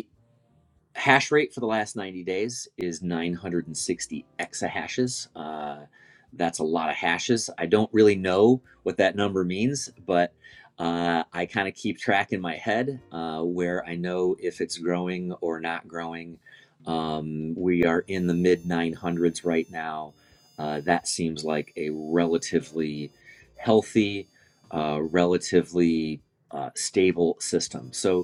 hash rate for the last 90 days is 960 exahashes. Uh, that's a lot of hashes. I don't really know what that number means, but uh, I kind of keep track in my head uh, where I know if it's growing or not growing. Um, we are in the mid 900s right now. Uh, that seems like a relatively healthy, uh, relatively uh, stable system. So,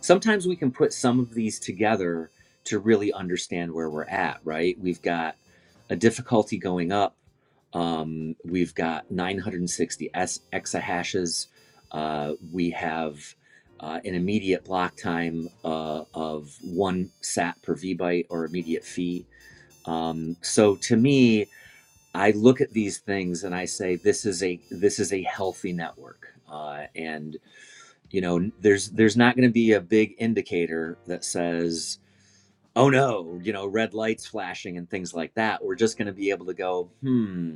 sometimes we can put some of these together to really understand where we're at right we've got a difficulty going up um, we've got 960 s exahashes uh, we have uh, an immediate block time uh, of one sat per vbyte or immediate fee um, so to me i look at these things and i say this is a this is a healthy network uh, and you know there's there's not going to be a big indicator that says oh no you know red lights flashing and things like that we're just going to be able to go hmm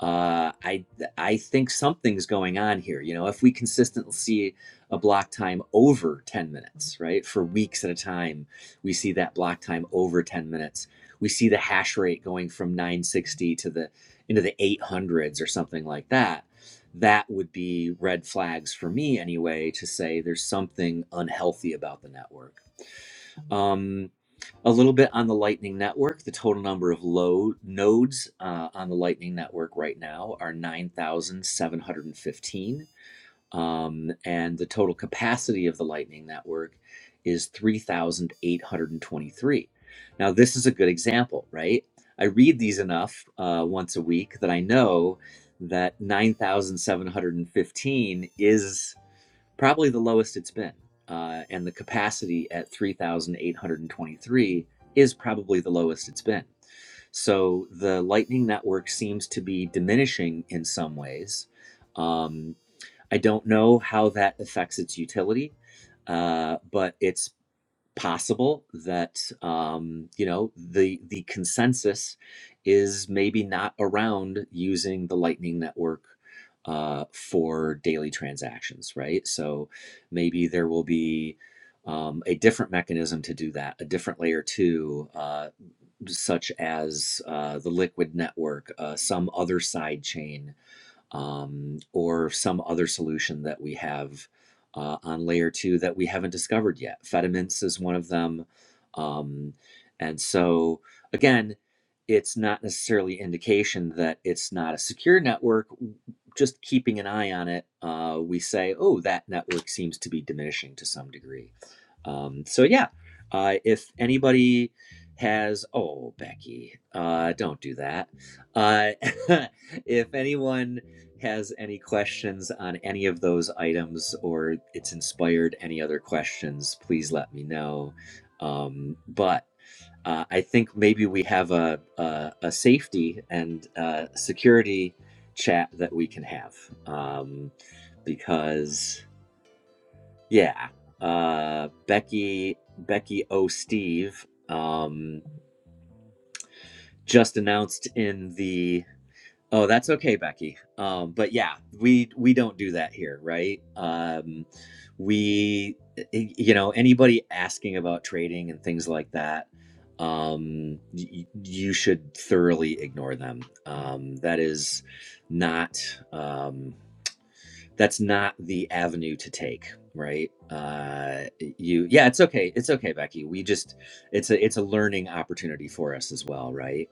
uh, I I think something's going on here. You know, if we consistently see a block time over 10 minutes, right? For weeks at a time, we see that block time over 10 minutes. We see the hash rate going from 960 to the into the 800s or something like that. That would be red flags for me anyway to say there's something unhealthy about the network. Um, a little bit on the Lightning Network. The total number of low nodes uh, on the Lightning Network right now are 9,715. Um, and the total capacity of the Lightning Network is 3,823. Now, this is a good example, right? I read these enough uh, once a week that I know that 9,715 is probably the lowest it's been. Uh, and the capacity at 3,823 is probably the lowest it's been. So the Lightning Network seems to be diminishing in some ways. Um, I don't know how that affects its utility, uh, but it's possible that um, you know the the consensus is maybe not around using the Lightning Network uh, for daily transactions, right? So maybe there will be um, a different mechanism to do that, a different layer two, uh, such as uh, the Liquid Network, uh, some other side chain um, or some other solution that we have uh, on layer two that we haven't discovered yet. Fedimints is one of them. Um, and so, again, it's not necessarily indication that it's not a secure network. Just keeping an eye on it, uh, we say, oh, that network seems to be diminishing to some degree. Um, so yeah, uh, if anybody has, oh Becky, uh, don't do that. Uh, if anyone has any questions on any of those items or it's inspired any other questions, please let me know. Um, but uh, I think maybe we have a a, a safety and uh, security chat that we can have um, because. Yeah. Uh, Becky Becky O. Steve um, just announced in the. Oh, that's okay, Becky. Um, but yeah, we we don't do that here, right? Um, we, eh, eh, you know, anybody asking about trading and things like that, um, y- you should thoroughly ignore them. Um, that is not. Um, that's not the avenue to take right uh you yeah it's okay it's okay becky we just it's a it's a learning opportunity for us as well right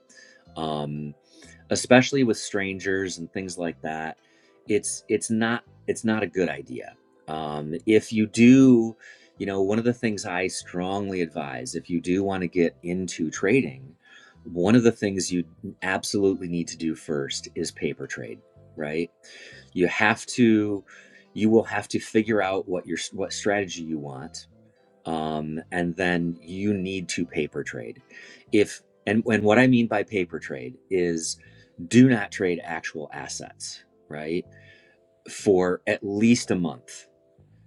Um, especially with strangers and things like that it's it's not it's not a good idea um, if you do you know one of the things i strongly advise if you do want to get into trading one of the things you absolutely need to do first is paper trade right you have to you will have to figure out what your what strategy you want um, and then you need to paper trade. If and and what I mean by paper trade is do not trade actual assets, right? For at least a month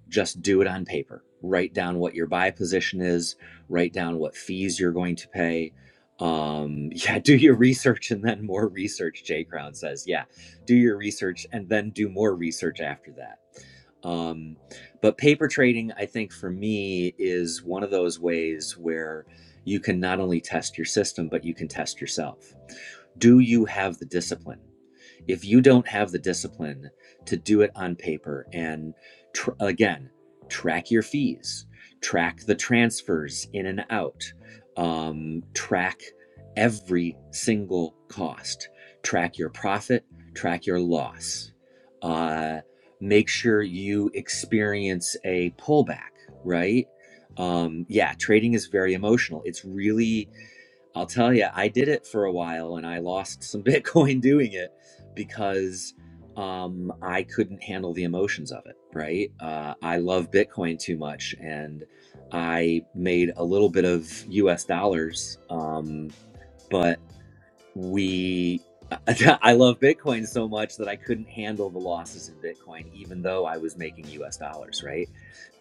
just do it on paper. Write down what your buy position is, write down what fees you're going to pay. Um, yeah, do your research and then more research, Jay Crown says. Yeah, do your research and then do more research after that. Um, but paper trading, I think for me, is one of those ways where you can not only test your system, but you can test yourself. Do you have the discipline? if you don't have the discipline to do it on paper and tr- again track your fees track the transfers in and out um, track every single cost track your profit track your loss uh, make sure you experience a pullback right um, yeah trading is very emotional it's really I'll tell you, I did it for a while and I lost some Bitcoin doing it because um, I couldn't handle the emotions of it, right? Uh, I love Bitcoin too much and I made a little bit of US dollars, um, but we, I love Bitcoin so much that I couldn't handle the losses in Bitcoin, even though I was making US dollars, right?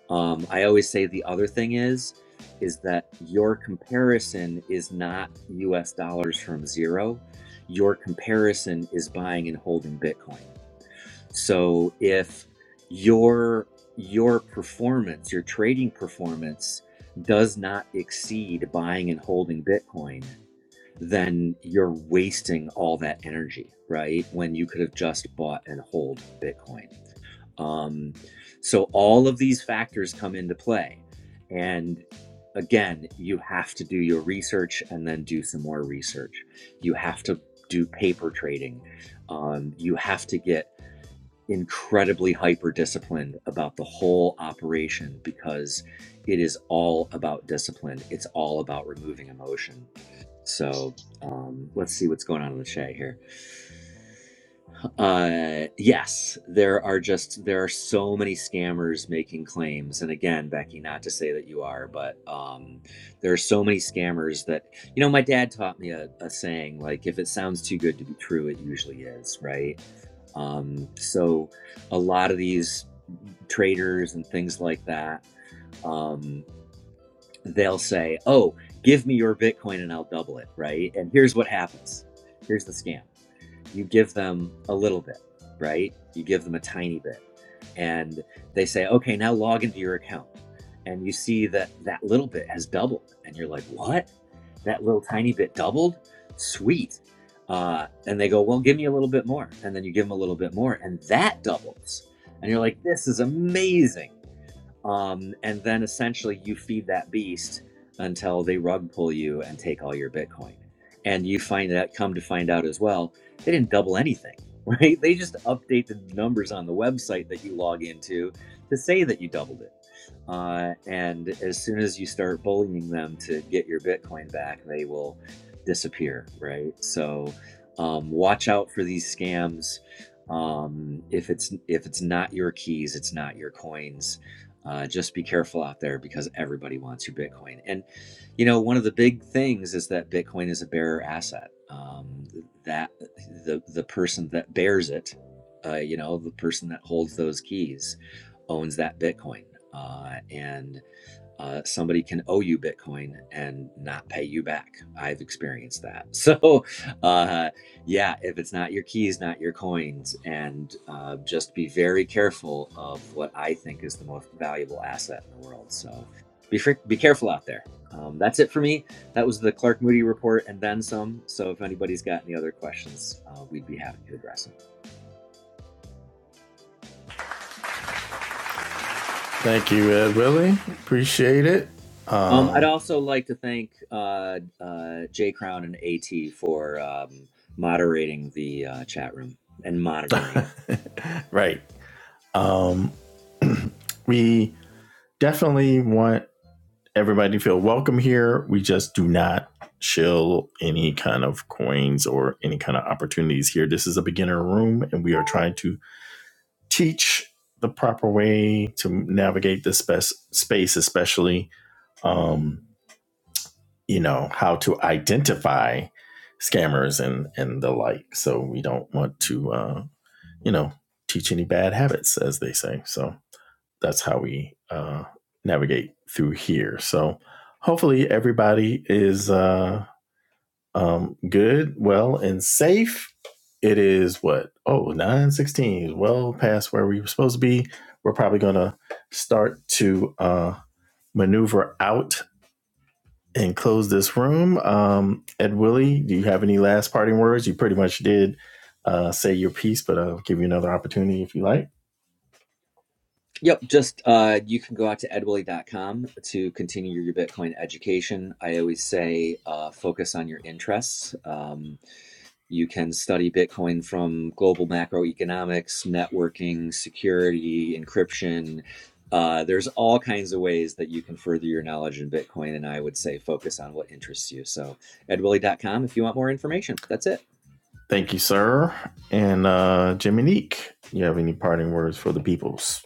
Um, I always say the other thing is, is that your comparison is not US dollars from zero. Your comparison is buying and holding Bitcoin. So if your your performance, your trading performance does not exceed buying and holding Bitcoin, then you're wasting all that energy, right? When you could have just bought and hold Bitcoin. Um, so all of these factors come into play. And again, you have to do your research and then do some more research. You have to do paper trading. Um, you have to get incredibly hyper disciplined about the whole operation because it is all about discipline. It's all about removing emotion. So um, let's see what's going on in the chat here. Uh, yes, there are just there are so many scammers making claims, and again, Becky, not to say that you are, but um, there are so many scammers that you know. My dad taught me a, a saying like, if it sounds too good to be true, it usually is, right? Um, so a lot of these traders and things like that, um, they'll say, "Oh, give me your Bitcoin and I'll double it." Right? And here's what happens. Here's the scam. You give them a little bit, right? You give them a tiny bit, and they say, "Okay, now log into your account." And you see that that little bit has doubled, and you're like, "What? That little tiny bit doubled? Sweet." Uh, and they go, "Well, give me a little bit more," and then you give them a little bit more, and that doubles, and you're like, "This is amazing." um, and then essentially you feed that beast until they rug pull you and take all your bitcoin and you find that come to find out as well they didn't double anything right they just update the numbers on the website that you log into to say that you doubled it uh, and as soon as you start bullying them to get your Bitcoin back, they will disappear, right? So um, watch out for these scams. Um, if it's if it's not your keys, it's not your coins. Uh, just be careful out there because everybody wants your Bitcoin. And you know, one of the big things is that Bitcoin is a bearer asset. Um, that the the person that bears it, uh, you know, the person that holds those keys owns that Bitcoin. Uh, and uh, somebody can owe you Bitcoin and not pay you back. I've experienced that. So, uh, yeah, if it's not your keys, not your coins, and uh, just be very careful of what I think is the most valuable asset in the world. So, be fr- be careful out there. Um, that's it for me. That was the Clark Moody report and then some. So, if anybody's got any other questions, uh, we'd be happy to address them.
Thank you, Ed Willie. Appreciate it.
Um, I'd
Um,
also like to thank uh, uh, Jay Crown and AT for um, moderating the uh, chat room and monitoring it.
right. Um, we definitely want everybody feel welcome here. We just do not shill any kind of coins or any kind of opportunities here. This is a beginner room, and we are trying to teach the proper way to navigate this spe- space, especially um, you know how to identify scammers and and the like. So we don't want to uh, you know teach any bad habits, as they say. So that's how we uh, navigate through here. So hopefully everybody is uh, um, good, well, and safe. It is what oh nine sixteen well past where we were supposed to be. We're probably gonna start to uh, maneuver out and close this room. Um, Ed Willie, do you have any last parting words? You pretty much did uh, say your piece, but I'll give you another opportunity if you like.
Yep, just uh, you can go out to edwilly.com to continue your Bitcoin education. I always say uh, focus on your interests. Um, You can study Bitcoin from global macroeconomics, networking, security, encryption. Uh, there's all kinds of ways that you can further your knowledge in Bitcoin, and I would say focus on what interests you. So, ed willie dot com if you want more information. That's it.
Thank you, sir. And uh Jiminique, you have any parting words for the peoples?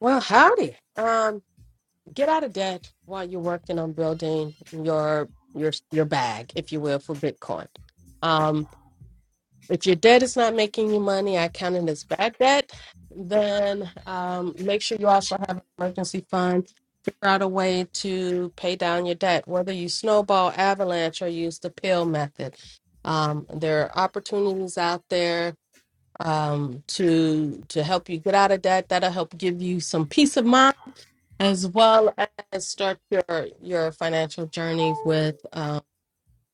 Well, howdy! Um, get out of debt while you're working on building your your your bag, if you will, for Bitcoin. Um, if your debt is not making you money, I count it as bad debt. Then um, make sure you also have an emergency fund out a way to pay down your debt, whether you snowball, avalanche, or use the pill method. Um, there are opportunities out there um, to to help you get out of debt. That'll help give you some peace of mind, as well as start your your financial journey with uh,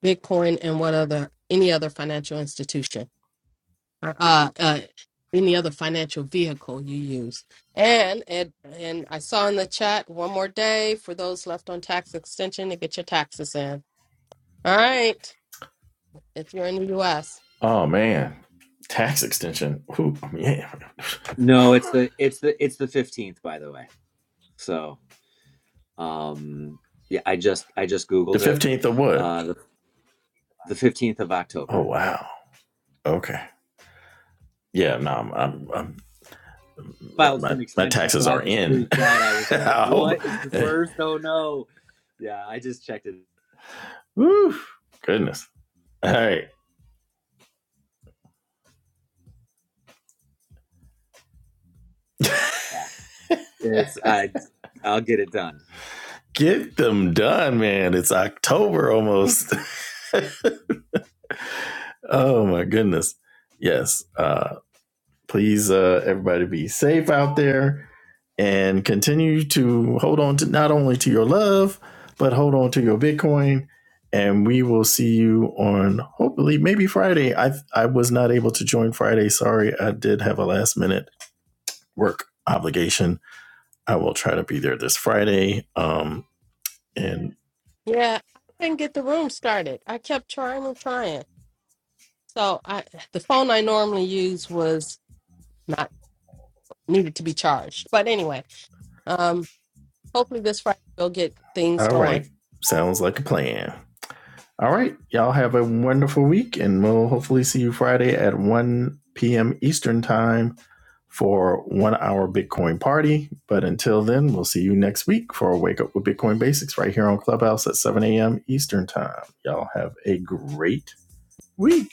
Bitcoin and what other any other financial institution uh, uh, any other financial vehicle you use. And it, and I saw in the chat one more day for those left on tax extension to get your taxes in. All right, if you're in the U.S.
Oh man. Tax extension. Ooh, yeah.
No, it's the it's the it's the fifteenth, by the way. So, um, yeah, I just I just
The
googled it.
fifteenth of what?
Uh, the the fifteenth of October.
Oh wow. Okay. Yeah, no, I'm, I'm, I'm
filed for
my
an
my
extension,
taxes
so I
are
just
in.
freaked out. I was like,
I hope.
"What is the first? Oh no!" Yeah, I just checked it.
Woo, goodness. All right.
Yeah, it's I. I'll get it done.
Get them done, man. It's October almost. oh my goodness. Yes. Uh please uh, everybody be safe out there and continue to hold on to not only to your love but hold on to your bitcoin and we will see you on hopefully maybe friday i i was not able to join friday sorry i did have a last minute work obligation i will try to be there this friday um and
Yeah, I couldn't get the room started. I kept trying and trying. So I, the phone I normally use was not needed to be charged. But anyway, um, hopefully this Friday we'll get things
all
going.
right sounds like a plan all right y'all have a wonderful week and we'll hopefully see you friday at 1 p.m eastern time for one hour Bitcoin party. But until then, we'll see you next week for a wake up with Bitcoin basics right here on Clubhouse at 7 a.m. Eastern time. Y'all have a great week.